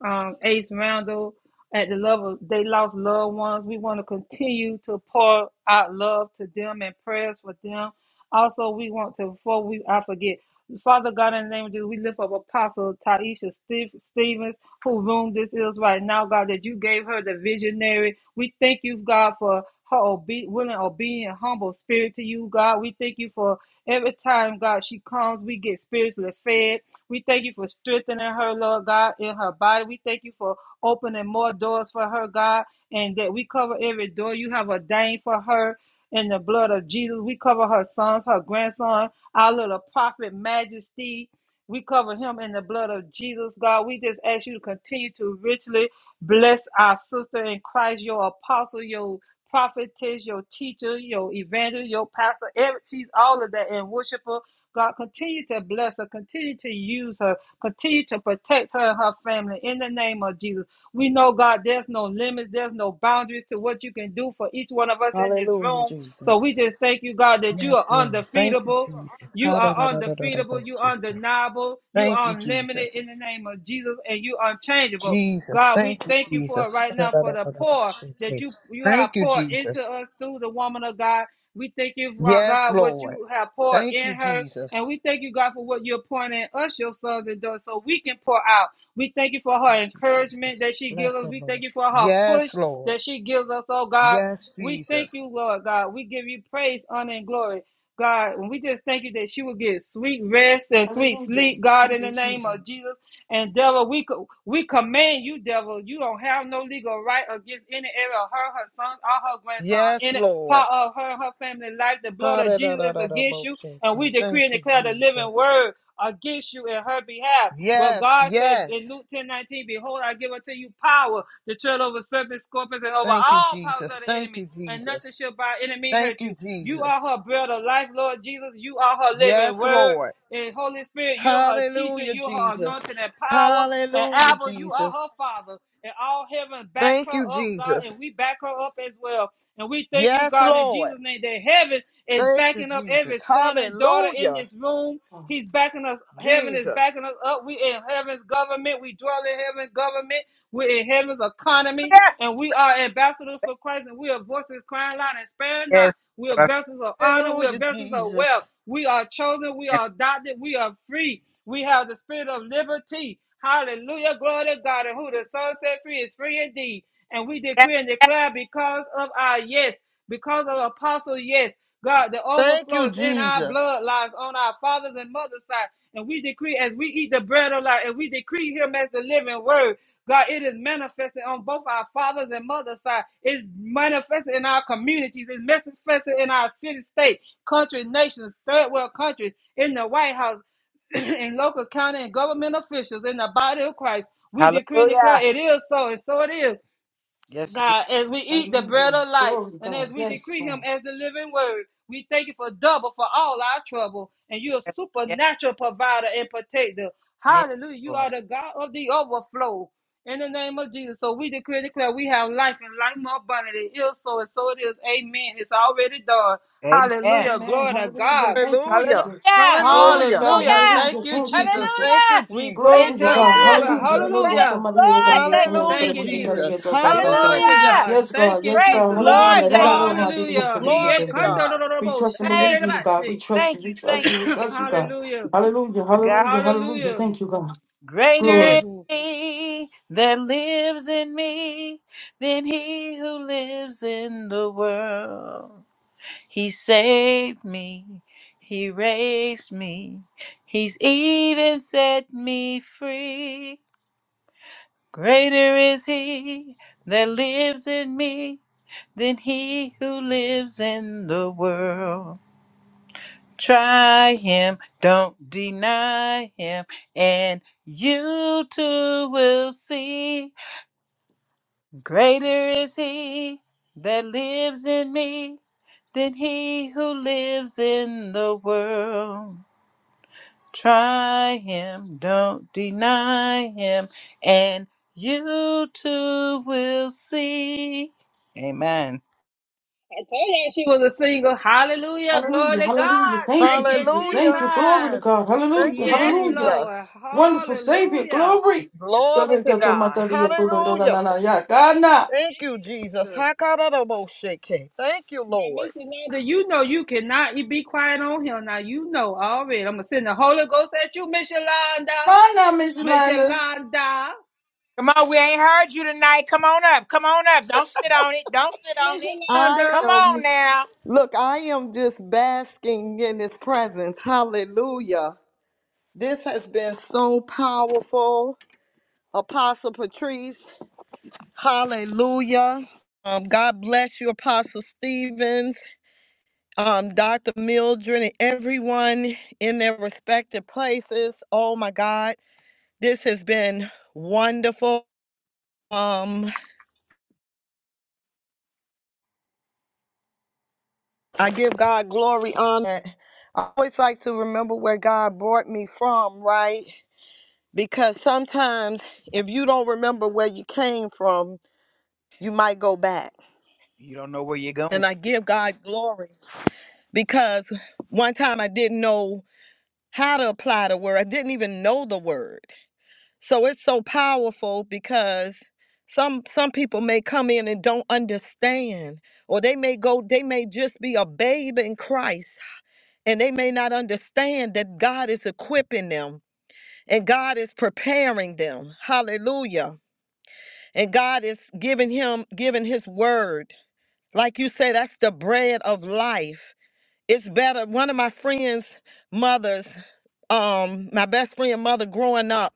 Speaker 1: um, Ace Randall, at the level they lost loved ones. We want to continue to pour out love to them and prayers for them. Also, we want to, before we, I forget, Father God, in the name of Jesus, we lift up Apostle Taisha Steve, Stevens, who room this is right now, God, that you gave her the visionary. We thank you, God, for her obe- willing, obedient, humble spirit to you, God. We thank you for every time, God, she comes, we get spiritually fed. We thank you for strengthening her, Lord God, in her body. We thank you for opening more doors for her, God, and that we cover every door you have ordained for her. In the blood of Jesus, we cover her sons, her grandson, our little prophet, Majesty. We cover him in the blood of Jesus, God. We just ask you to continue to richly Bless our sister in Christ, your apostle, your prophetess, your teacher, your evangelist, your pastor. Every, she's all of that and worshiper. God, continue to bless her, continue to use her, continue to protect her and her family in the name of Jesus. We know, God, there's no limits, there's no boundaries to what you can do for each one of us in this
Speaker 6: Hallelujah,
Speaker 1: room. So
Speaker 6: Jesus.
Speaker 1: we just thank you, God, that you are
Speaker 6: Yes, Lord. Thank you,
Speaker 1: undefeatable.
Speaker 6: Jesus.
Speaker 1: You are undefeatable. You
Speaker 6: Ha-da-da-da-da-da-da-bo-sha.
Speaker 1: are undeniable. You
Speaker 6: Thank
Speaker 1: are
Speaker 6: you,
Speaker 1: unlimited
Speaker 6: Jesus.
Speaker 1: in the name of Jesus, and you are unchangeable.
Speaker 6: Jesus.
Speaker 1: God, we
Speaker 6: Thank you,
Speaker 1: thank you for it
Speaker 6: Jesus.
Speaker 1: right now for the pour
Speaker 6: Ha-da-da-da-da-da-bo-sha.
Speaker 1: that you you have
Speaker 6: Thank you,
Speaker 1: poured into
Speaker 6: Jesus.
Speaker 1: us through the woman of God. We thank you, for,
Speaker 6: Yes,
Speaker 1: God, what
Speaker 6: Lord.
Speaker 1: you have poured
Speaker 6: Thank you,
Speaker 1: in her.
Speaker 6: Jesus.
Speaker 1: And we thank you, God, for what you're pouring in us, your sons and daughters, so we can pour out. We thank you for her
Speaker 6: Thank you,
Speaker 1: encouragement
Speaker 6: Jesus.
Speaker 1: that she gives
Speaker 6: Bless
Speaker 1: us.
Speaker 6: the
Speaker 1: We
Speaker 6: Lord.
Speaker 1: thank you for her
Speaker 6: Yes,
Speaker 1: push
Speaker 6: Lord.
Speaker 1: that she gives us, oh God.
Speaker 6: Yes,
Speaker 1: We thank
Speaker 6: Jesus.
Speaker 1: you, Lord God. We give you praise, honor, and glory. God, and we just thank you that she will get sweet rest and sweet
Speaker 3: Hallelujah.
Speaker 1: sleep, God,
Speaker 3: Thank
Speaker 1: in
Speaker 3: you,
Speaker 1: the name
Speaker 3: Jesus.
Speaker 1: of Jesus. And devil, we co- we command you, devil. You don't have no legal right against any area of her, her son, or her grandson, or
Speaker 6: Yes,
Speaker 1: any
Speaker 6: Lord.
Speaker 1: part of her and her family life. The blood of Jesus is against you, and we
Speaker 6: Ha-da-da-da-da-da-bo-shake.
Speaker 1: decree
Speaker 6: Thank
Speaker 1: and
Speaker 6: you,
Speaker 1: declare the living
Speaker 6: Jesus.
Speaker 1: word against you in her behalf. Well,
Speaker 6: Yes,
Speaker 1: God said
Speaker 6: yes.
Speaker 1: in Luke ten nineteen, Behold, I give unto you power to tread over serpents, scorpions, and over
Speaker 6: Thank you,
Speaker 1: all powers
Speaker 6: Jesus.
Speaker 1: of the
Speaker 6: Thank
Speaker 1: enemy,
Speaker 6: you,
Speaker 1: and nothing
Speaker 6: Jesus.
Speaker 1: shall by enemy
Speaker 6: Thank
Speaker 1: hurt
Speaker 6: you,
Speaker 1: you. You are
Speaker 6: Jesus.
Speaker 1: her bread of life, Lord Jesus. You are her living
Speaker 6: Yes,
Speaker 1: word.
Speaker 6: Lord.
Speaker 1: And Holy Spirit, you're her teacher,
Speaker 6: Hallelujah,
Speaker 1: you're her
Speaker 6: Jesus.
Speaker 1: anointing and power. And
Speaker 6: Hallelujah,
Speaker 1: Abba, you are
Speaker 6: Jesus.
Speaker 1: her father. And all heaven backs her
Speaker 6: Thank you,
Speaker 1: up, God,
Speaker 6: Jesus.
Speaker 1: and we back her up as well. And we thank you,
Speaker 6: Yes,
Speaker 1: God, in
Speaker 6: Lord.
Speaker 1: Jesus' name, that heaven is
Speaker 6: Thank you,
Speaker 1: backing up
Speaker 6: Jesus.
Speaker 1: every son and daughter in
Speaker 6: Hallelujah,
Speaker 1: this room.
Speaker 3: God.
Speaker 1: He's backing us. Heaven is
Speaker 6: Jesus.
Speaker 1: backing us up. We in heaven's government. We dwell in heaven's government. We're in heaven's economy. And we are ambassadors for Christ. And we are voices crying out and sparing not.
Speaker 4: Yes, yes,
Speaker 1: We are
Speaker 4: Lord.
Speaker 1: vessels of honor. We are
Speaker 6: Hallelujah,
Speaker 1: vessels of
Speaker 6: Jesus.
Speaker 1: wealth. We are chosen. We
Speaker 4: I
Speaker 1: are adopted. We are free. We have the spirit of liberty. Hallelujah. Glory to God. And who the Son set free is free indeed. And we
Speaker 4: stand.
Speaker 1: decree and
Speaker 4: Yes, yes,
Speaker 1: declare because of our yes, because of Apostle, yes. God, the
Speaker 6: Thank
Speaker 1: overflow
Speaker 6: you,
Speaker 1: is in our
Speaker 6: Jesus.
Speaker 1: bloodlines, on our fathers and mothers' side. And we decree as we eat the bread of life, and we decree him as the living word. God, it is manifested on both our fathers and mothers' side. It's manifested in our communities. It's manifested in our city, state, country, nations, third world countries, in the White House, in local county and government officials in the body of Christ. We decree and declare it is so, and so it is. God, as we eat the bread
Speaker 3: Hallelujah.
Speaker 1: of life
Speaker 3: Glory to
Speaker 1: and as
Speaker 3: God.
Speaker 1: we
Speaker 3: Yes,
Speaker 1: decree Him
Speaker 3: God.
Speaker 1: as the living word, we thank you for double for all our trouble. And you're a
Speaker 4: yes,
Speaker 1: supernatural provider and protector.
Speaker 4: yes,
Speaker 1: Hallelujah. You
Speaker 4: Lord.
Speaker 1: are the God of the overflow. In the name of Jesus. So we decree and declare we have life and life more abundantly. It is so and so it is. Amen. It's already done.
Speaker 4: Amen.
Speaker 1: Hallelujah.
Speaker 3: Amen.
Speaker 1: Glory to
Speaker 3: Hallelujah.
Speaker 1: God.
Speaker 3: Thank you,
Speaker 4: Hallelujah.
Speaker 6: Hallelujah.
Speaker 3: Jesus. Glory to
Speaker 6: Hallelujah.
Speaker 3: God.
Speaker 1: Hallelujah.
Speaker 4: Hallelujah.
Speaker 1: Thank
Speaker 3: Hallelujah.
Speaker 1: you,
Speaker 3: Thank you,
Speaker 1: Jesus.
Speaker 3: Jesus.
Speaker 6: Thank you,
Speaker 4: Hallelujah.
Speaker 1: We
Speaker 6: Jesus.
Speaker 3: Glory
Speaker 1: praise
Speaker 3: to
Speaker 6: Thank
Speaker 1: Him.
Speaker 3: God.
Speaker 6: you,
Speaker 4: Hallelujah.
Speaker 1: Glory.
Speaker 3: Hallelujah. We
Speaker 6: Jesus.
Speaker 3: don't want
Speaker 4: Praise the
Speaker 1: Hallelujah.
Speaker 3: somebody here. They're going
Speaker 4: Lord.
Speaker 3: to get to
Speaker 4: Thank you,
Speaker 3: know. They're
Speaker 6: Hallelujah,
Speaker 1: Thank
Speaker 4: Jesus.
Speaker 1: you,
Speaker 3: going to get to
Speaker 1: Jesus.
Speaker 6: Jesus.
Speaker 3: get to us. us, us.
Speaker 1: Glory to
Speaker 6: Hallelujah.
Speaker 4: Hallelujah.
Speaker 1: God.
Speaker 3: Yes,
Speaker 1: Thank
Speaker 3: God.
Speaker 1: you,
Speaker 3: Yes,
Speaker 4: Praise the
Speaker 3: God.
Speaker 1: Jesus.
Speaker 6: Glory
Speaker 4: Lord.
Speaker 3: Hallelujah.
Speaker 6: to
Speaker 16: Yeah.
Speaker 3: No, no,
Speaker 4: Thank you,
Speaker 3: no,
Speaker 6: God.
Speaker 4: Jesus.
Speaker 3: my dear, you
Speaker 1: Hallelujah.
Speaker 3: should get to
Speaker 1: He
Speaker 3: get
Speaker 6: Glory to God.
Speaker 3: We
Speaker 1: ekandorororobo
Speaker 3: trust and believe
Speaker 4: Thank
Speaker 3: in
Speaker 4: you.
Speaker 3: you, God. We
Speaker 1: shandererabashi.
Speaker 3: trust you.
Speaker 4: Thank you.
Speaker 3: We trust
Speaker 4: Thank
Speaker 3: you.
Speaker 4: you.
Speaker 3: We
Speaker 4: Thanks
Speaker 3: trust you, God.
Speaker 1: Hallelujah.
Speaker 3: Hallelujah.
Speaker 4: to God.
Speaker 3: Hallelujah. Hallelujah.
Speaker 1: Hallelujah.
Speaker 3: Thank you, God.
Speaker 4: Greater
Speaker 3: Glory.
Speaker 1: Yes.
Speaker 4: is he that lives in me than he who lives in the world. He saved me. He raised me. He's even set me free. Greater is he that lives in me than he who lives in the world. Try him, don't deny him, and you too will see Greater is he that lives in me than he who lives in the world. Try him, don't deny him, and you too will see. Amen.
Speaker 1: I told you she was a single. Hallelujah. Glory
Speaker 3: Hallelujah.
Speaker 1: to
Speaker 3: Hallelujah.
Speaker 1: God.
Speaker 3: Thank you,
Speaker 1: Thank you,
Speaker 3: Jesus. Thank
Speaker 6: Hallelujah.
Speaker 3: you. Glory to
Speaker 1: Jesus.
Speaker 3: God.
Speaker 6: Thank
Speaker 3: Hallelujah.
Speaker 6: you,
Speaker 1: Yes,
Speaker 3: Hallelujah.
Speaker 1: Lord.
Speaker 6: Jesus.
Speaker 3: Wonderful Savior.
Speaker 1: Hallelujah.
Speaker 3: Glory.
Speaker 6: Glory
Speaker 3: Gotta
Speaker 6: to
Speaker 3: get my
Speaker 6: God.
Speaker 3: daddy, you do, do, do, do,
Speaker 6: Hallelujah.
Speaker 3: yeah. God, nah.
Speaker 6: Thank you, Jesus.
Speaker 1: Jesus.
Speaker 6: Hakaraboshake. Thank you,
Speaker 1: Now,
Speaker 6: Lord.
Speaker 1: Missy, now you know you cannot be quiet on him. Now you know already. I'm gonna send the Holy Ghost at you, Miss Yolanda.
Speaker 3: Nah, nah, Miss
Speaker 1: Miss
Speaker 3: Lander.
Speaker 1: Yolanda.
Speaker 4: Come on, we ain't heard you tonight. Come on up. Come on up. Don't sit on it. Don't sit on
Speaker 1: Miss
Speaker 4: it.
Speaker 6: I
Speaker 1: Yolanda.
Speaker 4: Come on
Speaker 6: am,
Speaker 4: now.
Speaker 6: look, I am just basking in his presence. Hallelujah. This has been so powerful. Apostle Patrice, hallelujah. Um, God bless you, Apostle Stevens, um, Dr. Mildred, and everyone in their respective places. Oh my God, this has been wonderful. Um, I give God glory, honor. I always like to remember where God brought me from, right? Because sometimes if you don't remember where you came from, you might go back.
Speaker 4: You don't know where you're going.
Speaker 6: And I give God glory because one time I didn't know how to apply the word. I didn't even know the word. So it's so powerful because some some people may come in and don't understand or they may go they may just be a babe in Christ and they may not understand that God is equipping them and God is preparing them. Hallelujah. And God is giving him giving his word. Like you say that's the bread of life it's better. One of my friends' mothers, um, my best friend mother growing up,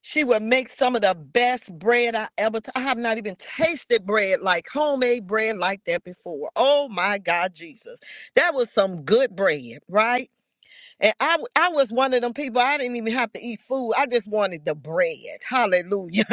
Speaker 6: she would make some of the best bread I ever. T- I have not even tasted bread like homemade bread like that before. Oh my God, Jesus, that was some good bread, right? And I, w- I was one of them people, I didn't even have to eat food. I just wanted the bread. Hallelujah.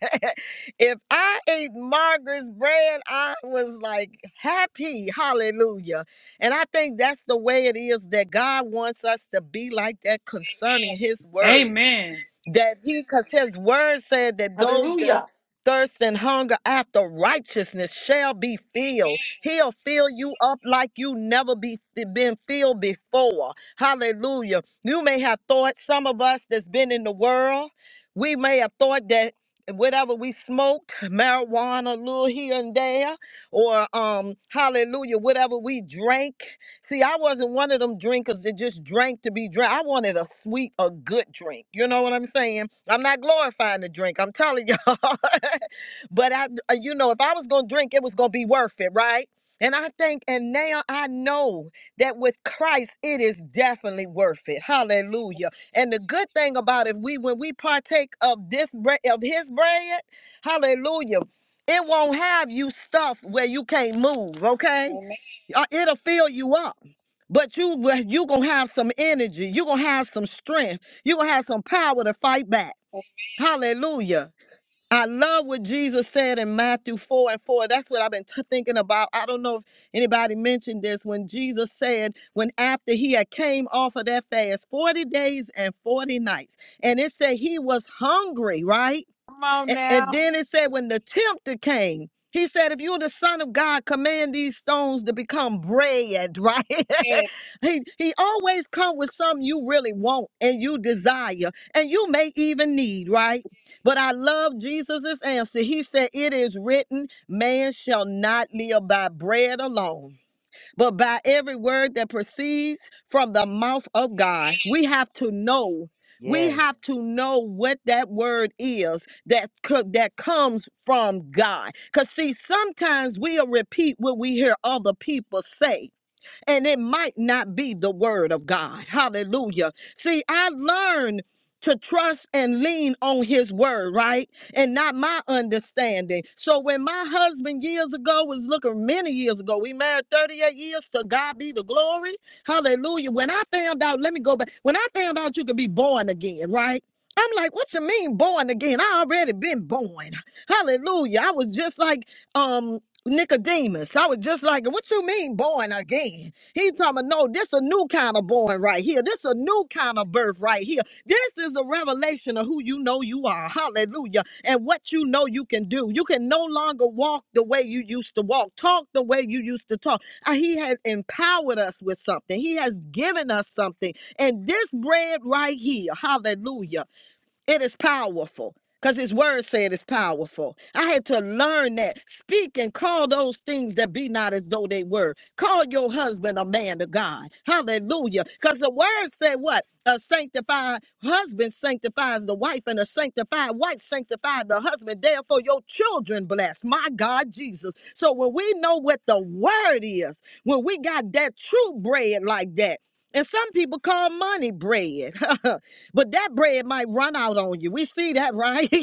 Speaker 6: if I ate Margaret's bread, I was like happy. Hallelujah. And I think that's the way it is that God wants us to be like that concerning his word
Speaker 1: Amen.
Speaker 6: that he because his word said that those that
Speaker 3: Hallelujah.
Speaker 6: thirst and hunger after righteousness shall be filled he'll fill you up like you never be been filled before hallelujah you may have thought some of us that's been in the world we may have thought that whatever we smoked marijuana a little here and there or um hallelujah whatever we drank See, I wasn't one of them drinkers that just drank to be drunk. I wanted a sweet, a good drink. You know what I'm saying? I'm not glorifying the drink. I'm telling y'all. but I, uh, you know, if I was gonna drink, it was gonna be worth it, right? And I think, and now I know that with Christ, it is definitely worth it. Hallelujah. And the good thing about it, we, when we partake of this bread, of His bread, Hallelujah, it won't have you stuffed where you can't move. Okay. Uh, It'll fill you up. But you will- you gonna have some energy. You gonna have some strength. You gonna have some power to fight back. Hallelujah. I love what Jesus said in Matthew 4 and 4. That's what I've been t- thinking about. I don't know if anybody mentioned this when Jesus said, when after he had came off of that fast, 40 days and 40 nights. And it said he was hungry, right?
Speaker 4: Come on
Speaker 6: And, and
Speaker 4: now.
Speaker 6: then it said, when the tempter came, he said, if you're the son of God, command these stones to become bread, right? he, he always come with something you really want and you desire and you may even need, right? But I love Jesus's answer. He said, it is written, man shall not live by bread alone but by every word that proceeds from the mouth of God. We have to know. We
Speaker 4: Yes.
Speaker 6: have to know what that word is that co- that comes from God. Cuz see sometimes we'll repeat what we hear other people say and it might not be the word of God. Hallelujah. See, I learned to trust and lean on his word, right? And not my understanding. So when my husband years ago was looking many years ago, we married 38 years to God be the glory. Hallelujah. When I found out, let me go back. When I found out you could be born again, right? I'm like, what you mean born again? I already been born. Hallelujah. I was just like um Nicodemus. I was just like, what you mean born again? He's talking about, no, this a new kind of born right here. This a new kind of birth right here. This is a revelation of who you know you are. Hallelujah. And what you know you can do. You can no longer walk the way you used to walk, talk the way you used to talk. Uh, He has empowered us with something. He has given us something. And this bread right here, hallelujah. It is powerful because his word said it's powerful. I had to learn that. Speak and call those things that be not as though they were. Call your husband a man of God. Hallelujah. Because the word said what? A sanctified husband sanctifies the wife, and a sanctified wife sanctifies the husband. Therefore, your children bless. My God, Jesus. So when we know what the word is, when we got that true bread like that, and some people call money bread. But that bread might run out on you. We see that, right?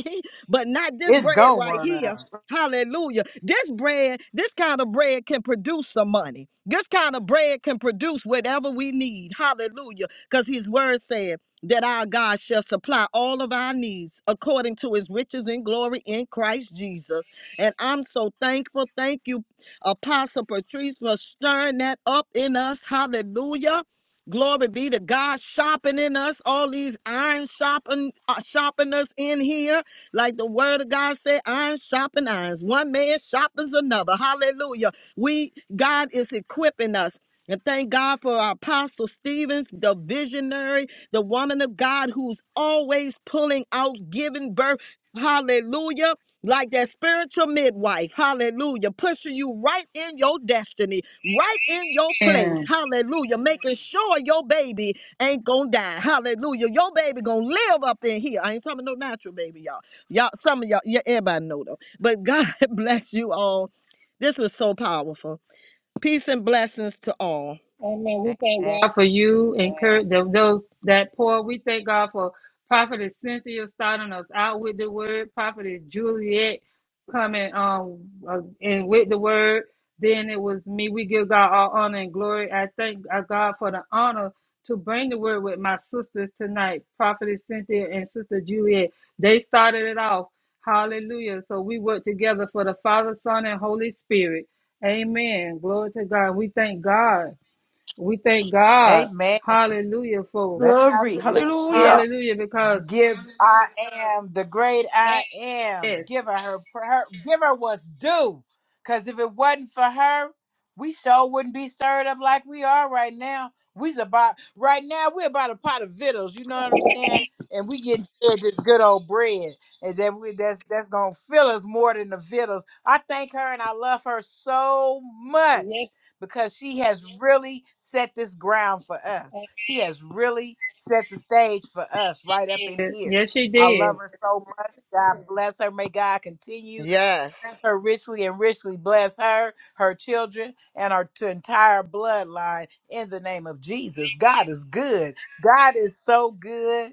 Speaker 6: but not this
Speaker 4: It's
Speaker 6: bread
Speaker 4: gonna
Speaker 6: right
Speaker 4: run
Speaker 6: here.
Speaker 4: out.
Speaker 6: Hallelujah. This bread, this kind of bread can produce some money. This kind of bread can produce whatever we need. Hallelujah. Because his word said that our God shall supply all of our needs according to his riches and glory in Christ Jesus. And I'm so thankful. Thank you, Apostle Patrice, for stirring that up in us. Hallelujah. Glory be to God shopping in us, all these iron shopping, uh, shopping us in here. Like the word of God said, iron shopping irons. One man shopping's another. Hallelujah. We, God is equipping us. And thank God for our Apostle Stevens, the visionary, the woman of God who's always pulling out, giving birth. Hallelujah like that spiritual midwife, hallelujah, pushing you right in your destiny, right in your place,
Speaker 1: Amen.
Speaker 6: hallelujah, making sure your baby ain't gonna die, hallelujah, your baby gonna live up in here. I ain't talking no natural baby, y'all. Y'all, some of y'all, yeah, everybody know though. But God bless you all. This was so powerful. Peace and blessings to all.
Speaker 4: Amen.
Speaker 1: God for you encourage Kurt, those that poor. We thank God for Prophetess Cynthia starting us out with the word, Prophetess Juliet coming um uh, and with the word. Then it was me. We give God all honor and glory. I thank uh, God for the honor to bring the word with my sisters tonight, Prophetess Cynthia and Sister Juliet. They started it off. Hallelujah. So we work together for the Father, Son, and Holy Spirit. Amen. Glory to God. We thank God. We thank God.
Speaker 4: Amen.
Speaker 1: Hallelujah for
Speaker 4: Let's not
Speaker 3: Glory.
Speaker 4: forget to
Speaker 1: yeah.
Speaker 3: Hallelujah.
Speaker 4: give
Speaker 1: Hallelujah because
Speaker 4: give I am the great I am.
Speaker 1: yes.
Speaker 4: Give her her, her give her what's due. Cause if it wasn't for her, we sure wouldn't be stirred up like we are right now. We's about right now we're about a pot of vittles, you know what I'm saying? And we getting fed this good old bread. And that we that's that's gonna fill us more than the vittles. I thank her and I love her so much
Speaker 1: Yes.
Speaker 4: because she has really set this ground for us. She has really set the stage for us right up in
Speaker 1: Yes,
Speaker 4: here.
Speaker 1: yes, she
Speaker 4: I
Speaker 1: did.
Speaker 4: love her so much. God bless her. May God continue to
Speaker 6: Yes.
Speaker 4: bless her richly and richly bless her, her children, and her t- entire bloodline in the name of Jesus. God is good. God is so good.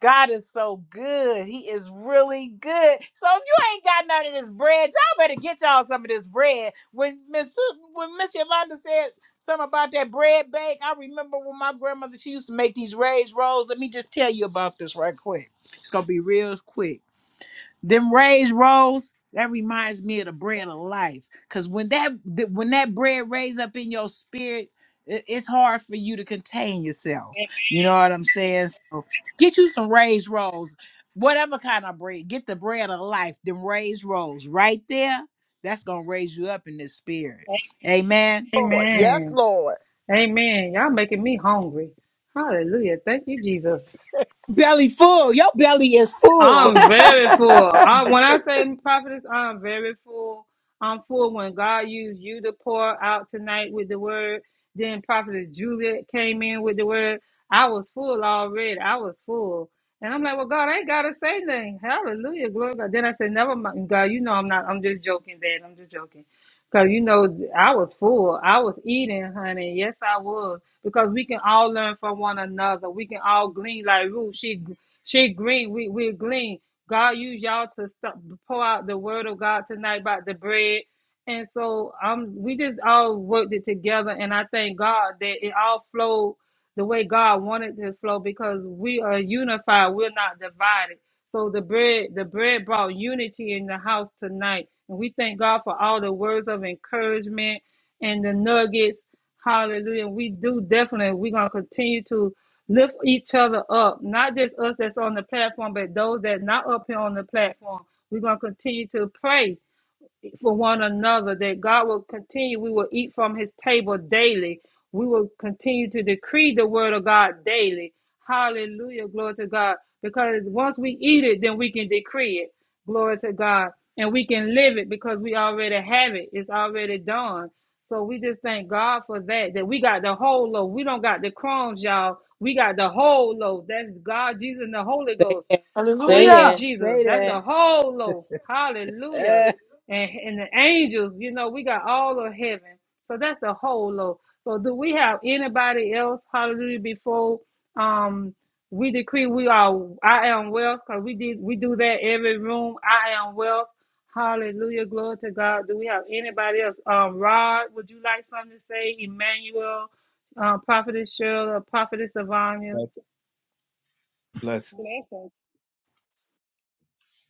Speaker 4: God is so good. He is really good. So if you ain't got none of this bread, y'all better get y'all some of this bread. When Miss Su- when Miss Yolanda said something about that bread bake, I remember when my grandmother she used to make these raised rolls. Let me just tell you about this right quick. It's gonna be real quick. Them raised rolls, that reminds me of the bread of life. Cause when that th- when that bread raised up in your spirit, i- it's hard for you to contain yourself. You know what I'm saying? So get you some raised rolls, whatever kind of bread. Get the bread of life, them raised rolls right there. That's gonna raise you up in this spirit. Amen.
Speaker 6: Lord, yes,
Speaker 1: Amen.
Speaker 6: Lord.
Speaker 1: Amen. Y'all making me hungry. Hallelujah. Thank you, Jesus.
Speaker 4: Belly full. Your belly is full.
Speaker 1: I'm very full. I,
Speaker 3: Hallelujah.
Speaker 1: when I say prophetess, I'm very full. I'm full when God used you to pour out tonight with the word. Then prophetess Juliet came in with the word. I was full already. I was full. And I'm like, well, God, I ain't gotta say nothing. Hallelujah, glory to God. Then I said, never mind, God. You know I'm not. I'm just joking, Dad. I'm just joking. Cause you know I was full. I was eating, honey. Yes, I was. Because we can all learn from one another. We can all glean like Ruth. She she glean. We we glean. God use y'all to stop, pour out the word of God tonight about the bread. And so um, we just all worked it together, and I thank God that it all flowed the way God wanted to flow because we are unified. We're not divided. So the bread, the bread brought unity in the house tonight. And we thank God for all the words of encouragement and the nuggets. Hallelujah. We do definitely, we're going to continue to lift each other up. Not just us that's on the platform, but those that not up here on the platform. We're going to continue to pray eat for one another, that God will continue. We will eat from his table daily. We will continue to decree the word of God daily. Hallelujah. Glory to God. Because once we eat it, then we can decree it. Glory to God. And we can live it because we already have it. It's already done. So we just thank God for that. That we got the whole loaf. We don't got the crumbs, y'all. We got the whole loaf. That's God, Jesus, and the Holy Ghost.
Speaker 4: Say
Speaker 1: Thank you,
Speaker 3: I
Speaker 4: that.
Speaker 1: Jesus. That's a
Speaker 4: Say
Speaker 1: whole loaf. Hallelujah.
Speaker 4: that. Uh,
Speaker 1: And, and the angels, you know, we got all of heaven. So that's the whole loaf. So do we have anybody else? Hallelujah. Before um we decree we are I am wealth, because we did we do that every room. I am wealth. Hallelujah. Glory to God. Do we have anybody else? Um Rod, would you like something to say? Emmanuel, um, Prophetess Cheryl, or Prophetess Savannah.
Speaker 17: Bless, bless.
Speaker 1: Blessings.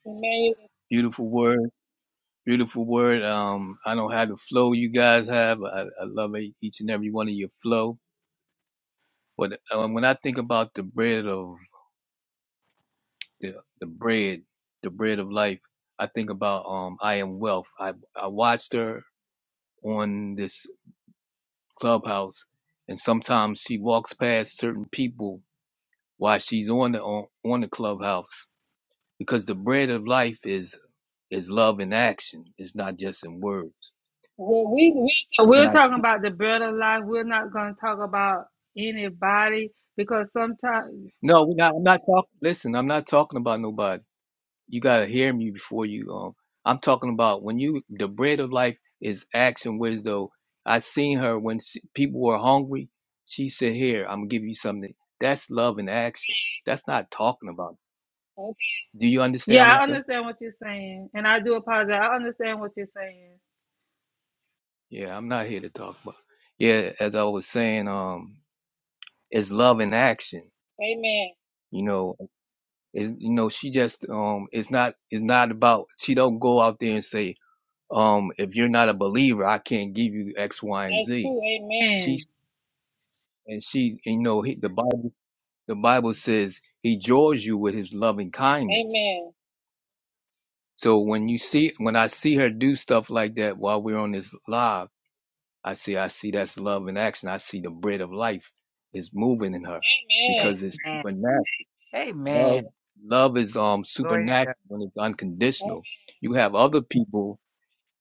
Speaker 1: Emmanuel.
Speaker 17: Beautiful word. Beautiful word. Um, I don't have the flow you guys have. I, I love e- each and every one of your flow. But um, when I think about the bread of the, the bread, the bread of life, I think about um, I am wealth. I I watched her on this clubhouse, and sometimes she walks past certain people while she's on the on, on the clubhouse because the bread of life is is love in action. It's not just in words.
Speaker 1: Well, we we
Speaker 17: And
Speaker 1: we're
Speaker 17: I
Speaker 1: talking about the bread of life. We're not going to talk about anybody because sometimes.
Speaker 17: No, we're not. I'm not talking. Listen, I'm not talking about nobody. You gotta hear me before you. Um, I'm talking about when you. The bread of life is action wisdom. I seen her when she, people were hungry. She said, "Here, I'm gonna give you something." That's love in action. That's not talking about.
Speaker 1: Okay.
Speaker 17: Do you understand
Speaker 1: Yeah,
Speaker 17: what I'm
Speaker 1: I
Speaker 17: saying?
Speaker 1: understand what you're saying, and I do apologize. I understand what you're saying.
Speaker 17: Yeah, I'm not here to talk about. Yeah, as I was saying, um, it's love in action.
Speaker 1: Amen.
Speaker 17: You know, is you know, she just um, it's not it's not about. She don't go out there and say. um, if you're not a believer, I can't give you X, Y, and Z.
Speaker 1: True.
Speaker 17: She
Speaker 1: Amen.
Speaker 17: and she, you know, he, the Bible, the Bible says he draws you with his loving kindness.
Speaker 1: Amen.
Speaker 17: So when you see, when I see her do stuff like that while we're on this live, I see, I see that's love in action. I see the bread of life is moving in her because it's
Speaker 4: Amen.
Speaker 17: supernatural.
Speaker 4: Amen.
Speaker 17: Love, love is um
Speaker 4: Glory to
Speaker 17: supernatural
Speaker 4: God.
Speaker 17: when it's unconditional. You have other people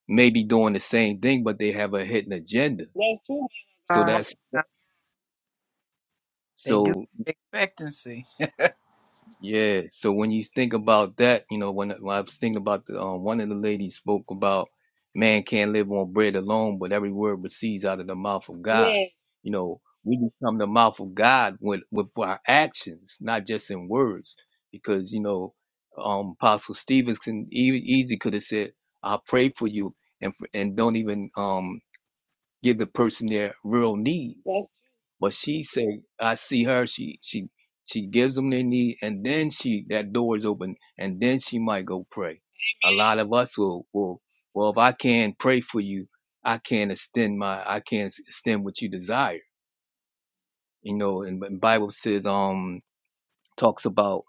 Speaker 17: maybe doing the same thing, but they have a hidden agenda.
Speaker 1: That's true.
Speaker 17: So
Speaker 4: Come
Speaker 1: man
Speaker 4: on.
Speaker 1: of God.
Speaker 17: that's
Speaker 4: They do
Speaker 17: So
Speaker 4: with expectancy.
Speaker 17: yeah, so when you think about that, you know, when, when I was thinking about the um, one of the ladies spoke about man can't live on bread alone, but every word proceeds out of the mouth of God.
Speaker 1: Yes.
Speaker 17: You know, we become the mouth of God with with our actions, not just in words, because you know, um, Apostle Stevenson e- easy could have said, "I pray for you," and for, and don't even um give the person their real need
Speaker 1: That's
Speaker 17: But she say, I see her. She she she gives them their need, and then she that door is open, and then she might go pray. A lot of us will will well, if I can pray for you, I can extend my I can s- extend what you desire. You know, and, and Bible says um talks about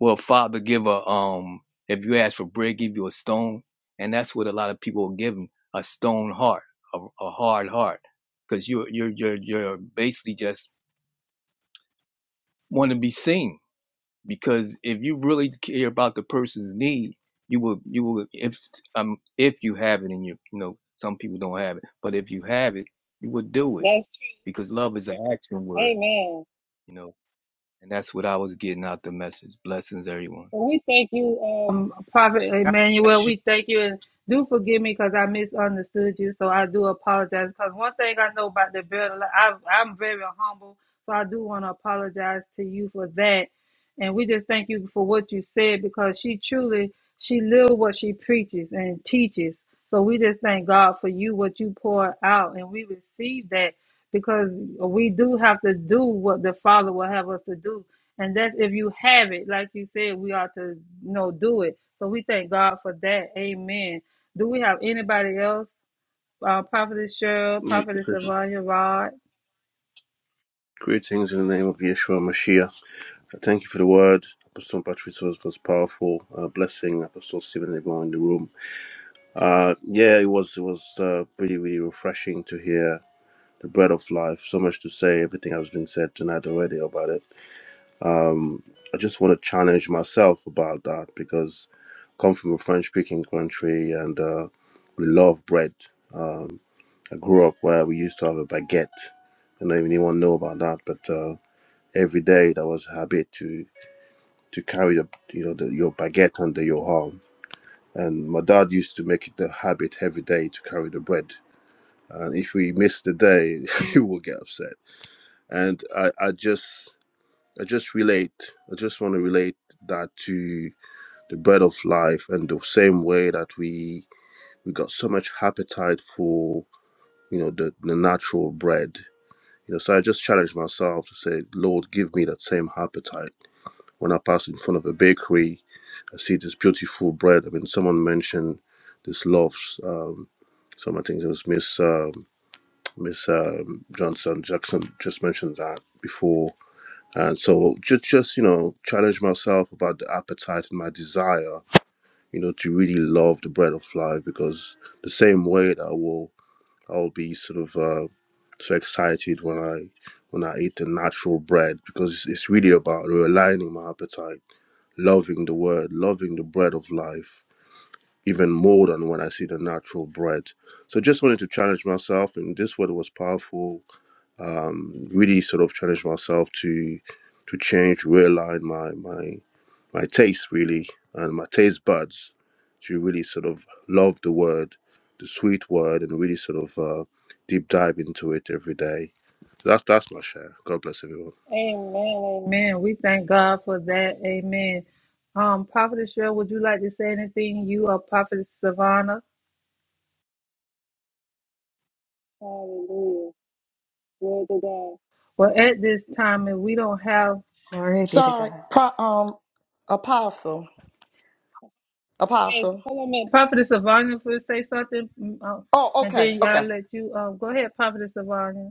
Speaker 17: well, Father give a um if you ask for bread, give you a stone, and that's what a lot of people are giving a stone heart, a, a hard heart, because you're you're you're you're basically just want to be seen because if you really care about the person's need, you will you will if um if you have it in you you know some people don't have it, but if you have it, you would do it
Speaker 1: that's true.
Speaker 17: because love is an action word,
Speaker 1: Amen.
Speaker 17: you know, and that's what I was getting out the message. Blessings, everyone.
Speaker 1: Well, we thank you, um, Prophet
Speaker 4: God
Speaker 1: Emmanuel.
Speaker 4: bless you.
Speaker 1: We thank you, and do forgive me because I misunderstood you. So I do apologize. Because one thing I know about the building, I, I'm very humble, so I do want to apologize to you for that. And we just thank you for what you said because she truly she lives what she preaches and teaches. So we just thank God for you what you pour out and we receive that because we do have to do what the Father will have us to do. And that's if you have it, like you said, we ought to you know do it. So we thank God for that. Amen. Do we have anybody else? Uh, Prophetess Cheryl,
Speaker 12: Nick
Speaker 1: Prophetess
Speaker 12: Ecclesiastes.
Speaker 1: Savannah,
Speaker 12: Greetings in the name of Yeshua Mashiach. I Thank you for the word. Apostle Patrick was, was powerful. Uh, blessing Apostle Stephen and everyone in the room. Uh, yeah, it was it was uh, really really refreshing to hear the bread of life. So much to say. Everything has been said tonight already about it. I just want to challenge myself about that because I come from a French speaking country and uh, we love bread. Um, I grew up where we used to have a baguette. I don't know if anyone know about that, but uh, every day that was a habit to to carry the you know the, your baguette under your arm. And my dad used to make it the habit every day to carry the bread. And if we missed the day, he will get upset. And I, I just I just relate. I just want to relate that to the bread of life and the same way that we we got so much appetite for you know the, the natural bread You know, so I just challenge myself to say, Lord, give me that same appetite. When I pass in front of a bakery, I see this beautiful bread. I mean, someone mentioned this loaves. Um, someone, I think it was Miss um, Miss um, Johnson Jackson, just mentioned that before. And so, just just you know, challenge myself about the appetite and my desire, you know, to really love the bread of life because the same way that I will I would be sort of uh, so excited when I when I eat the natural bread because it's, it's really about realigning my appetite, loving the word, loving the bread of life even more than when I see the natural bread. So just wanted to challenge myself, and this word was powerful um, really sort of challenge myself to to change, realign my my my taste really and my taste buds to really sort of love the word, the sweet word, and really sort of uh, deep dive into it every day. So that's that's my share. God bless everyone.
Speaker 1: Amen. Amen. We thank God for that. Amen. Um, Prophetess Cheryl, would you like to say anything? You are Prophetess Savannah. Hallelujah. Glory to God. Well, at this time, if we don't have
Speaker 18: Glory be to
Speaker 6: Sorry,
Speaker 18: God.
Speaker 6: pro, um, apostle,
Speaker 1: yes,
Speaker 6: apostle.
Speaker 1: hold on a minute. Prophetess Savannah, if say something, mm, uh,
Speaker 6: Oh,
Speaker 1: and
Speaker 6: okay,
Speaker 1: then I'll
Speaker 6: okay.
Speaker 1: let you um, go ahead, Prophetess Savannah.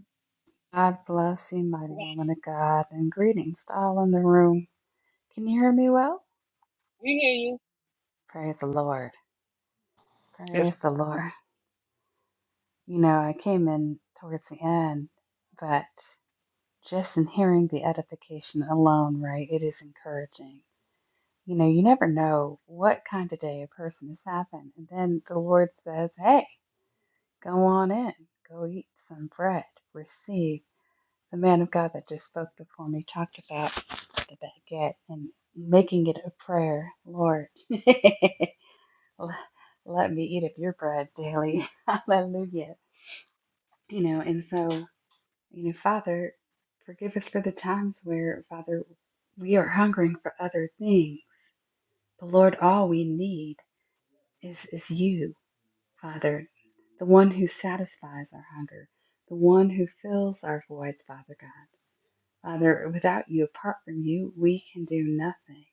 Speaker 18: God bless you, mighty woman of God, and greetings to all in the room. Can you hear me well?
Speaker 1: We hear you.
Speaker 18: Praise the Lord.
Speaker 4: Yes.
Speaker 18: Praise the Lord. You know, I came in towards the end, but just in hearing the edification alone, right, it is encouraging. You know, you never know what kind of day a person has having. And then the Lord says, hey, go on in, go eat some bread, receive. the man of God that just spoke before me talked about the baguette and making it a prayer. Lord, l- let me eat of your bread daily. Hallelujah. You know, and so, you know, Father, forgive us for the times where, Father, we are hungering for other things. But Lord, all we need is, is you, Father, the one who satisfies our hunger, the one who fills our voids, Father God. Father, without you, apart from you, we can do nothing,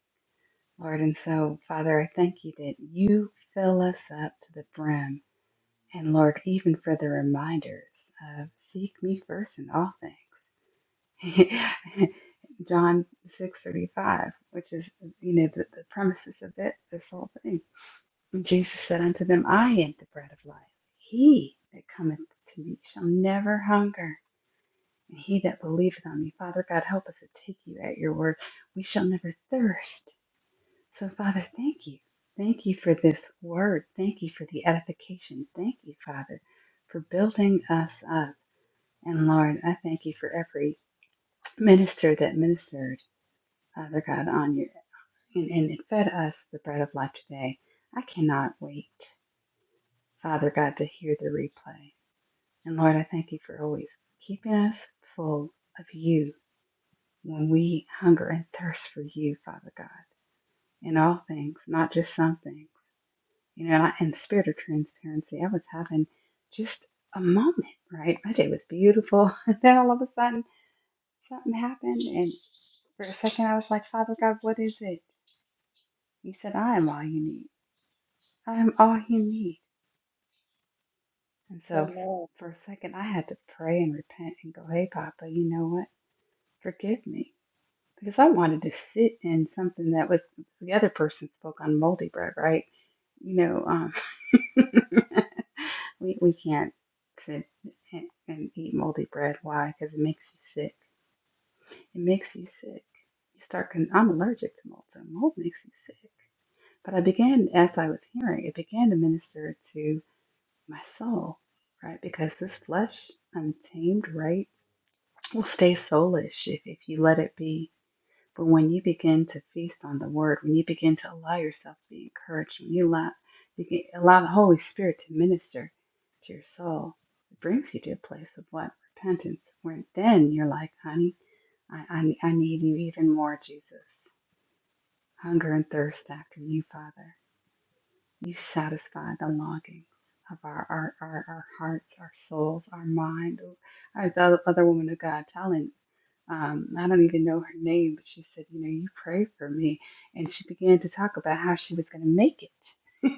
Speaker 18: Lord. And so, Father, I thank you that you fill us up to the brim. And Lord, even for the reminders of seek me first in all things. John 6:35, which is you know the, the premises of it, this whole thing. And Jesus said unto them, I am the bread of life. He that cometh to me shall never hunger, and he that believeth on me. Father God, help us to take you at your word. We shall never thirst. So, Father, thank you. Thank you for this word. Thank you for the edification. Thank you, Father, for building us up. And Lord, I thank you for every minister that ministered, Father God, on you and, and it fed us the bread of life today. I cannot wait, Father God, to hear the replay. And Lord, I thank you for always keeping us full of you when we hunger and thirst for you, Father God, in all things, not just some things. You know, in spirit of transparency, I was having just a moment, right? My day was beautiful. And then all of a sudden, something happened. And for a second, I was like, Father God, what is it? He said, I am all you need. I am all you need. And so
Speaker 1: Amen.
Speaker 18: for a second, I had to pray and repent and go, hey, Papa, you know what? Forgive me. because I wanted to sit in something that was the other person spoke on moldy bread, right? You know, um, we we can't sit and, and eat moldy bread. Why? Because it makes you sick. It makes you sick. You start. Con- I'm allergic to mold, so mold makes you sick. But I began, as I was hearing, it began to minister to my soul, right? Because this flesh, untamed, right, will stay soulish if if you let it be But when you begin to feast on the word, when you begin to allow yourself to be encouraged, when you allow, you can allow the Holy Spirit to minister to your soul, it brings you to a place of what? Repentance, where then you're like, honey, I, I, I need you even more, Jesus. Hunger and thirst after you, Father. You satisfy the longings of our, our, our, our hearts, our souls, our mind. As the other woman of God telling um, I don't even know her name, but she said, You know, you prayed for me. And she began to talk about how she was going to make it.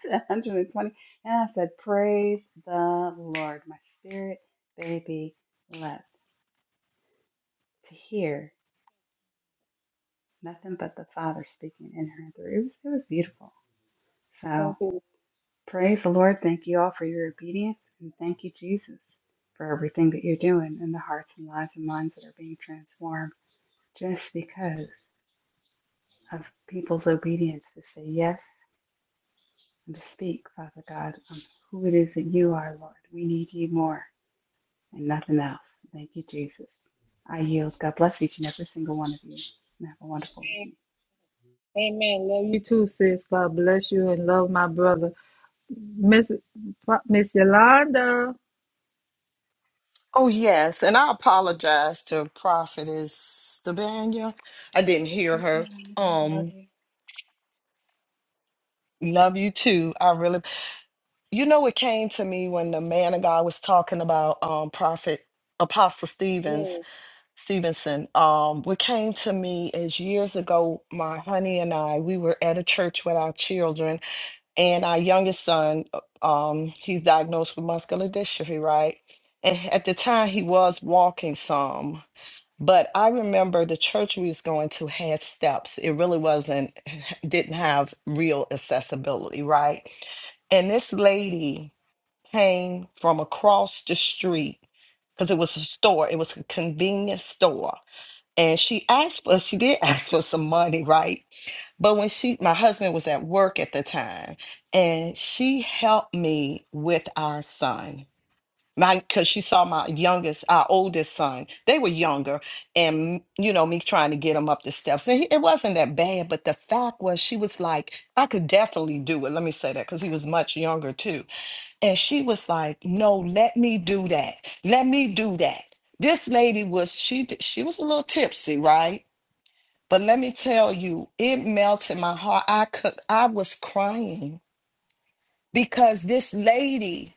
Speaker 18: to 120. And I said, Praise the Lord. My spirit baby leapt to hear nothing but the Father speaking in her and through. It was, it was beautiful. So
Speaker 1: Thank you.
Speaker 18: praise the Lord. Thank you all for your obedience. And thank you, Jesus, for everything that you're doing in the hearts and lives and minds that are being transformed just because. of people's obedience to say yes and to speak, Father God, on who it is that you are, Lord. We need you more and nothing else. Thank you, Jesus. I yield. God bless each and every single one of you. And have a wonderful evening.
Speaker 1: Amen. Love you too, sis. God bless you and love my brother, Miss Pro- Miss Yolanda.
Speaker 6: Oh, yes. And I apologize to Prophetess Sabania. I didn't
Speaker 18: It's
Speaker 6: hear
Speaker 18: okay,
Speaker 6: her.
Speaker 18: woman of God. I love
Speaker 6: Um,
Speaker 18: you.
Speaker 6: love you too. I really, you know, it came to me when the ma- uh, fit- Apostle Stevens Stevenson. Um, what came to me is years ago, my honey and I, we were at a church with our children, and our youngest son, uh, um, he's diagnosed with muscular dystrophy, right? And at the time, he was walking some. But I remember the church we was going to had steps. It really wasn't, didn't have real accessibility, right? And this lady came from across the street because it was a store, it was a convenience store. And she asked for, she did ask for some money, right? But when she, my husband was at work at the time, and she helped me with our son my because she saw my youngest our oldest son they were younger and you know me trying to get them up the steps and he, it wasn't that bad but the fact was she was like i could definitely do it let me say that because he was much younger too and she was like no let me do that let me do that this lady was she d- she was a little tipsy right but let me tell you it melted my heart i could i was crying because this lady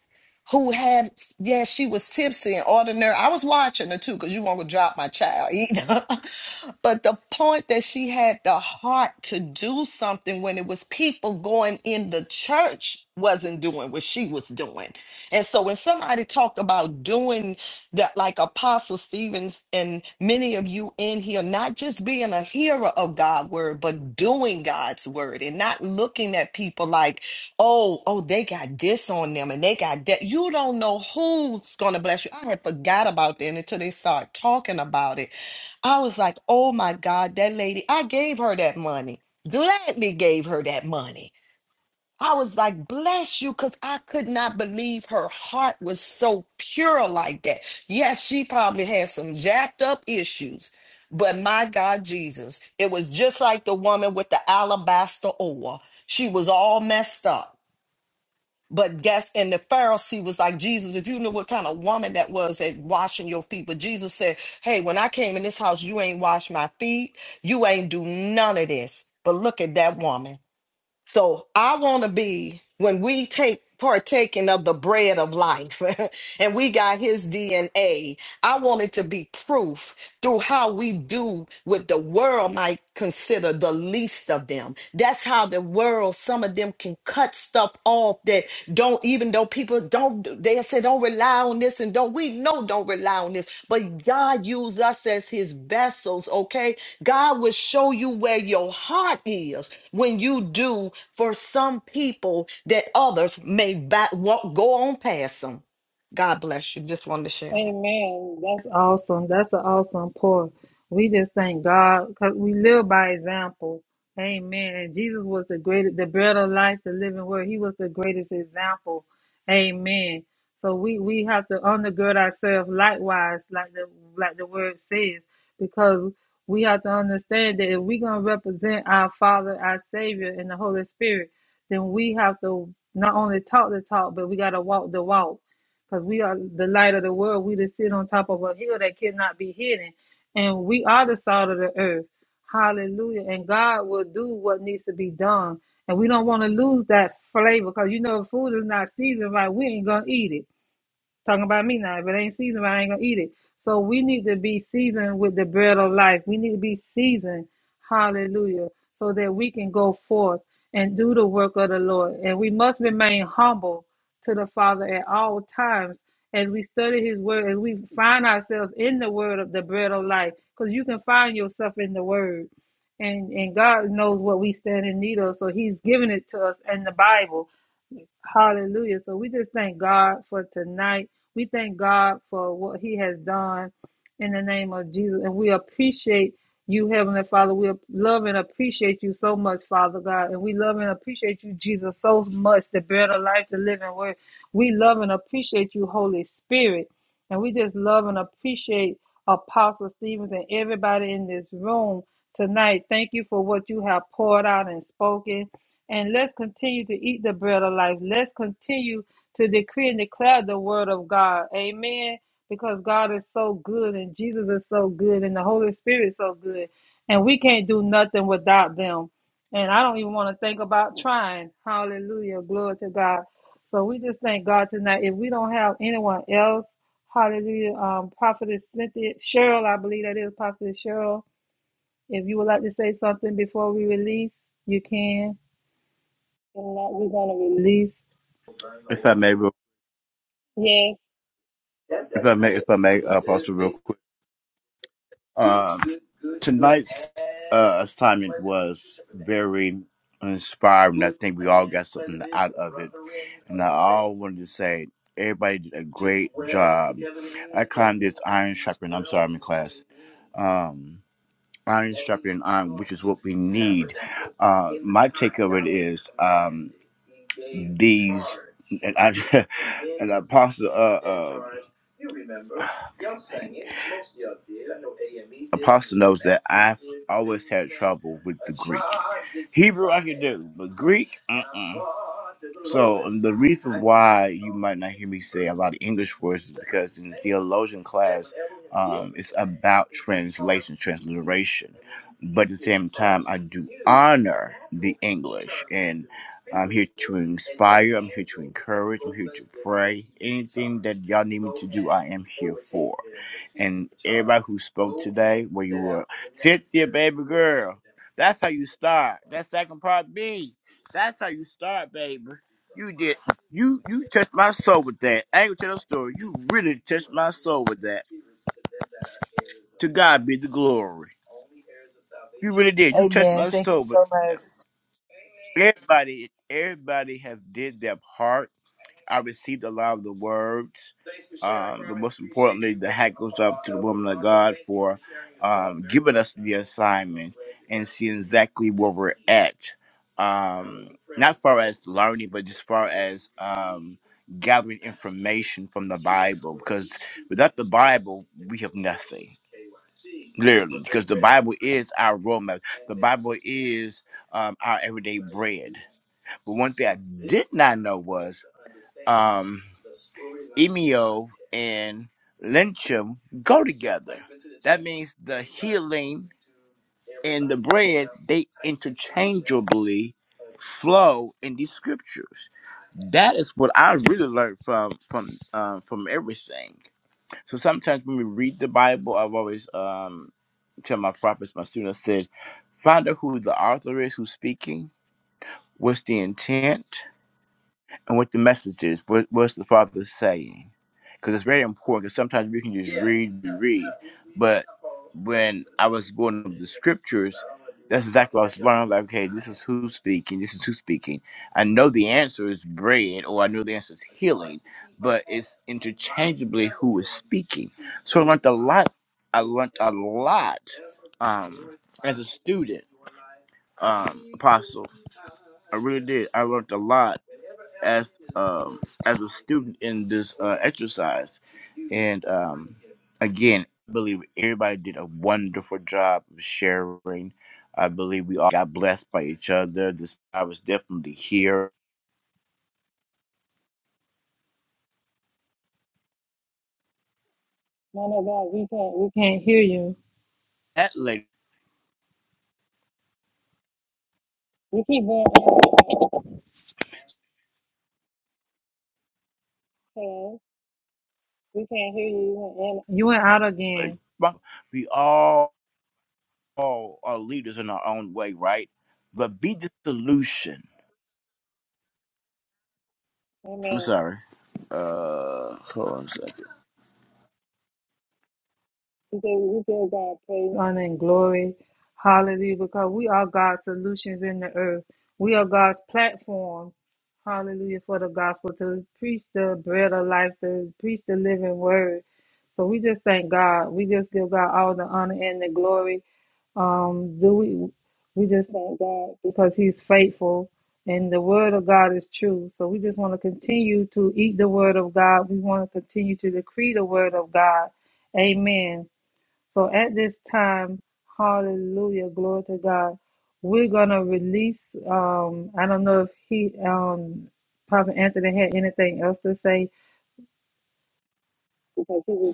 Speaker 6: who had yeah she was tipsy and ordinary i was watching her too because you won't go drop my child either but the point that she had the heart to do something when it was people going in the church wasn't doing what she was doing and so when somebody talked about doing that like apostle stevens and many of you in here not just being a hearer of god's word but doing god's word and not looking at people like Oh, oh, they got this on them and they got that. You don't know who's gonna bless you. I had forgot about that until they start talking about it. I was like, oh my God, that lady, I gave her that money. Gladly gave her that money. I was like, bless you, because I could not believe her heart was so pure like that. Yes, she probably had some jacked up issues, but my God, Jesus, it was just like the woman with the alabaster oil. She was all messed up but guess, and the Pharisee was like, Jesus, if you knew what kind of woman that was at washing your feet. But Jesus said, Hey, when I came in this house, you ain't washed my feet. You ain't do none of this. But look at that woman. So I want to be, when we take partaking of the bread of life and we got his DNA, I want it to be proof through how we do what the world might consider the least of them. That's how the world, some of them can cut stuff off don't even though people don't they say don't rely on this and don't we know don't rely on this but god used us as his vessels okay god will show you where your heart is when you do for some people that others may back won't go on past them god bless you just wanted to share that
Speaker 1: Amen. That's awesome. That's an awesome pour. We just thank God because we live by example. Amen. And Jesus was the greatest, the bread of life, the living word. He was the greatest example. Amen. So we we have to undergird ourselves likewise, like the like the word says, because we have to understand that if we're gonna represent our Father, our Savior, and the Holy Spirit, then we have to not only talk the talk, but we gotta walk the walk because we are the light of the world. We to sit on top of a hill that cannot be hidden, and we are the salt of the earth. Hallelujah! And God will do what needs to be done, and we don't want to lose that flavor because you know if food is not seasoned right. We ain't gonna eat it. Talking about me now. If it ain't seasoned, I ain't gonna eat it. So we need to be seasoned with the bread of life. We need to be seasoned, hallelujah, so that we can go forth and do the work of the Lord. And we must remain humble to the Father at all times as we study His Word, as we find ourselves in the Word of the bread of life, because you can find yourself in the Word. And, and God knows what we stand in need of, so He's given it to us in the Bible Hallelujah. So we just thank God for tonight. We thank God for what He has done in the name of Jesus. And we appreciate you, Heavenly Father. We love and appreciate you so much, Father God. And we love and appreciate you, Jesus, so much, the bread of life, the living word. We love and appreciate you, Holy Spirit. And we just love and appreciate Apostle Stevens and everybody in this room tonight. Thank you for what you have poured out and spoken. And let's continue to eat the bread of life. Let's continue to decree and declare the word of God. Amen. Because God is so good and Jesus is so good and the Holy Spirit is so good. And we can't do nothing without them. And I don't even want to think about trying. Hallelujah. Glory to God. So we just thank God tonight. If we don't have anyone else, hallelujah. Um, Prophetess Cynthia, Cheryl, I believe that is Prophetess Cheryl. If you would like to say something before we release, you can. If not, we're gonna release.
Speaker 5: if i may
Speaker 1: Yes,
Speaker 5: if i may if i may uh, apostle real quick Uh, tonight's uh, assignment was very inspiring. I think we all got something out of it. And I all wanted to say, everybody did a great job. I climbed this iron sharpening. I'm sorry, I'm in class. Um, iron sharpening iron, which is what we need. Uh, my take of it is um, these, and I, and Apostle. Uh, uh, Apostle knows that I've always had trouble with the Greek. Hebrew I can do, but Greek, uh-uh. So um, the reason why you might not hear me say a lot of English words is because in theologian class, um, it's about translation, transliteration but at the same time, I do honor the English. And I'm here to inspire, I'm here to encourage, I'm here to pray. Anything that y'all need me to do, I am here for. And everybody who spoke today, where you were, Cynthia, baby girl, that's how you start. That second part B, that's how you start, baby. You did. You you touched my soul with that. I ain't gonna tell no story. You really touched my soul with that. To God be the glory. You really did. You touched
Speaker 4: Amen.
Speaker 5: my
Speaker 4: Thank you
Speaker 5: soul, but
Speaker 4: so much.
Speaker 5: everybody, everybody have did their part. I received a lot of the words. Um, but most importantly, the hat goes up to the woman of God for um, giving us the assignment and seeing exactly where we're at. Um, not far as learning, but just far as um, gathering information from the Bible. Because without the Bible, we have nothing. Literally, because the Bible is our roadmap. The Bible is um, our everyday bread. But one thing I did not know was um, Emio and Lynchum go together. That means the healing and the bread, they interchangeably flow in these scriptures. That is what I really learned from from um, from everything. So sometimes when we read the Bible, I've always um, tell my prophets, my students, I said, find out who the author is who's speaking, what's the intent, and what the message is. What, what's the Father saying? Because it's very important. Because sometimes we can just read and read, but when I was going over the scriptures, that's exactly what I was learning. Like, okay, this is who's speaking. This is who's speaking. I know the answer is bread, or I know the answer is healing, but it's interchangeably who is speaking. So I learned a lot. I learned a lot um, as a student, um, apostle. I really did. I learned a lot as um as a student in this uh, exercise, and um again, I believe everybody did a wonderful job of sharing. I believe we all got blessed by each other. This I was definitely here.
Speaker 1: no, no, God, we can't. We can't hear you.
Speaker 5: That lady,
Speaker 1: We keep going out of class. We can't hear you. You went out again. You went out again.
Speaker 5: we all, all are leaders in our own way, right? But be the solution. I'm
Speaker 1: Amen.
Speaker 5: sorry. Uh, hold on a second.
Speaker 1: Today we give God praise, honor, and glory. Hallelujah. Because we are God's solutions in the earth. We are God's platform. Hallelujah. For the gospel to preach the bread of life, to preach the living word. So we just thank God. We just give God all the honor and the glory. Um, do we we just thank God because He's faithful and the word of God is true. So we just want to continue to eat the word of God. We want to continue to decree the word of God. Amen. So at this time, hallelujah, glory to God. We're gonna release. Um, I don't know if he, um, Prophet Anthony had anything else to say because he was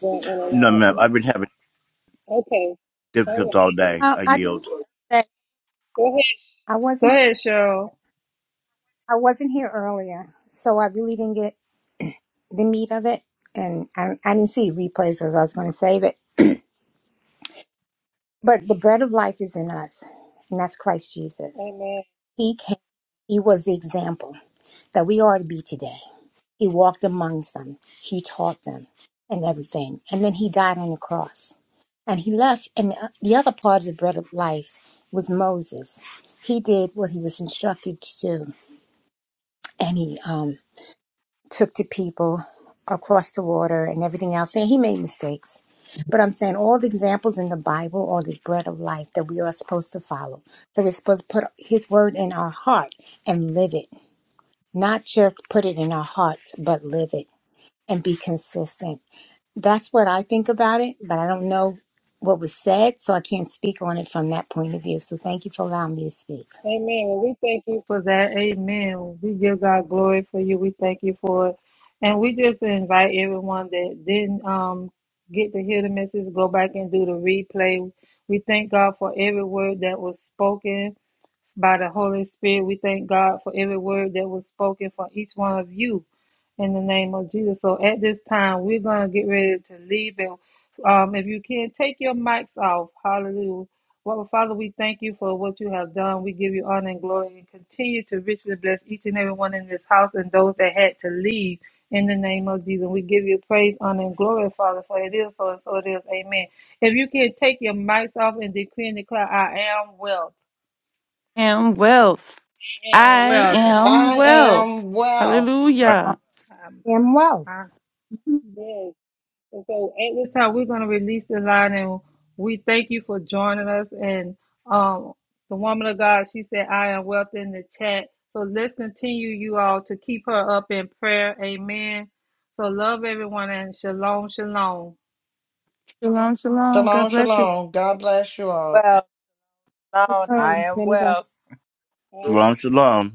Speaker 5: No, ma'am,
Speaker 1: going in and
Speaker 5: I've been having
Speaker 1: out. Okay, all right,
Speaker 5: difficulties all day.
Speaker 16: Uh,
Speaker 5: I
Speaker 16: I just
Speaker 5: yield. All
Speaker 16: said
Speaker 1: go ahead,
Speaker 16: I
Speaker 1: go
Speaker 16: wasn't
Speaker 1: ahead, Cheryl.
Speaker 16: I wasn't here earlier, so I really didn't get the meat of it, and I, I didn't see replays because I was going to save it. But the bread of life is in us, and that's Christ Jesus.
Speaker 1: Amen.
Speaker 16: He came. He was the example that we are to be today. He walked amongst them. He taught them and everything, and then he died on the cross. And he left, and the the other part of the bread of life was Moses. He did what he was instructed to do, and he um, took to people across the water and everything else. And he made mistakes. But I'm saying all the examples in the Bible are the bread of life that we are supposed to follow. So we're supposed to put his word in our heart and live it. Not just put it in our hearts, but live it and be consistent. That's what I think about it, but I don't know what was said, so I can't speak on it from that point of view. So thank you for allowing me to speak.
Speaker 1: Amen. Well, we thank you for that. Amen. We give God glory for you. We thank you for it. And we just invite everyone that didn't um, get to hear the message, go back and do the replay. We thank God for every word that was spoken by the Holy Spirit. We thank God for every word that was spoken for each one of you in the name of Jesus. So at this time, we're going to get ready to leave. And um, if you can, take your mics off. Hallelujah. Well, Father, we thank you for what you have done. We give you honor and glory and continue to richly bless each and every one in this house and those that had to leave in the name of Jesus. We give you praise, honor, and glory, Father, for it is so and so it is. Amen. If you can take your mics off and decree and declare, I am well
Speaker 3: am wealth.
Speaker 1: and
Speaker 3: I
Speaker 1: welcome.
Speaker 3: am
Speaker 6: I
Speaker 3: wealth.
Speaker 6: am wealth.
Speaker 5: right.
Speaker 16: I
Speaker 3: Hallelujah.
Speaker 1: Um,
Speaker 16: am well.
Speaker 1: uh, yes. And So at this time, we're going to release the line, and we thank you for joining us. And um, the woman of God, she said, "I am wealth in the chat." So let's continue, you all, to keep her up in prayer. Amen. So love everyone, and shalom, shalom.
Speaker 3: Shalom, shalom. God
Speaker 6: Shalom,
Speaker 3: bless you.
Speaker 6: shalom. God bless you all.
Speaker 4: Well, Lord, I
Speaker 16: Um,
Speaker 4: am
Speaker 16: many blessings.
Speaker 4: well.
Speaker 5: Shalom, shalom.